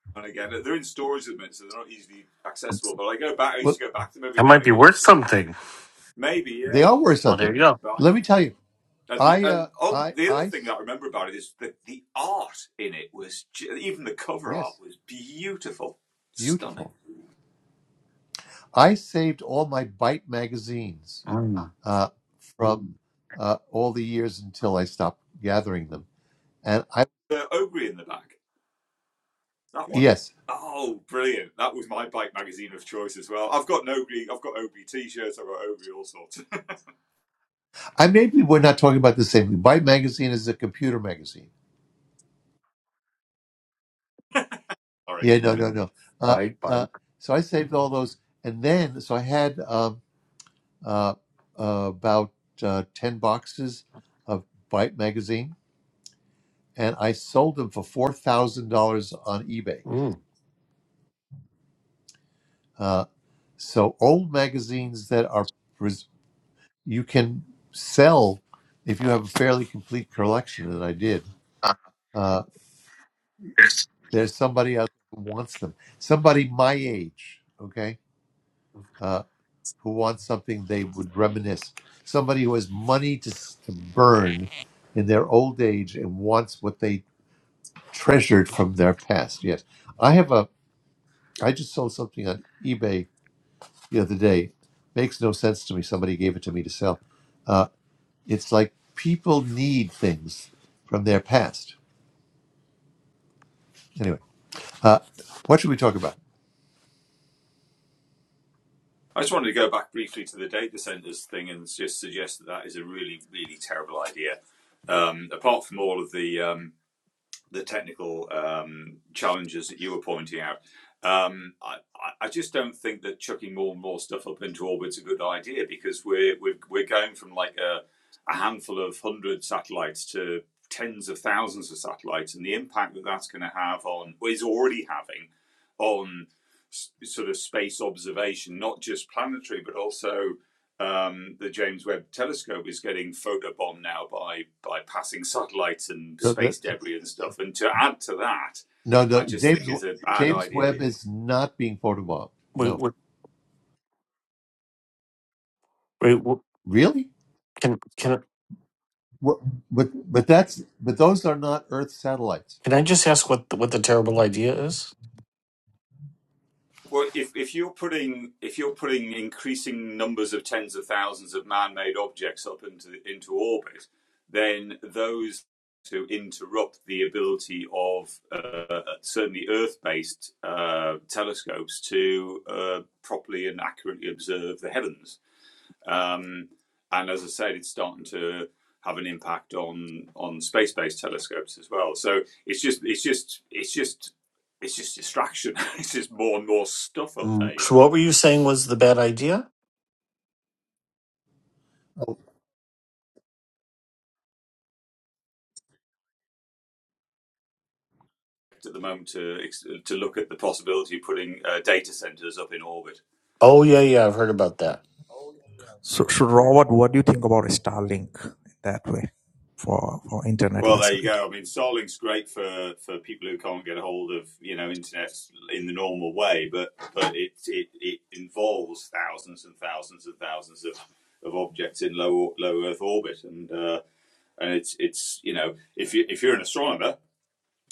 [SPEAKER 9] and again they're in storage at the minute so they're not easily accessible
[SPEAKER 10] that
[SPEAKER 9] but i go back i used
[SPEAKER 1] Well,
[SPEAKER 9] to go back to them every now
[SPEAKER 10] might
[SPEAKER 9] and
[SPEAKER 10] be
[SPEAKER 9] again
[SPEAKER 10] worth
[SPEAKER 9] just,
[SPEAKER 10] something.
[SPEAKER 9] maybe
[SPEAKER 1] they
[SPEAKER 9] yeah
[SPEAKER 1] are worth
[SPEAKER 10] Oh, there
[SPEAKER 1] something.
[SPEAKER 10] you go.
[SPEAKER 9] but I
[SPEAKER 1] Let me
[SPEAKER 9] just,
[SPEAKER 1] tell you,
[SPEAKER 9] and the
[SPEAKER 1] I, uh,
[SPEAKER 9] and on,
[SPEAKER 1] I,
[SPEAKER 9] the other
[SPEAKER 1] I,
[SPEAKER 9] thing that i remember about it is that the art in it was even the cover art
[SPEAKER 1] yes,
[SPEAKER 9] was beautiful stunning
[SPEAKER 1] beautiful. I saved all my Byte magazines
[SPEAKER 10] Mm.
[SPEAKER 1] uh, from uh, all the years until I stopped gathering them, and I,
[SPEAKER 9] the ogre in the back That one.
[SPEAKER 1] yes,
[SPEAKER 9] Oh, brilliant! That was my bike magazine of choice as well. I've got Oakley, I've got Oakley t-shirts, I've got Oakley all sorts.
[SPEAKER 1] I maybe we're not talking about the same thing. Byte magazine is a computer magazine.
[SPEAKER 9] Sorry,
[SPEAKER 1] Yeah, no, no, no. Uh,
[SPEAKER 10] Bike, bike.
[SPEAKER 1] uh, so I saved all those, and then so I had. Um, uh, uh, about uh, 10 boxes of Byte magazine, and I sold them for $4,000 on eBay.
[SPEAKER 10] Mm.
[SPEAKER 1] Uh, so, old magazines that are pres- you can sell if you have a fairly complete collection, and I did. Uh, there's somebody out there who wants them, somebody my age, okay, uh, who wants something they would reminisce, somebody who has money to, s- to burn in their old age and wants what they treasured from their past. Yes, I have a. I just sold something on eBay the other day. Makes no sense to me. Somebody gave it to me to sell. It's like people need things from their past. Anyway, uh, what should we talk about?
[SPEAKER 9] I just wanted to go back briefly to the data centers thing and just suggest that that is a really, really terrible idea. Um, apart from all of the um, the technical um, challenges that you were pointing out, um, I, I- just don't think that chucking more and more stuff up into orbit is a good idea because we're we're, we're going from like a, a handful of hundred satellites to tens of thousands of satellites, and the impact that that's going to have on or is already having on sort of space observation, not just planetary but also um, the James Webb Telescope is getting photobombed now by by passing satellites and
[SPEAKER 1] No, the,
[SPEAKER 9] space debris and stuff. And to add to that,
[SPEAKER 1] no,
[SPEAKER 9] I
[SPEAKER 1] the,
[SPEAKER 9] just think
[SPEAKER 1] James
[SPEAKER 9] it's a bad
[SPEAKER 1] James Webb
[SPEAKER 9] idea.
[SPEAKER 1] is not being photobombed.
[SPEAKER 10] Wait,
[SPEAKER 1] No,
[SPEAKER 10] wait, wait. wh-
[SPEAKER 1] really?
[SPEAKER 10] Can can
[SPEAKER 1] What, but but that's but those are not Earth satellites.
[SPEAKER 10] Can I just ask what the, what the terrible idea is?
[SPEAKER 9] Well, if if you're putting if you're putting increasing numbers of tens of thousands of man-made objects up into into orbit, then those to interrupt the ability of uh, certainly Earth-based uh, telescopes to uh, properly and accurately observe the heavens Um, and as I said, it's starting to have an impact on on space-based telescopes as well. So it's just it's just it's just it's just distraction. it's just more and more stuff up there,
[SPEAKER 10] Mm,
[SPEAKER 9] you
[SPEAKER 10] So
[SPEAKER 9] know.
[SPEAKER 10] what were you saying was the bad idea?
[SPEAKER 9] At the moment, to to look at the possibility of putting uh, data centers up in orbit
[SPEAKER 10] Oh yeah, yeah, I've heard about that.
[SPEAKER 4] So, so Robert, what do you think about Starlink that way for, for internet
[SPEAKER 9] Well,
[SPEAKER 10] Okay.
[SPEAKER 9] there you go.
[SPEAKER 4] facility?
[SPEAKER 9] I mean, Starlink's great for, for people who can't get a hold of you know internet in the normal way, but but it it, it involves thousands and thousands and thousands of, of objects in low low Earth orbit, and uh, and it's it's you know if you if you're an astronomer,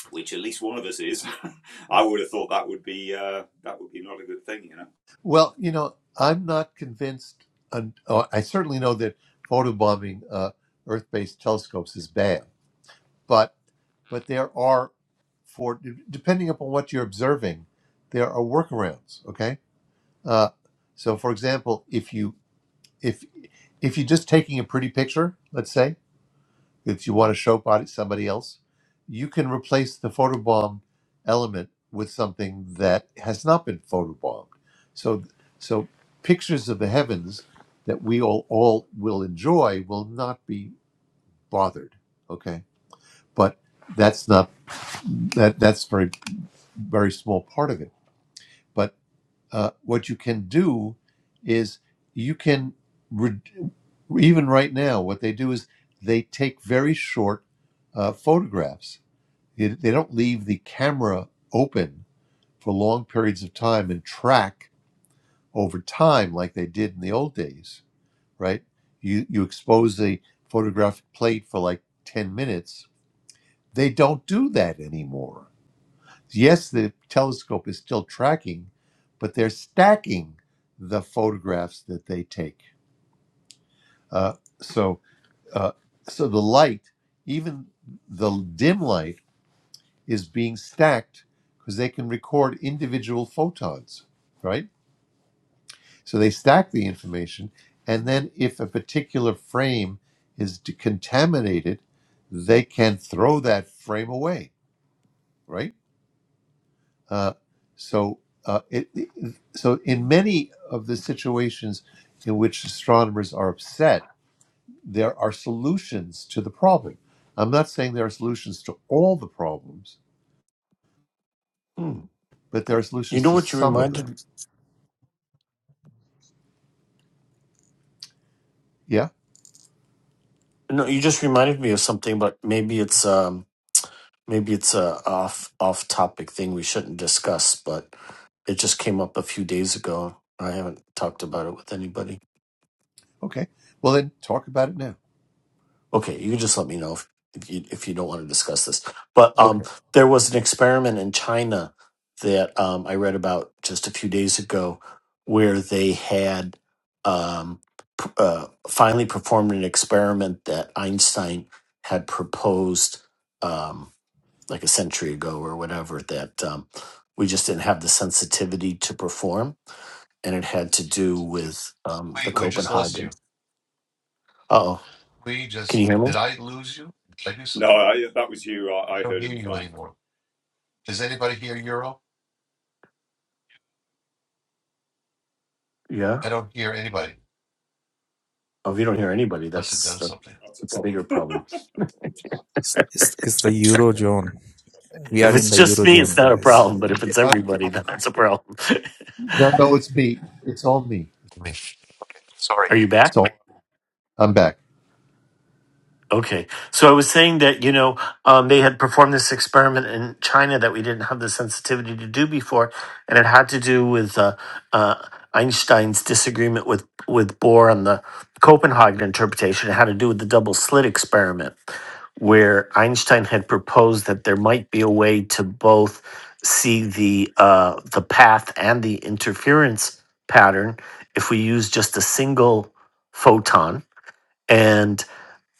[SPEAKER 9] which at least one of us is, I would have thought that would be uh, that would be not a good thing, you know.
[SPEAKER 1] Well, you know, I'm not convinced. And, uh, I certainly know that photobombing uh, Earth-based telescopes is bad, but but there are, for depending upon what you're observing, there are workarounds. Okay, uh, so for example, if you if if you're just taking a pretty picture, let's say, if you want to show body somebody else, you can replace the photobomb element with something that has not been photobombed. So, so pictures of the heavens that we all, all will enjoy will not be bothered. Okay, but that's not that that's very very small part of it. But uh, what you can do is you can re- even right now what they do is they take very short uh, photographs they don't leave the camera open for long periods of time and track over time like they did in the old days, right? You you expose the photographic plate for like 10 minutes. They don't do that anymore. Yes, the telescope is still tracking, but they're stacking the photographs that they take. Uh, so uh, so the light, even the dim light is being stacked because they can record individual photons, right? So they stack the information, and then if a particular frame is de- contaminated, they can throw that frame away, right? Uh, so uh, it, it- so in many of the situations in which astronomers are upset, there are solutions to the problem. I'm not saying there are solutions to all the problems,
[SPEAKER 10] Hmm.
[SPEAKER 1] but there are
[SPEAKER 10] You
[SPEAKER 1] solutions
[SPEAKER 10] know
[SPEAKER 1] to
[SPEAKER 10] what you
[SPEAKER 1] some of them.
[SPEAKER 10] reminded?
[SPEAKER 1] Yeah.
[SPEAKER 10] No, you just reminded me of something, but maybe it's um maybe it's a off off topic thing we shouldn't discuss. But it just came up a few days ago. I haven't talked about it with anybody.
[SPEAKER 1] Okay. Well, then talk about it now.
[SPEAKER 10] Okay, you can just let me know if, if you if you don't want to discuss this. But um,
[SPEAKER 1] Okay.
[SPEAKER 10] there was an experiment in China that um, I read about just a few days ago, where they had um, p- uh, finally performed an experiment that Einstein had proposed um, like a century ago or whatever that um, we just didn't have the sensitivity to perform, and it had to do with um, the
[SPEAKER 1] Wait, we just lost you.
[SPEAKER 10] Copenhagen. Uh oh,
[SPEAKER 1] We
[SPEAKER 10] can
[SPEAKER 1] just
[SPEAKER 10] you hear me?
[SPEAKER 1] did I lose you? Did I do
[SPEAKER 9] No,
[SPEAKER 1] something?
[SPEAKER 9] I, that was you. I,
[SPEAKER 1] I
[SPEAKER 9] I
[SPEAKER 1] don't
[SPEAKER 9] heard
[SPEAKER 1] hear
[SPEAKER 9] him
[SPEAKER 1] you
[SPEAKER 9] fine.
[SPEAKER 1] anymore. Does anybody hear Euro?
[SPEAKER 10] Yeah.
[SPEAKER 1] I don't hear anybody
[SPEAKER 10] Oh, if you don't hear anybody,
[SPEAKER 1] unless it
[SPEAKER 10] that's
[SPEAKER 1] does
[SPEAKER 10] that,
[SPEAKER 1] something.
[SPEAKER 9] That's a
[SPEAKER 10] that's a bigger
[SPEAKER 9] problem.
[SPEAKER 10] problem.
[SPEAKER 4] It's, it's, the
[SPEAKER 1] I think.
[SPEAKER 4] Eurozone. We are
[SPEAKER 10] If
[SPEAKER 4] in
[SPEAKER 10] it's
[SPEAKER 4] the
[SPEAKER 10] just me, it's
[SPEAKER 4] Eurozone,
[SPEAKER 10] not a
[SPEAKER 4] guys.
[SPEAKER 10] problem. But if it's
[SPEAKER 1] Uh,
[SPEAKER 10] everybody, then that's a problem.
[SPEAKER 1] no, no, it's me. It's all me.
[SPEAKER 10] Are you back?
[SPEAKER 1] So I'm back.
[SPEAKER 10] Okay. So I was saying that, you know, um, they had performed this experiment in China that we didn't have the sensitivity to do before. And it had to do with uh, uh, Einstein's disagreement with, with Bohr on the Copenhagen interpretation. It had to do with the double slit experiment, where Einstein had proposed that there might be a way to both see the, uh, the path and the interference pattern if we use just a single photon. and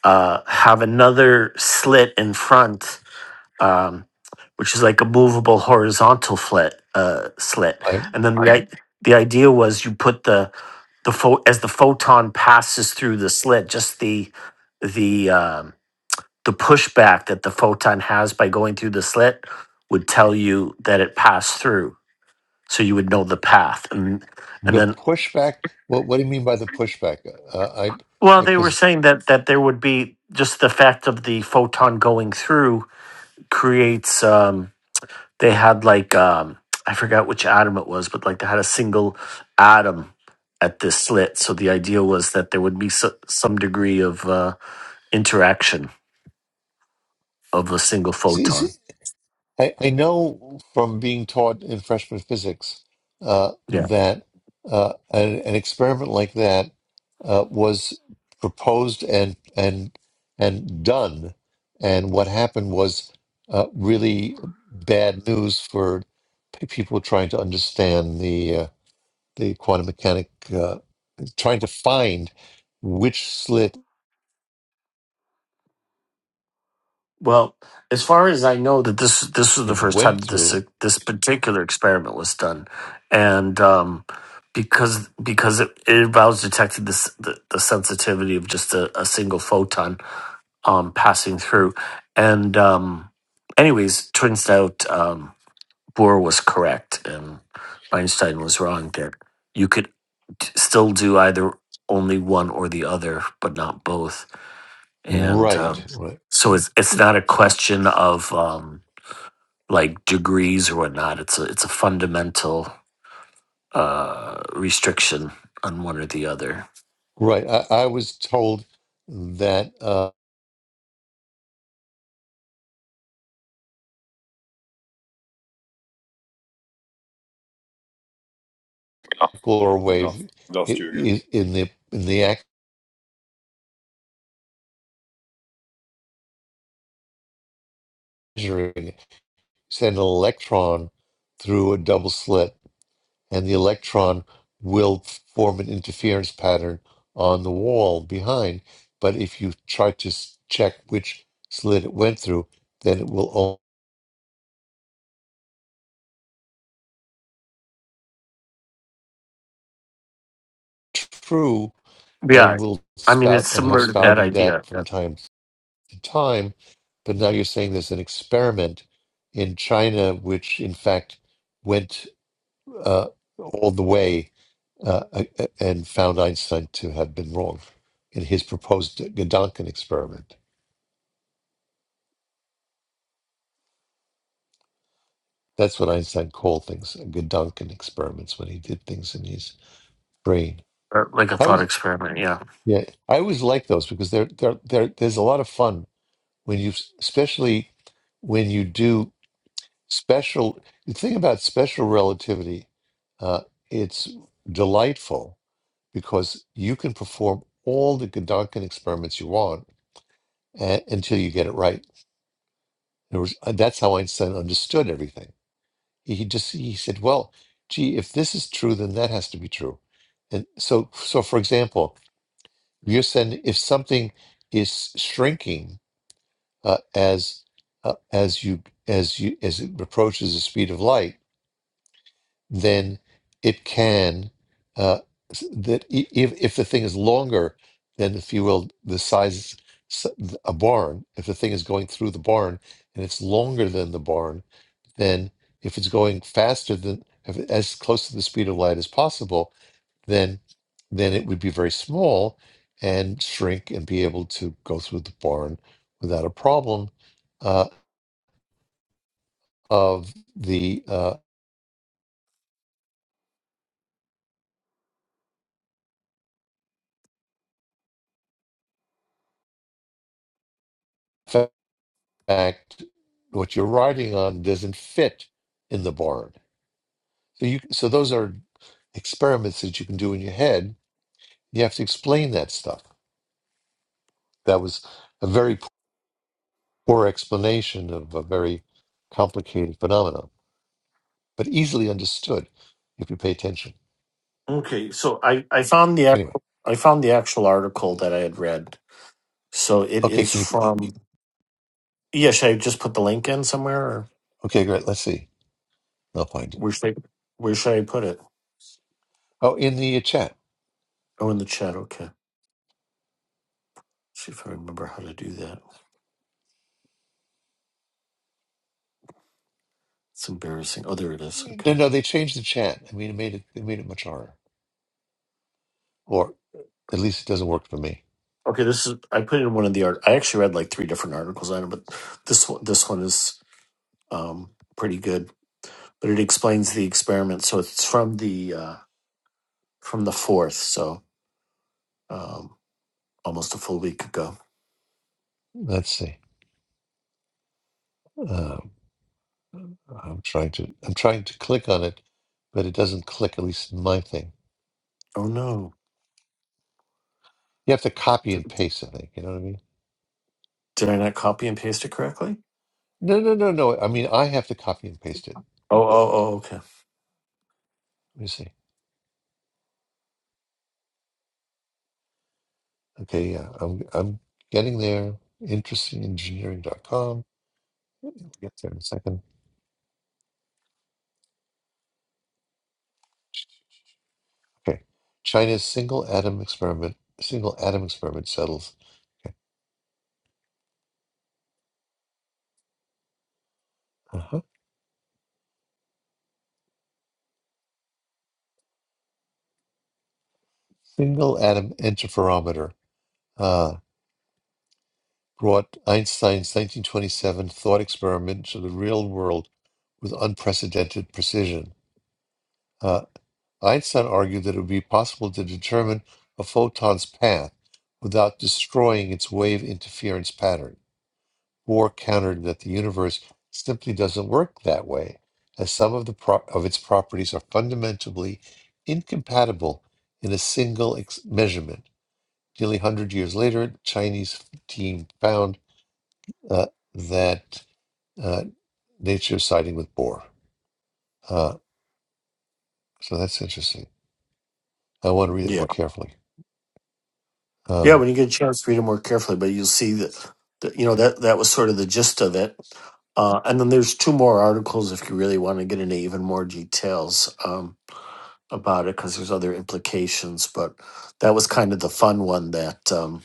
[SPEAKER 10] uh, have another slit in front, um, which is like a movable horizontal flit, uh, slit.
[SPEAKER 1] Right.
[SPEAKER 10] And then the, Right. i- the idea was you put the the pho- as the photon passes through the slit, just the the um, the pushback that the photon has by going through the slit would tell you that it passed through, so you would know the path. And and
[SPEAKER 1] The
[SPEAKER 10] then
[SPEAKER 1] pushback. What What do you mean by the pushback? Uh, I
[SPEAKER 10] well, they were
[SPEAKER 1] because
[SPEAKER 10] saying that that there would be just the fact of the photon going through creates. Um, they had like um I forgot which atom it was, but like they had a single atom at this slit. So the idea was that there would be so, some degree of uh, interaction of a single photon.
[SPEAKER 1] I, I know from being taught in freshman physics uh,
[SPEAKER 10] Yeah.
[SPEAKER 1] that uh, an, an experiment like that uh, was proposed and and and done, and what happened was uh, really bad news for p- people trying to understand the uh, the quantum mechanic, uh, trying to find which slit
[SPEAKER 10] Well, as far as I know, that this this was the
[SPEAKER 1] it
[SPEAKER 10] first time
[SPEAKER 1] went
[SPEAKER 10] that this uh,
[SPEAKER 1] through.
[SPEAKER 10] this particular experiment was done, and um, because because it, it involves detecting this the, the sensitivity of just a, a single photon, um, passing through. And um, anyways, turns out um, Bohr was correct and Einstein was wrong there. You could t- still do either only one or the other, but not both. And
[SPEAKER 1] Right,
[SPEAKER 10] um,
[SPEAKER 1] right,
[SPEAKER 10] so it's it's not a question of um, like degrees or whatnot. It's a it's a fundamental uh, restriction on one or the other.
[SPEAKER 1] right. I, I was told that. uh, Or
[SPEAKER 9] we lost
[SPEAKER 1] wave i-
[SPEAKER 9] lost you again.
[SPEAKER 1] i- in the in the act of measuring, send an electron through a double slit, and the electron will form an interference pattern on the wall behind. But if you try to s- check which slit it went through, then it will only be true
[SPEAKER 10] Yeah,
[SPEAKER 1] and will
[SPEAKER 10] I mean
[SPEAKER 1] spout
[SPEAKER 10] it's
[SPEAKER 1] and have
[SPEAKER 10] similar to that
[SPEAKER 1] spouted
[SPEAKER 10] idea,
[SPEAKER 1] that from
[SPEAKER 10] yeah,
[SPEAKER 1] time to time. But now you're saying there's an experiment in China, which in fact went. uh, all the way uh, a- and found Einstein to have been wrong in his proposed Gedanken experiment. That's what Einstein called things Gedanken experiments when he did things in his brain.
[SPEAKER 10] or like a
[SPEAKER 1] I
[SPEAKER 10] thought
[SPEAKER 1] was
[SPEAKER 10] experiment. Yeah.
[SPEAKER 1] yeah, I always like those because they're, they're, they're, there's a lot of fun when you, especially when you do special. The thing about special relativity, uh, it's delightful because you can perform all the Gedanken experiments you want a- until you get it right. There was, and that's how Einstein understood everything. He just he said, "Well, gee, if this is true, then that has to be true." And so, so for example, you're saying if something is shrinking uh, as uh, as you as you as it approaches the speed of light, then it can uh, s- that i- if if the thing is longer than if you will the size s- a barn if the thing is going through the barn and it's longer than the barn then if it's going faster than if, it- as close to the speed of light as possible then then it would be very small and shrink and be able to go through the barn without a problem uh, of the uh, fact, what you're writing on doesn't fit in the board. So you, so those are experiments that you can do in your head. You have to explain that stuff. That was a very poor explanation of a very complicated phenomenon, but easily understood if you pay attention.
[SPEAKER 10] Okay, so I I found the
[SPEAKER 1] Anyway,
[SPEAKER 10] actual I found the actual article that I had read. So it
[SPEAKER 1] okay,
[SPEAKER 10] is
[SPEAKER 1] can you?
[SPEAKER 10] from yeah. Should I just put the link in somewhere, or
[SPEAKER 1] Okay, great. Let's see. I'll find it.
[SPEAKER 10] where should I where should I put it?
[SPEAKER 1] Oh, in the chat.
[SPEAKER 10] Oh, in the chat. Okay. See if I remember how to do that. It's embarrassing. Oh, there it is.
[SPEAKER 1] No,
[SPEAKER 10] Okay.
[SPEAKER 1] no, they changed the chat. I mean, it made it. They made it much harder, or at least it doesn't work for me.
[SPEAKER 10] Okay, this is. I put in one of the art. I actually read like three different articles on it, but this one, this one is um, pretty good. But it explains the experiment. So it's from the uh, from the fourth. So um, almost a full week ago.
[SPEAKER 1] Let's see. Um, I'm trying to I'm trying to click on it, but it doesn't click, at least in my thing.
[SPEAKER 10] Oh no!
[SPEAKER 1] You have to copy and paste, I think. You know what I mean?
[SPEAKER 10] Did I not copy and paste it correctly?
[SPEAKER 1] No, no, no, no. I mean I have to copy and paste it.
[SPEAKER 10] Oh oh oh. Okay.
[SPEAKER 1] Let me see. Okay, yeah. I'm I'm getting there. Interestingengineering.com. We'll get there in a second. Okay. China's single atom experiment single atom experiment settles. Okay. Uh-huh. Single atom interferometer. Uh brought Einstein's 1927 thought experiment to the real world with unprecedented precision. Uh, Einstein argued that it would be possible to determine a photon's path without destroying its wave interference pattern. Bohr countered that the universe simply doesn't work that way, as some of, the pro- of its properties are fundamentally incompatible in a single ex- measurement. Nearly 100 years later, the Chinese team found uh, that uh, nature siding with Bohr. Uh, so that's interesting. I want to read it
[SPEAKER 10] Yeah.
[SPEAKER 1] more carefully.
[SPEAKER 10] Yeah,
[SPEAKER 1] Um,
[SPEAKER 10] when you get a chance, read it more carefully, but you'll see that, that you know that that was sort of the gist of it. Uh, and then there's two more articles if you really want to get into even more details um, about it, because there's other implications. But that was kind of the fun one that um,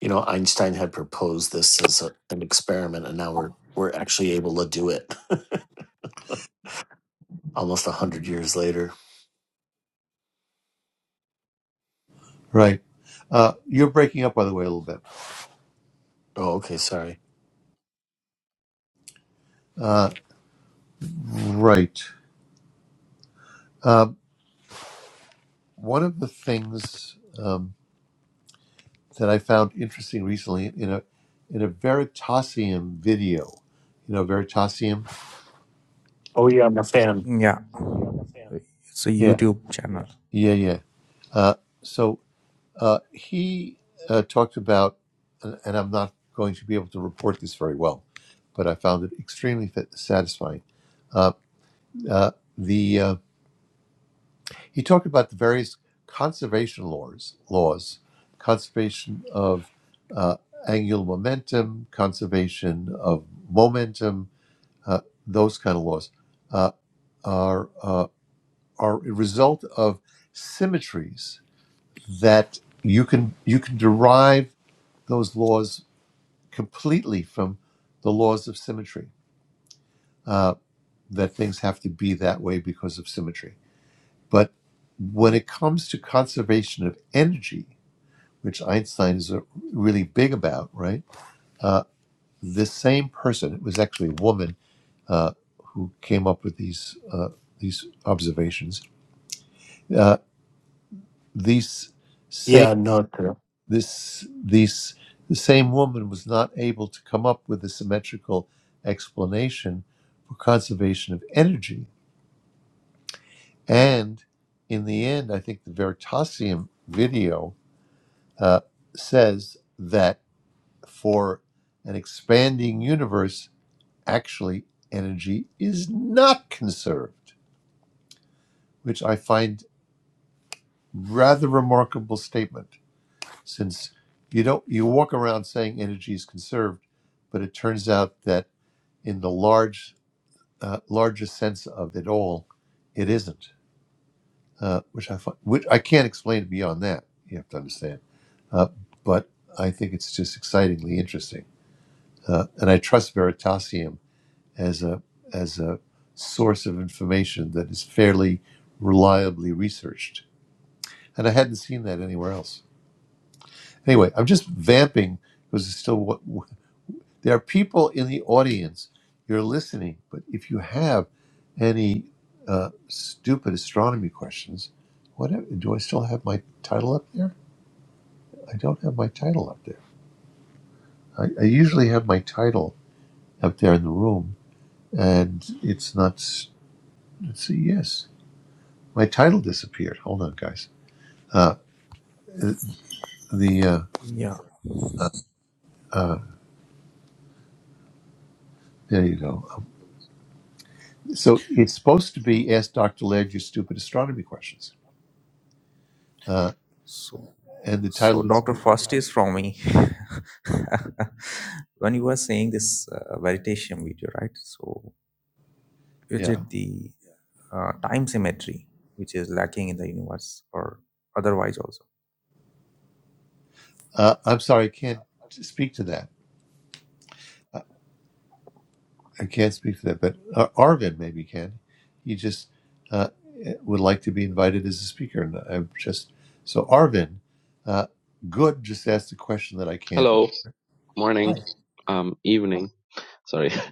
[SPEAKER 10] you know Einstein had proposed this as a, an experiment, and now we're we're actually able to do it almost a hundred years later.
[SPEAKER 1] right. Uh, you're breaking up, by the way, a little bit.
[SPEAKER 10] Oh, okay, sorry.
[SPEAKER 1] Uh, right. Um, one of the things um, that I found interesting recently in a in a Veritasium video, you know, Veritasium.
[SPEAKER 10] Oh yeah, I'm a fan.
[SPEAKER 4] Yeah. It's a
[SPEAKER 1] Yeah.
[SPEAKER 4] YouTube channel.
[SPEAKER 1] Yeah. Yeah. Uh, so uh, he uh, talked about, and and I'm not going to be able to report this very well, but I found it extremely fa- satisfying. Uh, uh, the um, He talked about the various conservation laws, laws, conservation of uh, angular momentum, conservation of momentum, uh, those kind of laws uh, are uh, are a result of symmetries that you can you can derive those laws completely from the laws of symmetry. Uh, that things have to be that way because of symmetry, but when it comes to conservation of energy which Einstein is uh, really big about, right? Uh, this same person, it was actually a woman uh, who came up with these uh, these observations. Uh, these same
[SPEAKER 10] Yeah, no,
[SPEAKER 1] this these the same woman was not able to come up with a symmetrical explanation for conservation of energy. And in the end, I think the Veritasium video uh, says that for an expanding universe actually energy is not conserved, which I find rather remarkable statement since you don't you walk around saying energy is conserved, but it turns out that in the large uh, larger sense of it all, it isn't. Uh, which I find, which I can't explain beyond that. You have to understand, uh, but I think it's just excitingly interesting, uh, and I trust Veritasium as a as a source of information that is fairly reliably researched. And I hadn't seen that anywhere else. Anyway, I'm just vamping because it's still what what there are people in the audience. You're listening, but if you have any uh, stupid astronomy questions, whatever, do I still have my title up there? I don't have my title up there. I, I usually have my title up there in the room, and it's not. Let's see. Yes. my title disappeared. Hold on, guys. Uh, the uh,
[SPEAKER 4] Yeah.
[SPEAKER 1] there you go. Um, so it's supposed to be ask Doctor Laird your stupid astronomy questions, uh,
[SPEAKER 4] So,
[SPEAKER 1] and the title
[SPEAKER 4] so Dr.
[SPEAKER 1] disappeared.
[SPEAKER 4] First is from me. when you were saying this uh, meditation video, right? So, is
[SPEAKER 1] Yeah,
[SPEAKER 4] it the uh, time symmetry which is lacking in the universe or otherwise also?
[SPEAKER 1] uh, I'm sorry, I can't speak to that. I can't speak to that, but uh, Arvin maybe can. He just uh, would like to be invited as a speaker, and I'm just so Arvin. Uh, Good just asked a question that I can't.
[SPEAKER 11] Hello, morning,
[SPEAKER 1] Hi.
[SPEAKER 11] um, evening. Sorry,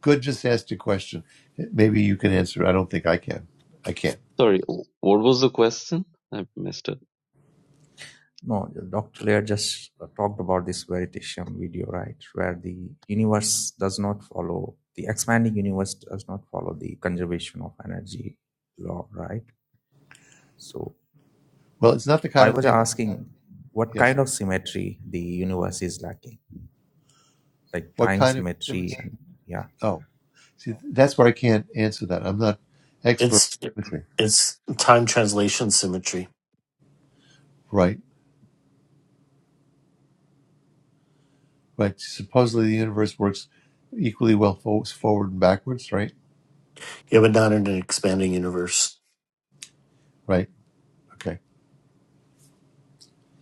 [SPEAKER 1] Good just asked a question. Maybe you can answer. I don't think I can. I can't.
[SPEAKER 11] sorry. What was the question? I missed it.
[SPEAKER 4] No, Dr. Lair just uh, talked about this meditation video, right? Where the universe does not follow, the expanding universe does not follow the conservation of energy law, right? So.
[SPEAKER 1] Well, it's not the
[SPEAKER 4] So
[SPEAKER 1] kind
[SPEAKER 4] I
[SPEAKER 1] of
[SPEAKER 4] was
[SPEAKER 1] thing.
[SPEAKER 4] asking what
[SPEAKER 1] Yes.
[SPEAKER 4] kind of symmetry the universe is lacking, like
[SPEAKER 1] What
[SPEAKER 4] time
[SPEAKER 1] kind of
[SPEAKER 4] symmetry,
[SPEAKER 1] symmetry?
[SPEAKER 4] and yeah.
[SPEAKER 1] Oh, see, that's where I can't answer that. I'm not expert
[SPEAKER 10] it's
[SPEAKER 1] in symmetry.
[SPEAKER 10] it's time translation symmetry.
[SPEAKER 1] Right. Right. Supposedly the universe works equally well fo- forward and backwards. Right.
[SPEAKER 10] Yeah, but not in an expanding universe.
[SPEAKER 1] Right. Okay.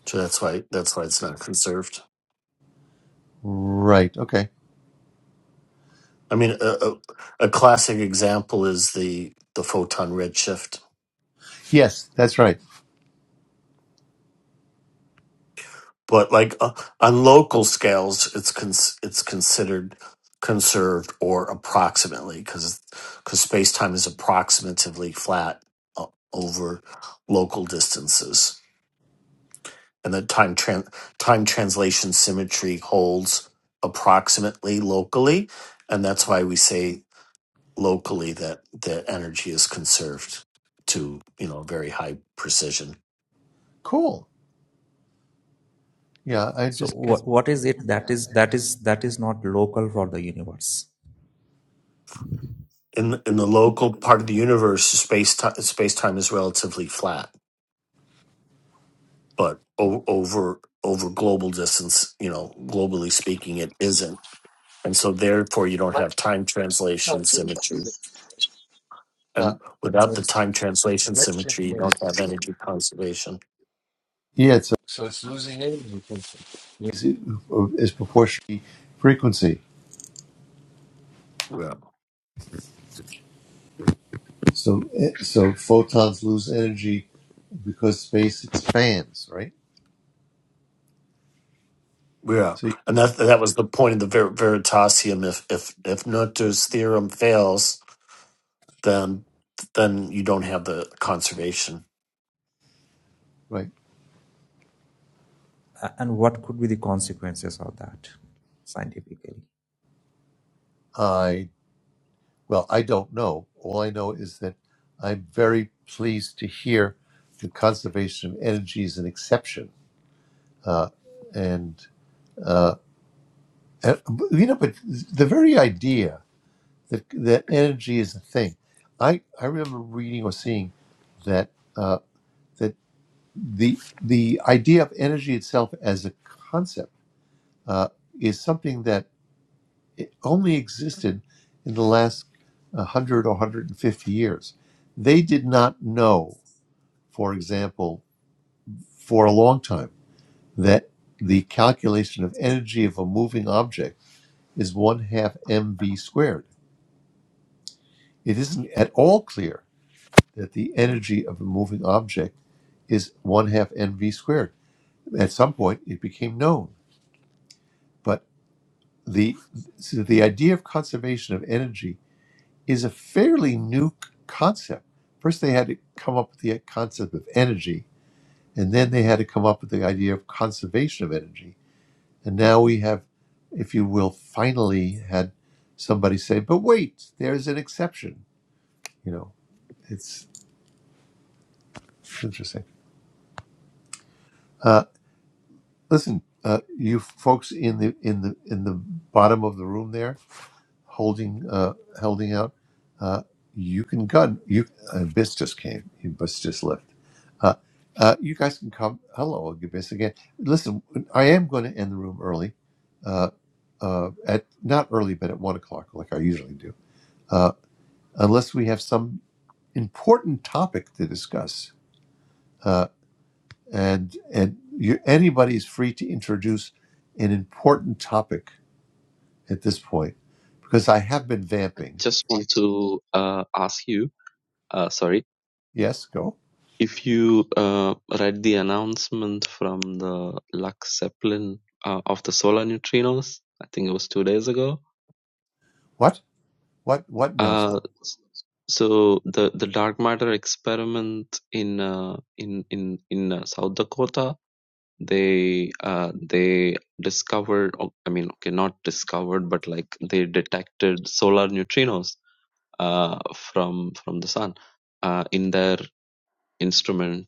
[SPEAKER 10] So that's why that's why it's not conserved.
[SPEAKER 1] Right. Okay.
[SPEAKER 10] I mean, a, a, a classic example is the the photon redshift,
[SPEAKER 1] Yes, that's right.
[SPEAKER 10] but like uh, on local scales, it's cons- it's considered conserved or approximately because because space time is approximatively flat uh, over local distances, and the time tran- time translation symmetry holds approximately locally, and that's why we say locally that that energy is conserved to you know very high precision
[SPEAKER 1] Cool. Yeah, I
[SPEAKER 4] So
[SPEAKER 1] just can't.
[SPEAKER 4] what what is it that is that is that is not local for the universe,
[SPEAKER 10] in in the local part of the universe space time space time is relatively flat but o- over over global distance you know globally speaking it isn't and so therefore you don't
[SPEAKER 1] Uh,
[SPEAKER 10] have time translation symmetry and without the time translation symmetry you don't have energy conservation
[SPEAKER 1] yeah, it's so it's losing energy is, is proportionally frequency.
[SPEAKER 10] yeah
[SPEAKER 1] So, eh, so photons lose energy because space expands, right?
[SPEAKER 10] yeah
[SPEAKER 1] So, you-
[SPEAKER 10] and that that was the point of the Ver- veritasium if if if noether's theorem fails then then you don't have the conservation.
[SPEAKER 1] right.
[SPEAKER 4] A- and what could be the consequences of that scientifically?
[SPEAKER 1] I, well, I don't know. All I know is that I'm very pleased to hear the conservation of energy is an exception. And, uh, you know, but the very idea that, that energy is a thing, I, I remember reading or seeing that, uh, that the, the idea of energy itself as a concept uh, is something that it only existed in the last 100 or 150 years. They did not know, for example, for a long time, that the calculation of energy of a moving object is one half mv squared. It isn't at all clear that the energy of a moving object is one half mv squared. At some point, it became known, but the so the idea of conservation of energy is a fairly new concept. First, they had to come up with the concept of energy, and then they had to come up with the idea of conservation of energy. And now we have, if you will, finally had somebody say, "But wait, there's an exception." You know, it's interesting. Uh, listen, uh, you folks in the in the in the bottom of the room there, holding uh, holding out. Uh, you can gun. You uh, Bis just came. Bis just left Uh, uh, you guys can come. Hello, give me Listen, I am going to end the room early, uh, uh, at not early, but at one o'clock, like I usually do, uh, unless we have some important topic to discuss. Uh, and and you, anybody is free to introduce an important topic at this point, because I have been vamping.
[SPEAKER 11] Just want to uh, ask you. Uh, sorry,
[SPEAKER 1] Yes, go.
[SPEAKER 11] if you uh, read the announcement from the Lux Zeppelin uh, of the solar neutrinos. I think it was two days ago.
[SPEAKER 1] What? What? What
[SPEAKER 11] Uh,
[SPEAKER 1] announcement?
[SPEAKER 11] so the the dark matter experiment in uh, in in in uh, South Dakota they uh, they discovered o- i mean okay not discovered but like they detected solar neutrinos uh, from from the sun uh, in their instrument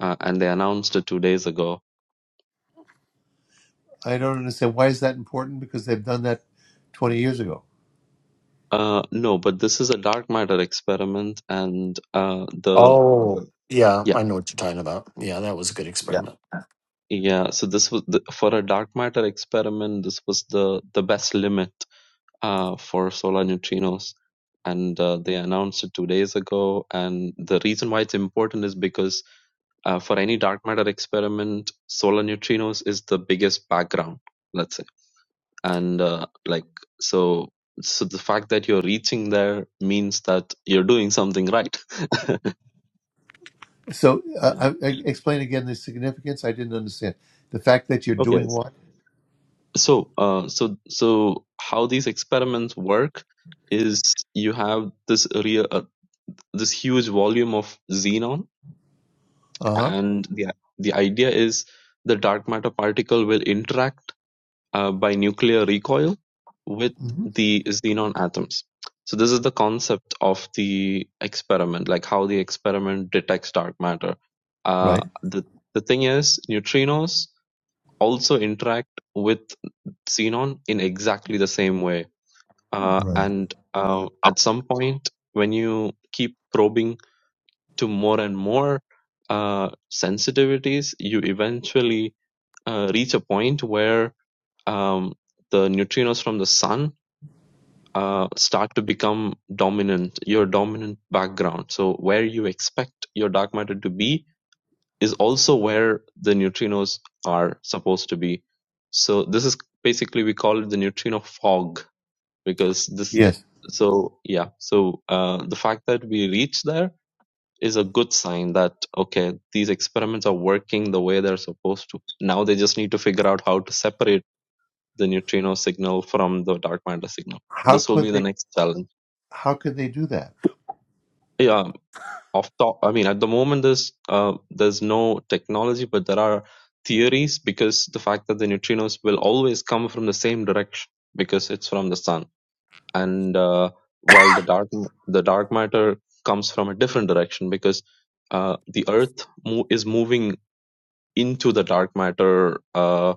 [SPEAKER 11] uh, and they announced it 2 days ago
[SPEAKER 1] I don't understand. Why is that important? Because they've done that twenty years ago.
[SPEAKER 11] uh, no but this is a dark matter experiment and uh, the
[SPEAKER 10] Oh,
[SPEAKER 11] the-
[SPEAKER 10] yeah,
[SPEAKER 11] yeah
[SPEAKER 10] I know what you're talking about. Yeah, that was a good
[SPEAKER 11] yeah
[SPEAKER 10] experiment.
[SPEAKER 11] yeah so this was the, for a dark matter experiment this was the the best limit uh, for solar neutrinos. And uh, they announced it two days ago. And the reason why it's important is because uh, for any dark matter experiment, solar neutrinos is the biggest background, let's say. And uh, like, so, so the fact that you're reaching there means that you're doing something right.
[SPEAKER 1] So, uh,
[SPEAKER 11] yeah.
[SPEAKER 1] uh, explain again the significance. I didn't understand the fact that you're doing
[SPEAKER 11] Okay.
[SPEAKER 1] what?
[SPEAKER 11] So, uh, so, so how these experiments work is you have this real, uh, this huge volume of xenon
[SPEAKER 1] Uh huh.
[SPEAKER 11] and the the idea is the dark matter particle will interact uh, by nuclear recoil with
[SPEAKER 1] hmm
[SPEAKER 11] the xenon atoms so this is the concept of the experiment like how the experiment detects dark matter uh,
[SPEAKER 1] Right.
[SPEAKER 11] the the thing is neutrinos also interact with xenon in exactly the same way uh,
[SPEAKER 1] Right.
[SPEAKER 11] and uh, at some point when you keep probing to more and more uh, sensitivities, you eventually uh, reach a point where um, the neutrinos from the sun uh, start to become dominant, your dominant background. So, where you expect your dark matter to be is also where the neutrinos are supposed to be. So, this is basically we call it the neutrino fog because this.
[SPEAKER 1] Yes.
[SPEAKER 11] So yeah, so uh, the fact that we reach there is a good sign that okay these experiments are working the way they're supposed to now they just need to figure out how to separate the neutrino signal from the dark matter signal
[SPEAKER 1] How
[SPEAKER 11] this will
[SPEAKER 1] could
[SPEAKER 11] be the
[SPEAKER 1] they?
[SPEAKER 11] next challenge
[SPEAKER 1] How could they do that?
[SPEAKER 11] yeah off top i mean at the moment there's uh, there's no technology but there are theories because the fact that the neutrinos will always come from the same direction because it's from the sun and uh, while the dark the dark matter comes from a different direction because uh, the earth mo- is moving into the dark matter uh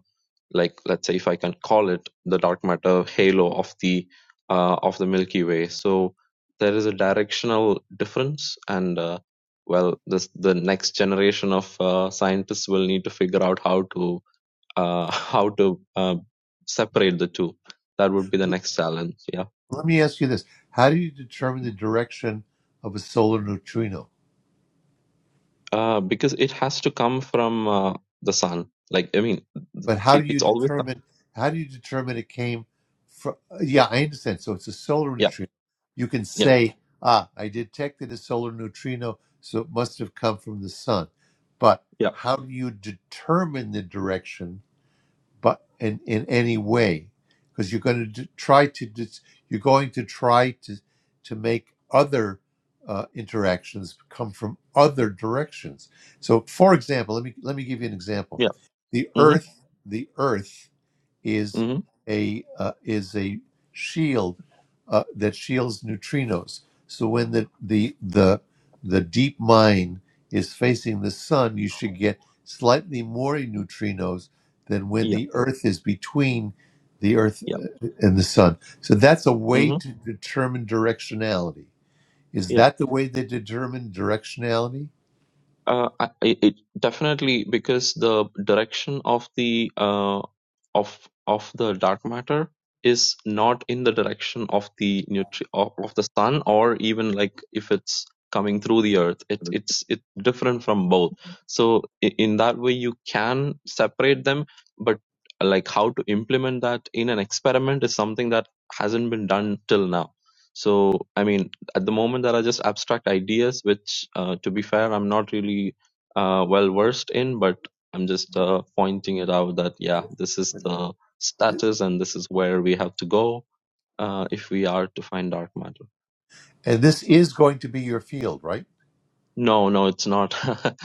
[SPEAKER 11] like let's say if i can call it the dark matter halo of the uh of the milky way so there is a directional difference and uh, well this the next generation of uh, scientists will need to figure out how to uh how to uh, separate the two that would be the next challenge yeah
[SPEAKER 1] Let me ask you this: How do you determine the direction of a solar neutrino?
[SPEAKER 11] uh because it has to come from uh, the sun like i mean
[SPEAKER 1] But how
[SPEAKER 11] it,
[SPEAKER 1] do you
[SPEAKER 11] it's always
[SPEAKER 1] determine? How do you determine it came from? Yeah, I understand. So it's a solar
[SPEAKER 11] yeah
[SPEAKER 1] neutrino. You can
[SPEAKER 11] yeah
[SPEAKER 1] say, "Ah, I detected a solar neutrino, so it must have come from the sun." But
[SPEAKER 11] yeah
[SPEAKER 1] how do you determine the direction? but in, in any way because you're going to try to dis- you're going to try to to make other uh, interactions come from other directions so for example let me let me give you an example
[SPEAKER 11] yeah
[SPEAKER 1] the
[SPEAKER 11] mm-hmm,
[SPEAKER 1] earth the earth is
[SPEAKER 11] mm-hmm,
[SPEAKER 1] a uh, is a shield uh, that shields neutrinos. So when the the the the deep mine is facing the sun, you should get slightly more neutrinos than when
[SPEAKER 11] yeah
[SPEAKER 1] the Earth is between the Earth
[SPEAKER 11] yeah.
[SPEAKER 1] uh, and the sun. So that's a way
[SPEAKER 11] hmm
[SPEAKER 1] to determine directionality. Is
[SPEAKER 11] Yeah,
[SPEAKER 1] that the way they determine directionality?
[SPEAKER 11] uh, I, I- it definitely because the direction of the uh, of of the dark matter is not in the direction of the nutri- of, of the sun or even like if it's coming through the earth it it's it's different from both so i- in that way you can separate them but like how to implement that in an experiment is something that hasn't been done till now so i mean at the moment there are just abstract ideas which uh, to be fair i'm not really uh, well versed in but i'm just uh, pointing it out that yeah this is the status and this is where we have to go uh, if we are to find dark matter
[SPEAKER 1] And this is going to be your field, right?
[SPEAKER 11] no no it's not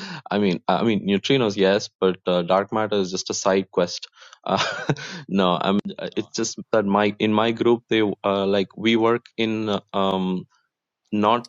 [SPEAKER 11] i mean i mean neutrinos yes but uh, dark matter is just a side quest uh, no i'm it's just that my in my group they uh, like we work in uh, um not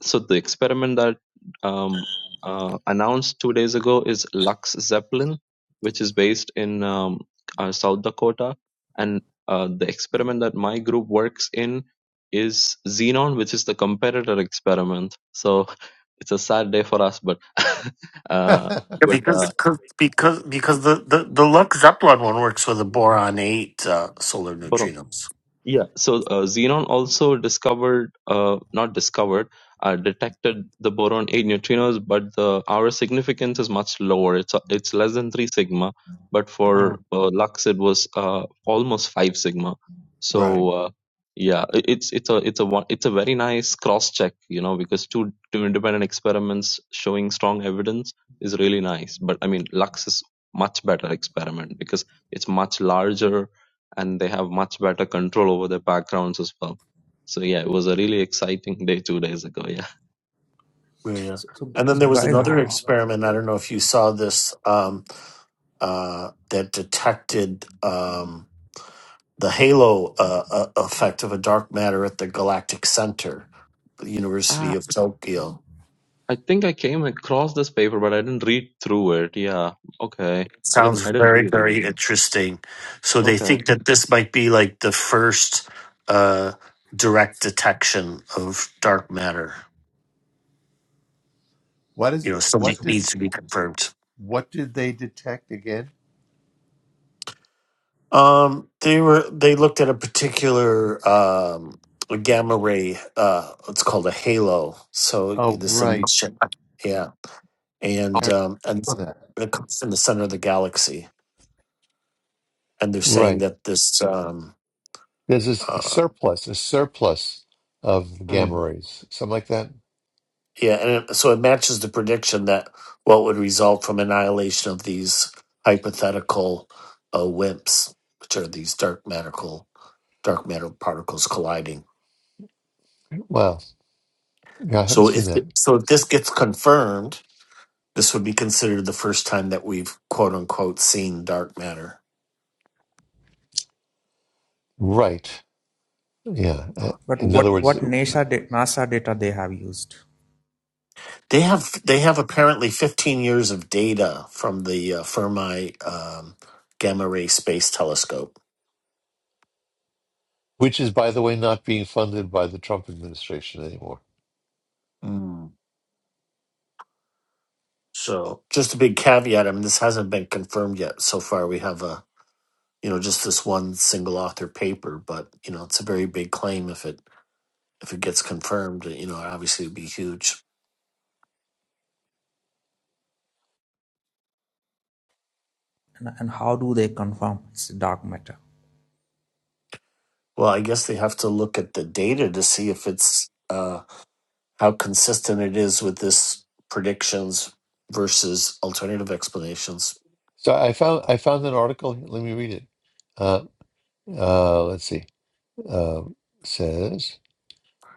[SPEAKER 11] So the experiment that um, uh, announced two days ago is Lux Zeppelin, which is based in um, uh, South Dakota, and uh, the experiment that my group works in is Xenon, which is the competitor experiment. So it's a sad day for us, but uh,
[SPEAKER 10] Yeah,
[SPEAKER 11] but
[SPEAKER 10] because
[SPEAKER 11] uh,
[SPEAKER 10] cause, because because the the the Lux Zeppelin one works with the boron eight uh, solar
[SPEAKER 11] for
[SPEAKER 10] neutrinos.
[SPEAKER 11] Yeah, so uh, xenon also discovered, uh, not discovered, uh, detected the boron 8 neutrinos, but the our significance is much lower. It's it's less than 3 sigma, but for
[SPEAKER 10] Mm.
[SPEAKER 11] uh, Lux it was uh, almost 5 sigma. So
[SPEAKER 10] Right.
[SPEAKER 11] uh, yeah, it, it's it's a it's a one, it's a very nice cross check, you know, because two, two independent experiments showing strong evidence is really nice. But I mean, Lux is much better experiment because it's much larger and they have much better control over their backgrounds as well. So yeah, it was a really exciting day two days ago. Yeah,
[SPEAKER 10] Yeah. yeah.
[SPEAKER 4] So so,
[SPEAKER 10] And then
[SPEAKER 4] so
[SPEAKER 10] there was
[SPEAKER 4] guys,
[SPEAKER 10] another experiment. I don't know if you saw this um, uh, that detected um, the halo uh, uh, effect of a dark matter at the galactic center, the
[SPEAKER 11] ah,
[SPEAKER 10] University of Tokyo.
[SPEAKER 11] I think I came across this paper, but I didn't read through it. Yeah, okay, I didn't
[SPEAKER 10] Sounds
[SPEAKER 11] I didn't
[SPEAKER 10] very,
[SPEAKER 11] read about
[SPEAKER 10] very
[SPEAKER 11] it.
[SPEAKER 10] interesting. So they
[SPEAKER 11] Okay.
[SPEAKER 10] think that this might be like the first uh, direct detection of dark matter.
[SPEAKER 1] what
[SPEAKER 10] You
[SPEAKER 1] is
[SPEAKER 10] know, so
[SPEAKER 1] what
[SPEAKER 10] it
[SPEAKER 1] did
[SPEAKER 10] needs to be confirmed.
[SPEAKER 1] What did they detect again?
[SPEAKER 10] Um, they were they looked at a particular um, a gamma ray. Uh, it's called a halo. So
[SPEAKER 1] Oh,
[SPEAKER 10] this
[SPEAKER 1] right.
[SPEAKER 10] emission, yeah, and
[SPEAKER 1] I
[SPEAKER 10] um, and
[SPEAKER 1] saw that.
[SPEAKER 10] it comes from the center of the galaxy. And they're saying
[SPEAKER 1] Right.
[SPEAKER 10] that this um,
[SPEAKER 1] There's this a
[SPEAKER 10] uh,
[SPEAKER 1] surplus, a surplus of
[SPEAKER 10] hmm,
[SPEAKER 1] gamma rays, something like that.
[SPEAKER 10] Yeah, and it, so it matches the prediction that what would result from annihilation of these hypothetical uh, WIMPs, which are these dark medical dark matter particles colliding.
[SPEAKER 1] Wow. Yeah, I haven't
[SPEAKER 10] So
[SPEAKER 1] seen
[SPEAKER 10] if
[SPEAKER 1] that.
[SPEAKER 10] so, if this gets confirmed, this would be considered the first time that we've quote unquote seen dark matter.
[SPEAKER 1] Right. Yeah. Uh,
[SPEAKER 4] But
[SPEAKER 1] In other
[SPEAKER 4] what
[SPEAKER 1] words,
[SPEAKER 4] what NASA da- NASA data they have used,
[SPEAKER 10] They have they have apparently 15 years of data from the uh, Fermi um, Gamma Ray Space Telescope.
[SPEAKER 1] which is, by the way, not being funded by the Trump administration anymore.
[SPEAKER 10] So just a big caveat. I mean, this hasn't been confirmed yet. So far, we have a you know just this one single author paper, but you know it's a very big claim if it if it gets confirmed. You know, obviously it'd be huge.
[SPEAKER 4] and, and how do they confirm it's dark matter?
[SPEAKER 10] Well, I guess they have to look at the data to see if it's uh, how consistent it is with this predictions versus alternative explanations.
[SPEAKER 1] So I found I found an article. Let me read it. Uh, uh, let's see. Uh, says.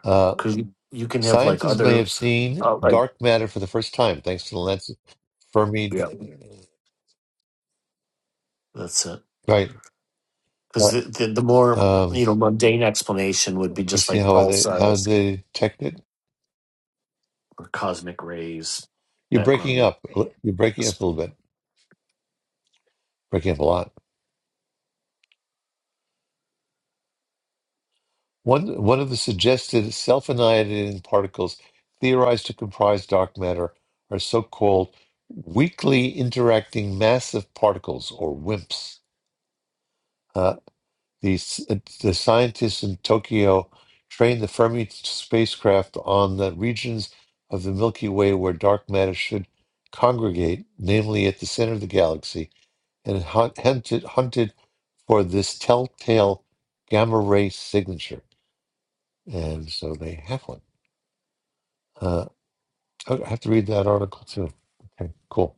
[SPEAKER 1] uh,
[SPEAKER 10] Because you, you can have like
[SPEAKER 1] Scientists may
[SPEAKER 10] other
[SPEAKER 1] have seen
[SPEAKER 10] uh, like
[SPEAKER 1] dark matter for the first time thanks to the lens of Fermi.
[SPEAKER 10] yeah, that's it.
[SPEAKER 1] Right.
[SPEAKER 10] Because
[SPEAKER 1] Uh,
[SPEAKER 10] the, the the more
[SPEAKER 1] um,
[SPEAKER 10] you know mundane explanation would be
[SPEAKER 1] let me
[SPEAKER 10] just
[SPEAKER 1] see
[SPEAKER 10] like
[SPEAKER 1] how
[SPEAKER 10] Paul
[SPEAKER 1] they how
[SPEAKER 10] says.
[SPEAKER 1] they detect it.
[SPEAKER 10] or cosmic rays
[SPEAKER 1] You're breaking
[SPEAKER 10] background.
[SPEAKER 1] up. You're breaking up a little bit. Breaking up a lot. One one of the suggested self-annihilating particles theorized to comprise dark matter are so-called weakly interacting massive particles, or WIMPs. The, s- uh, the scientists in Tokyo trained the Fermi spacecraft on the regions of the Milky Way where dark matter should congregate, namely at the center of the galaxy, and hunt, hunted, hunted for this telltale gamma ray signature. And so they have one. Uh, oh, I have to read that article too. Okay, cool.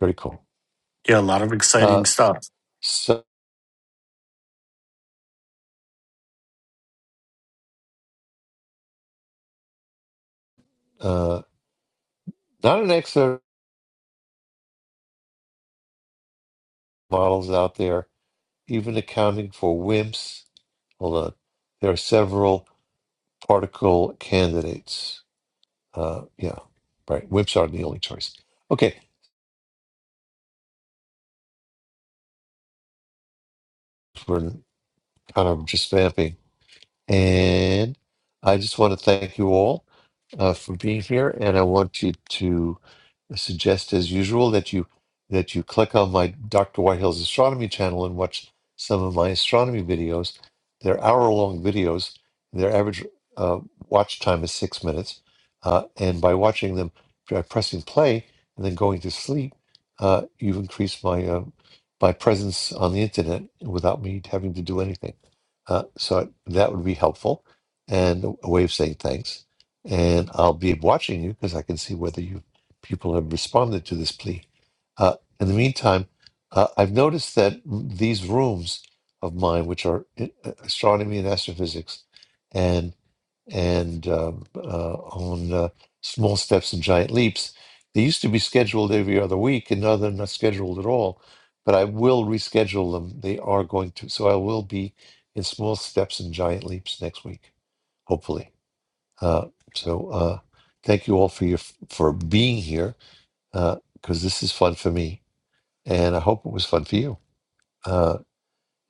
[SPEAKER 1] Very cool.
[SPEAKER 10] Yeah, a lot of exciting
[SPEAKER 1] Uh,
[SPEAKER 10] stuff.
[SPEAKER 1] so, uh, not an excellent models out there, even accounting for WIMPs Hold on. There are several particle candidates. Uh, yeah, right. Whips are the only choice. Okay, we're kind of just vamping. And I just want to thank you all uh, for being here. And I want you to suggest, as usual, that you that you click on my Dr. Whitehill's astronomy channel and watch some of my astronomy videos. They're hour-long videos. Their average uh, watch time is six minutes, uh, and by watching them, by pressing play and then going to sleep, uh, you've increased my uh, my presence on the internet without me having to do anything. Uh, so that would be helpful and a way of saying thanks. And I'll be watching you because I can see whether you've people have responded to this plea. Uh, in the meantime, uh, I've noticed that these rooms of mine, which are in- uh, astronomy and astrophysics, and and um, uh, on uh, small steps and giant leaps, they used to be scheduled every other week, and now they're not scheduled at all. But I will reschedule them. They are going to, so I will be in small steps and giant leaps next week, hopefully. Uh, so uh, thank you all for your for being here because this is fun for me, and I hope it was fun for you. Uh,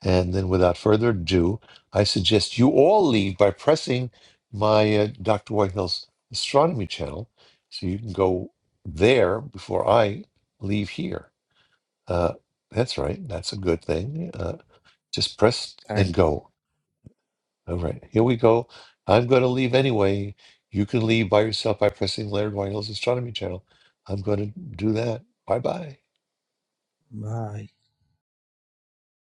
[SPEAKER 1] and then, without further ado, I suggest you all leave by pressing my uh, Dr. Whitehill's astronomy channel, so you can go there before I leave here. Uh, that's right. That's a good thing. Uh, just press and
[SPEAKER 4] Thank you.
[SPEAKER 1] go. All right, here we go. I'm going to leave anyway. You can leave by yourself by pressing Laird Whitehill's astronomy channel. I'm going to do that. Bye bye.
[SPEAKER 4] Bye.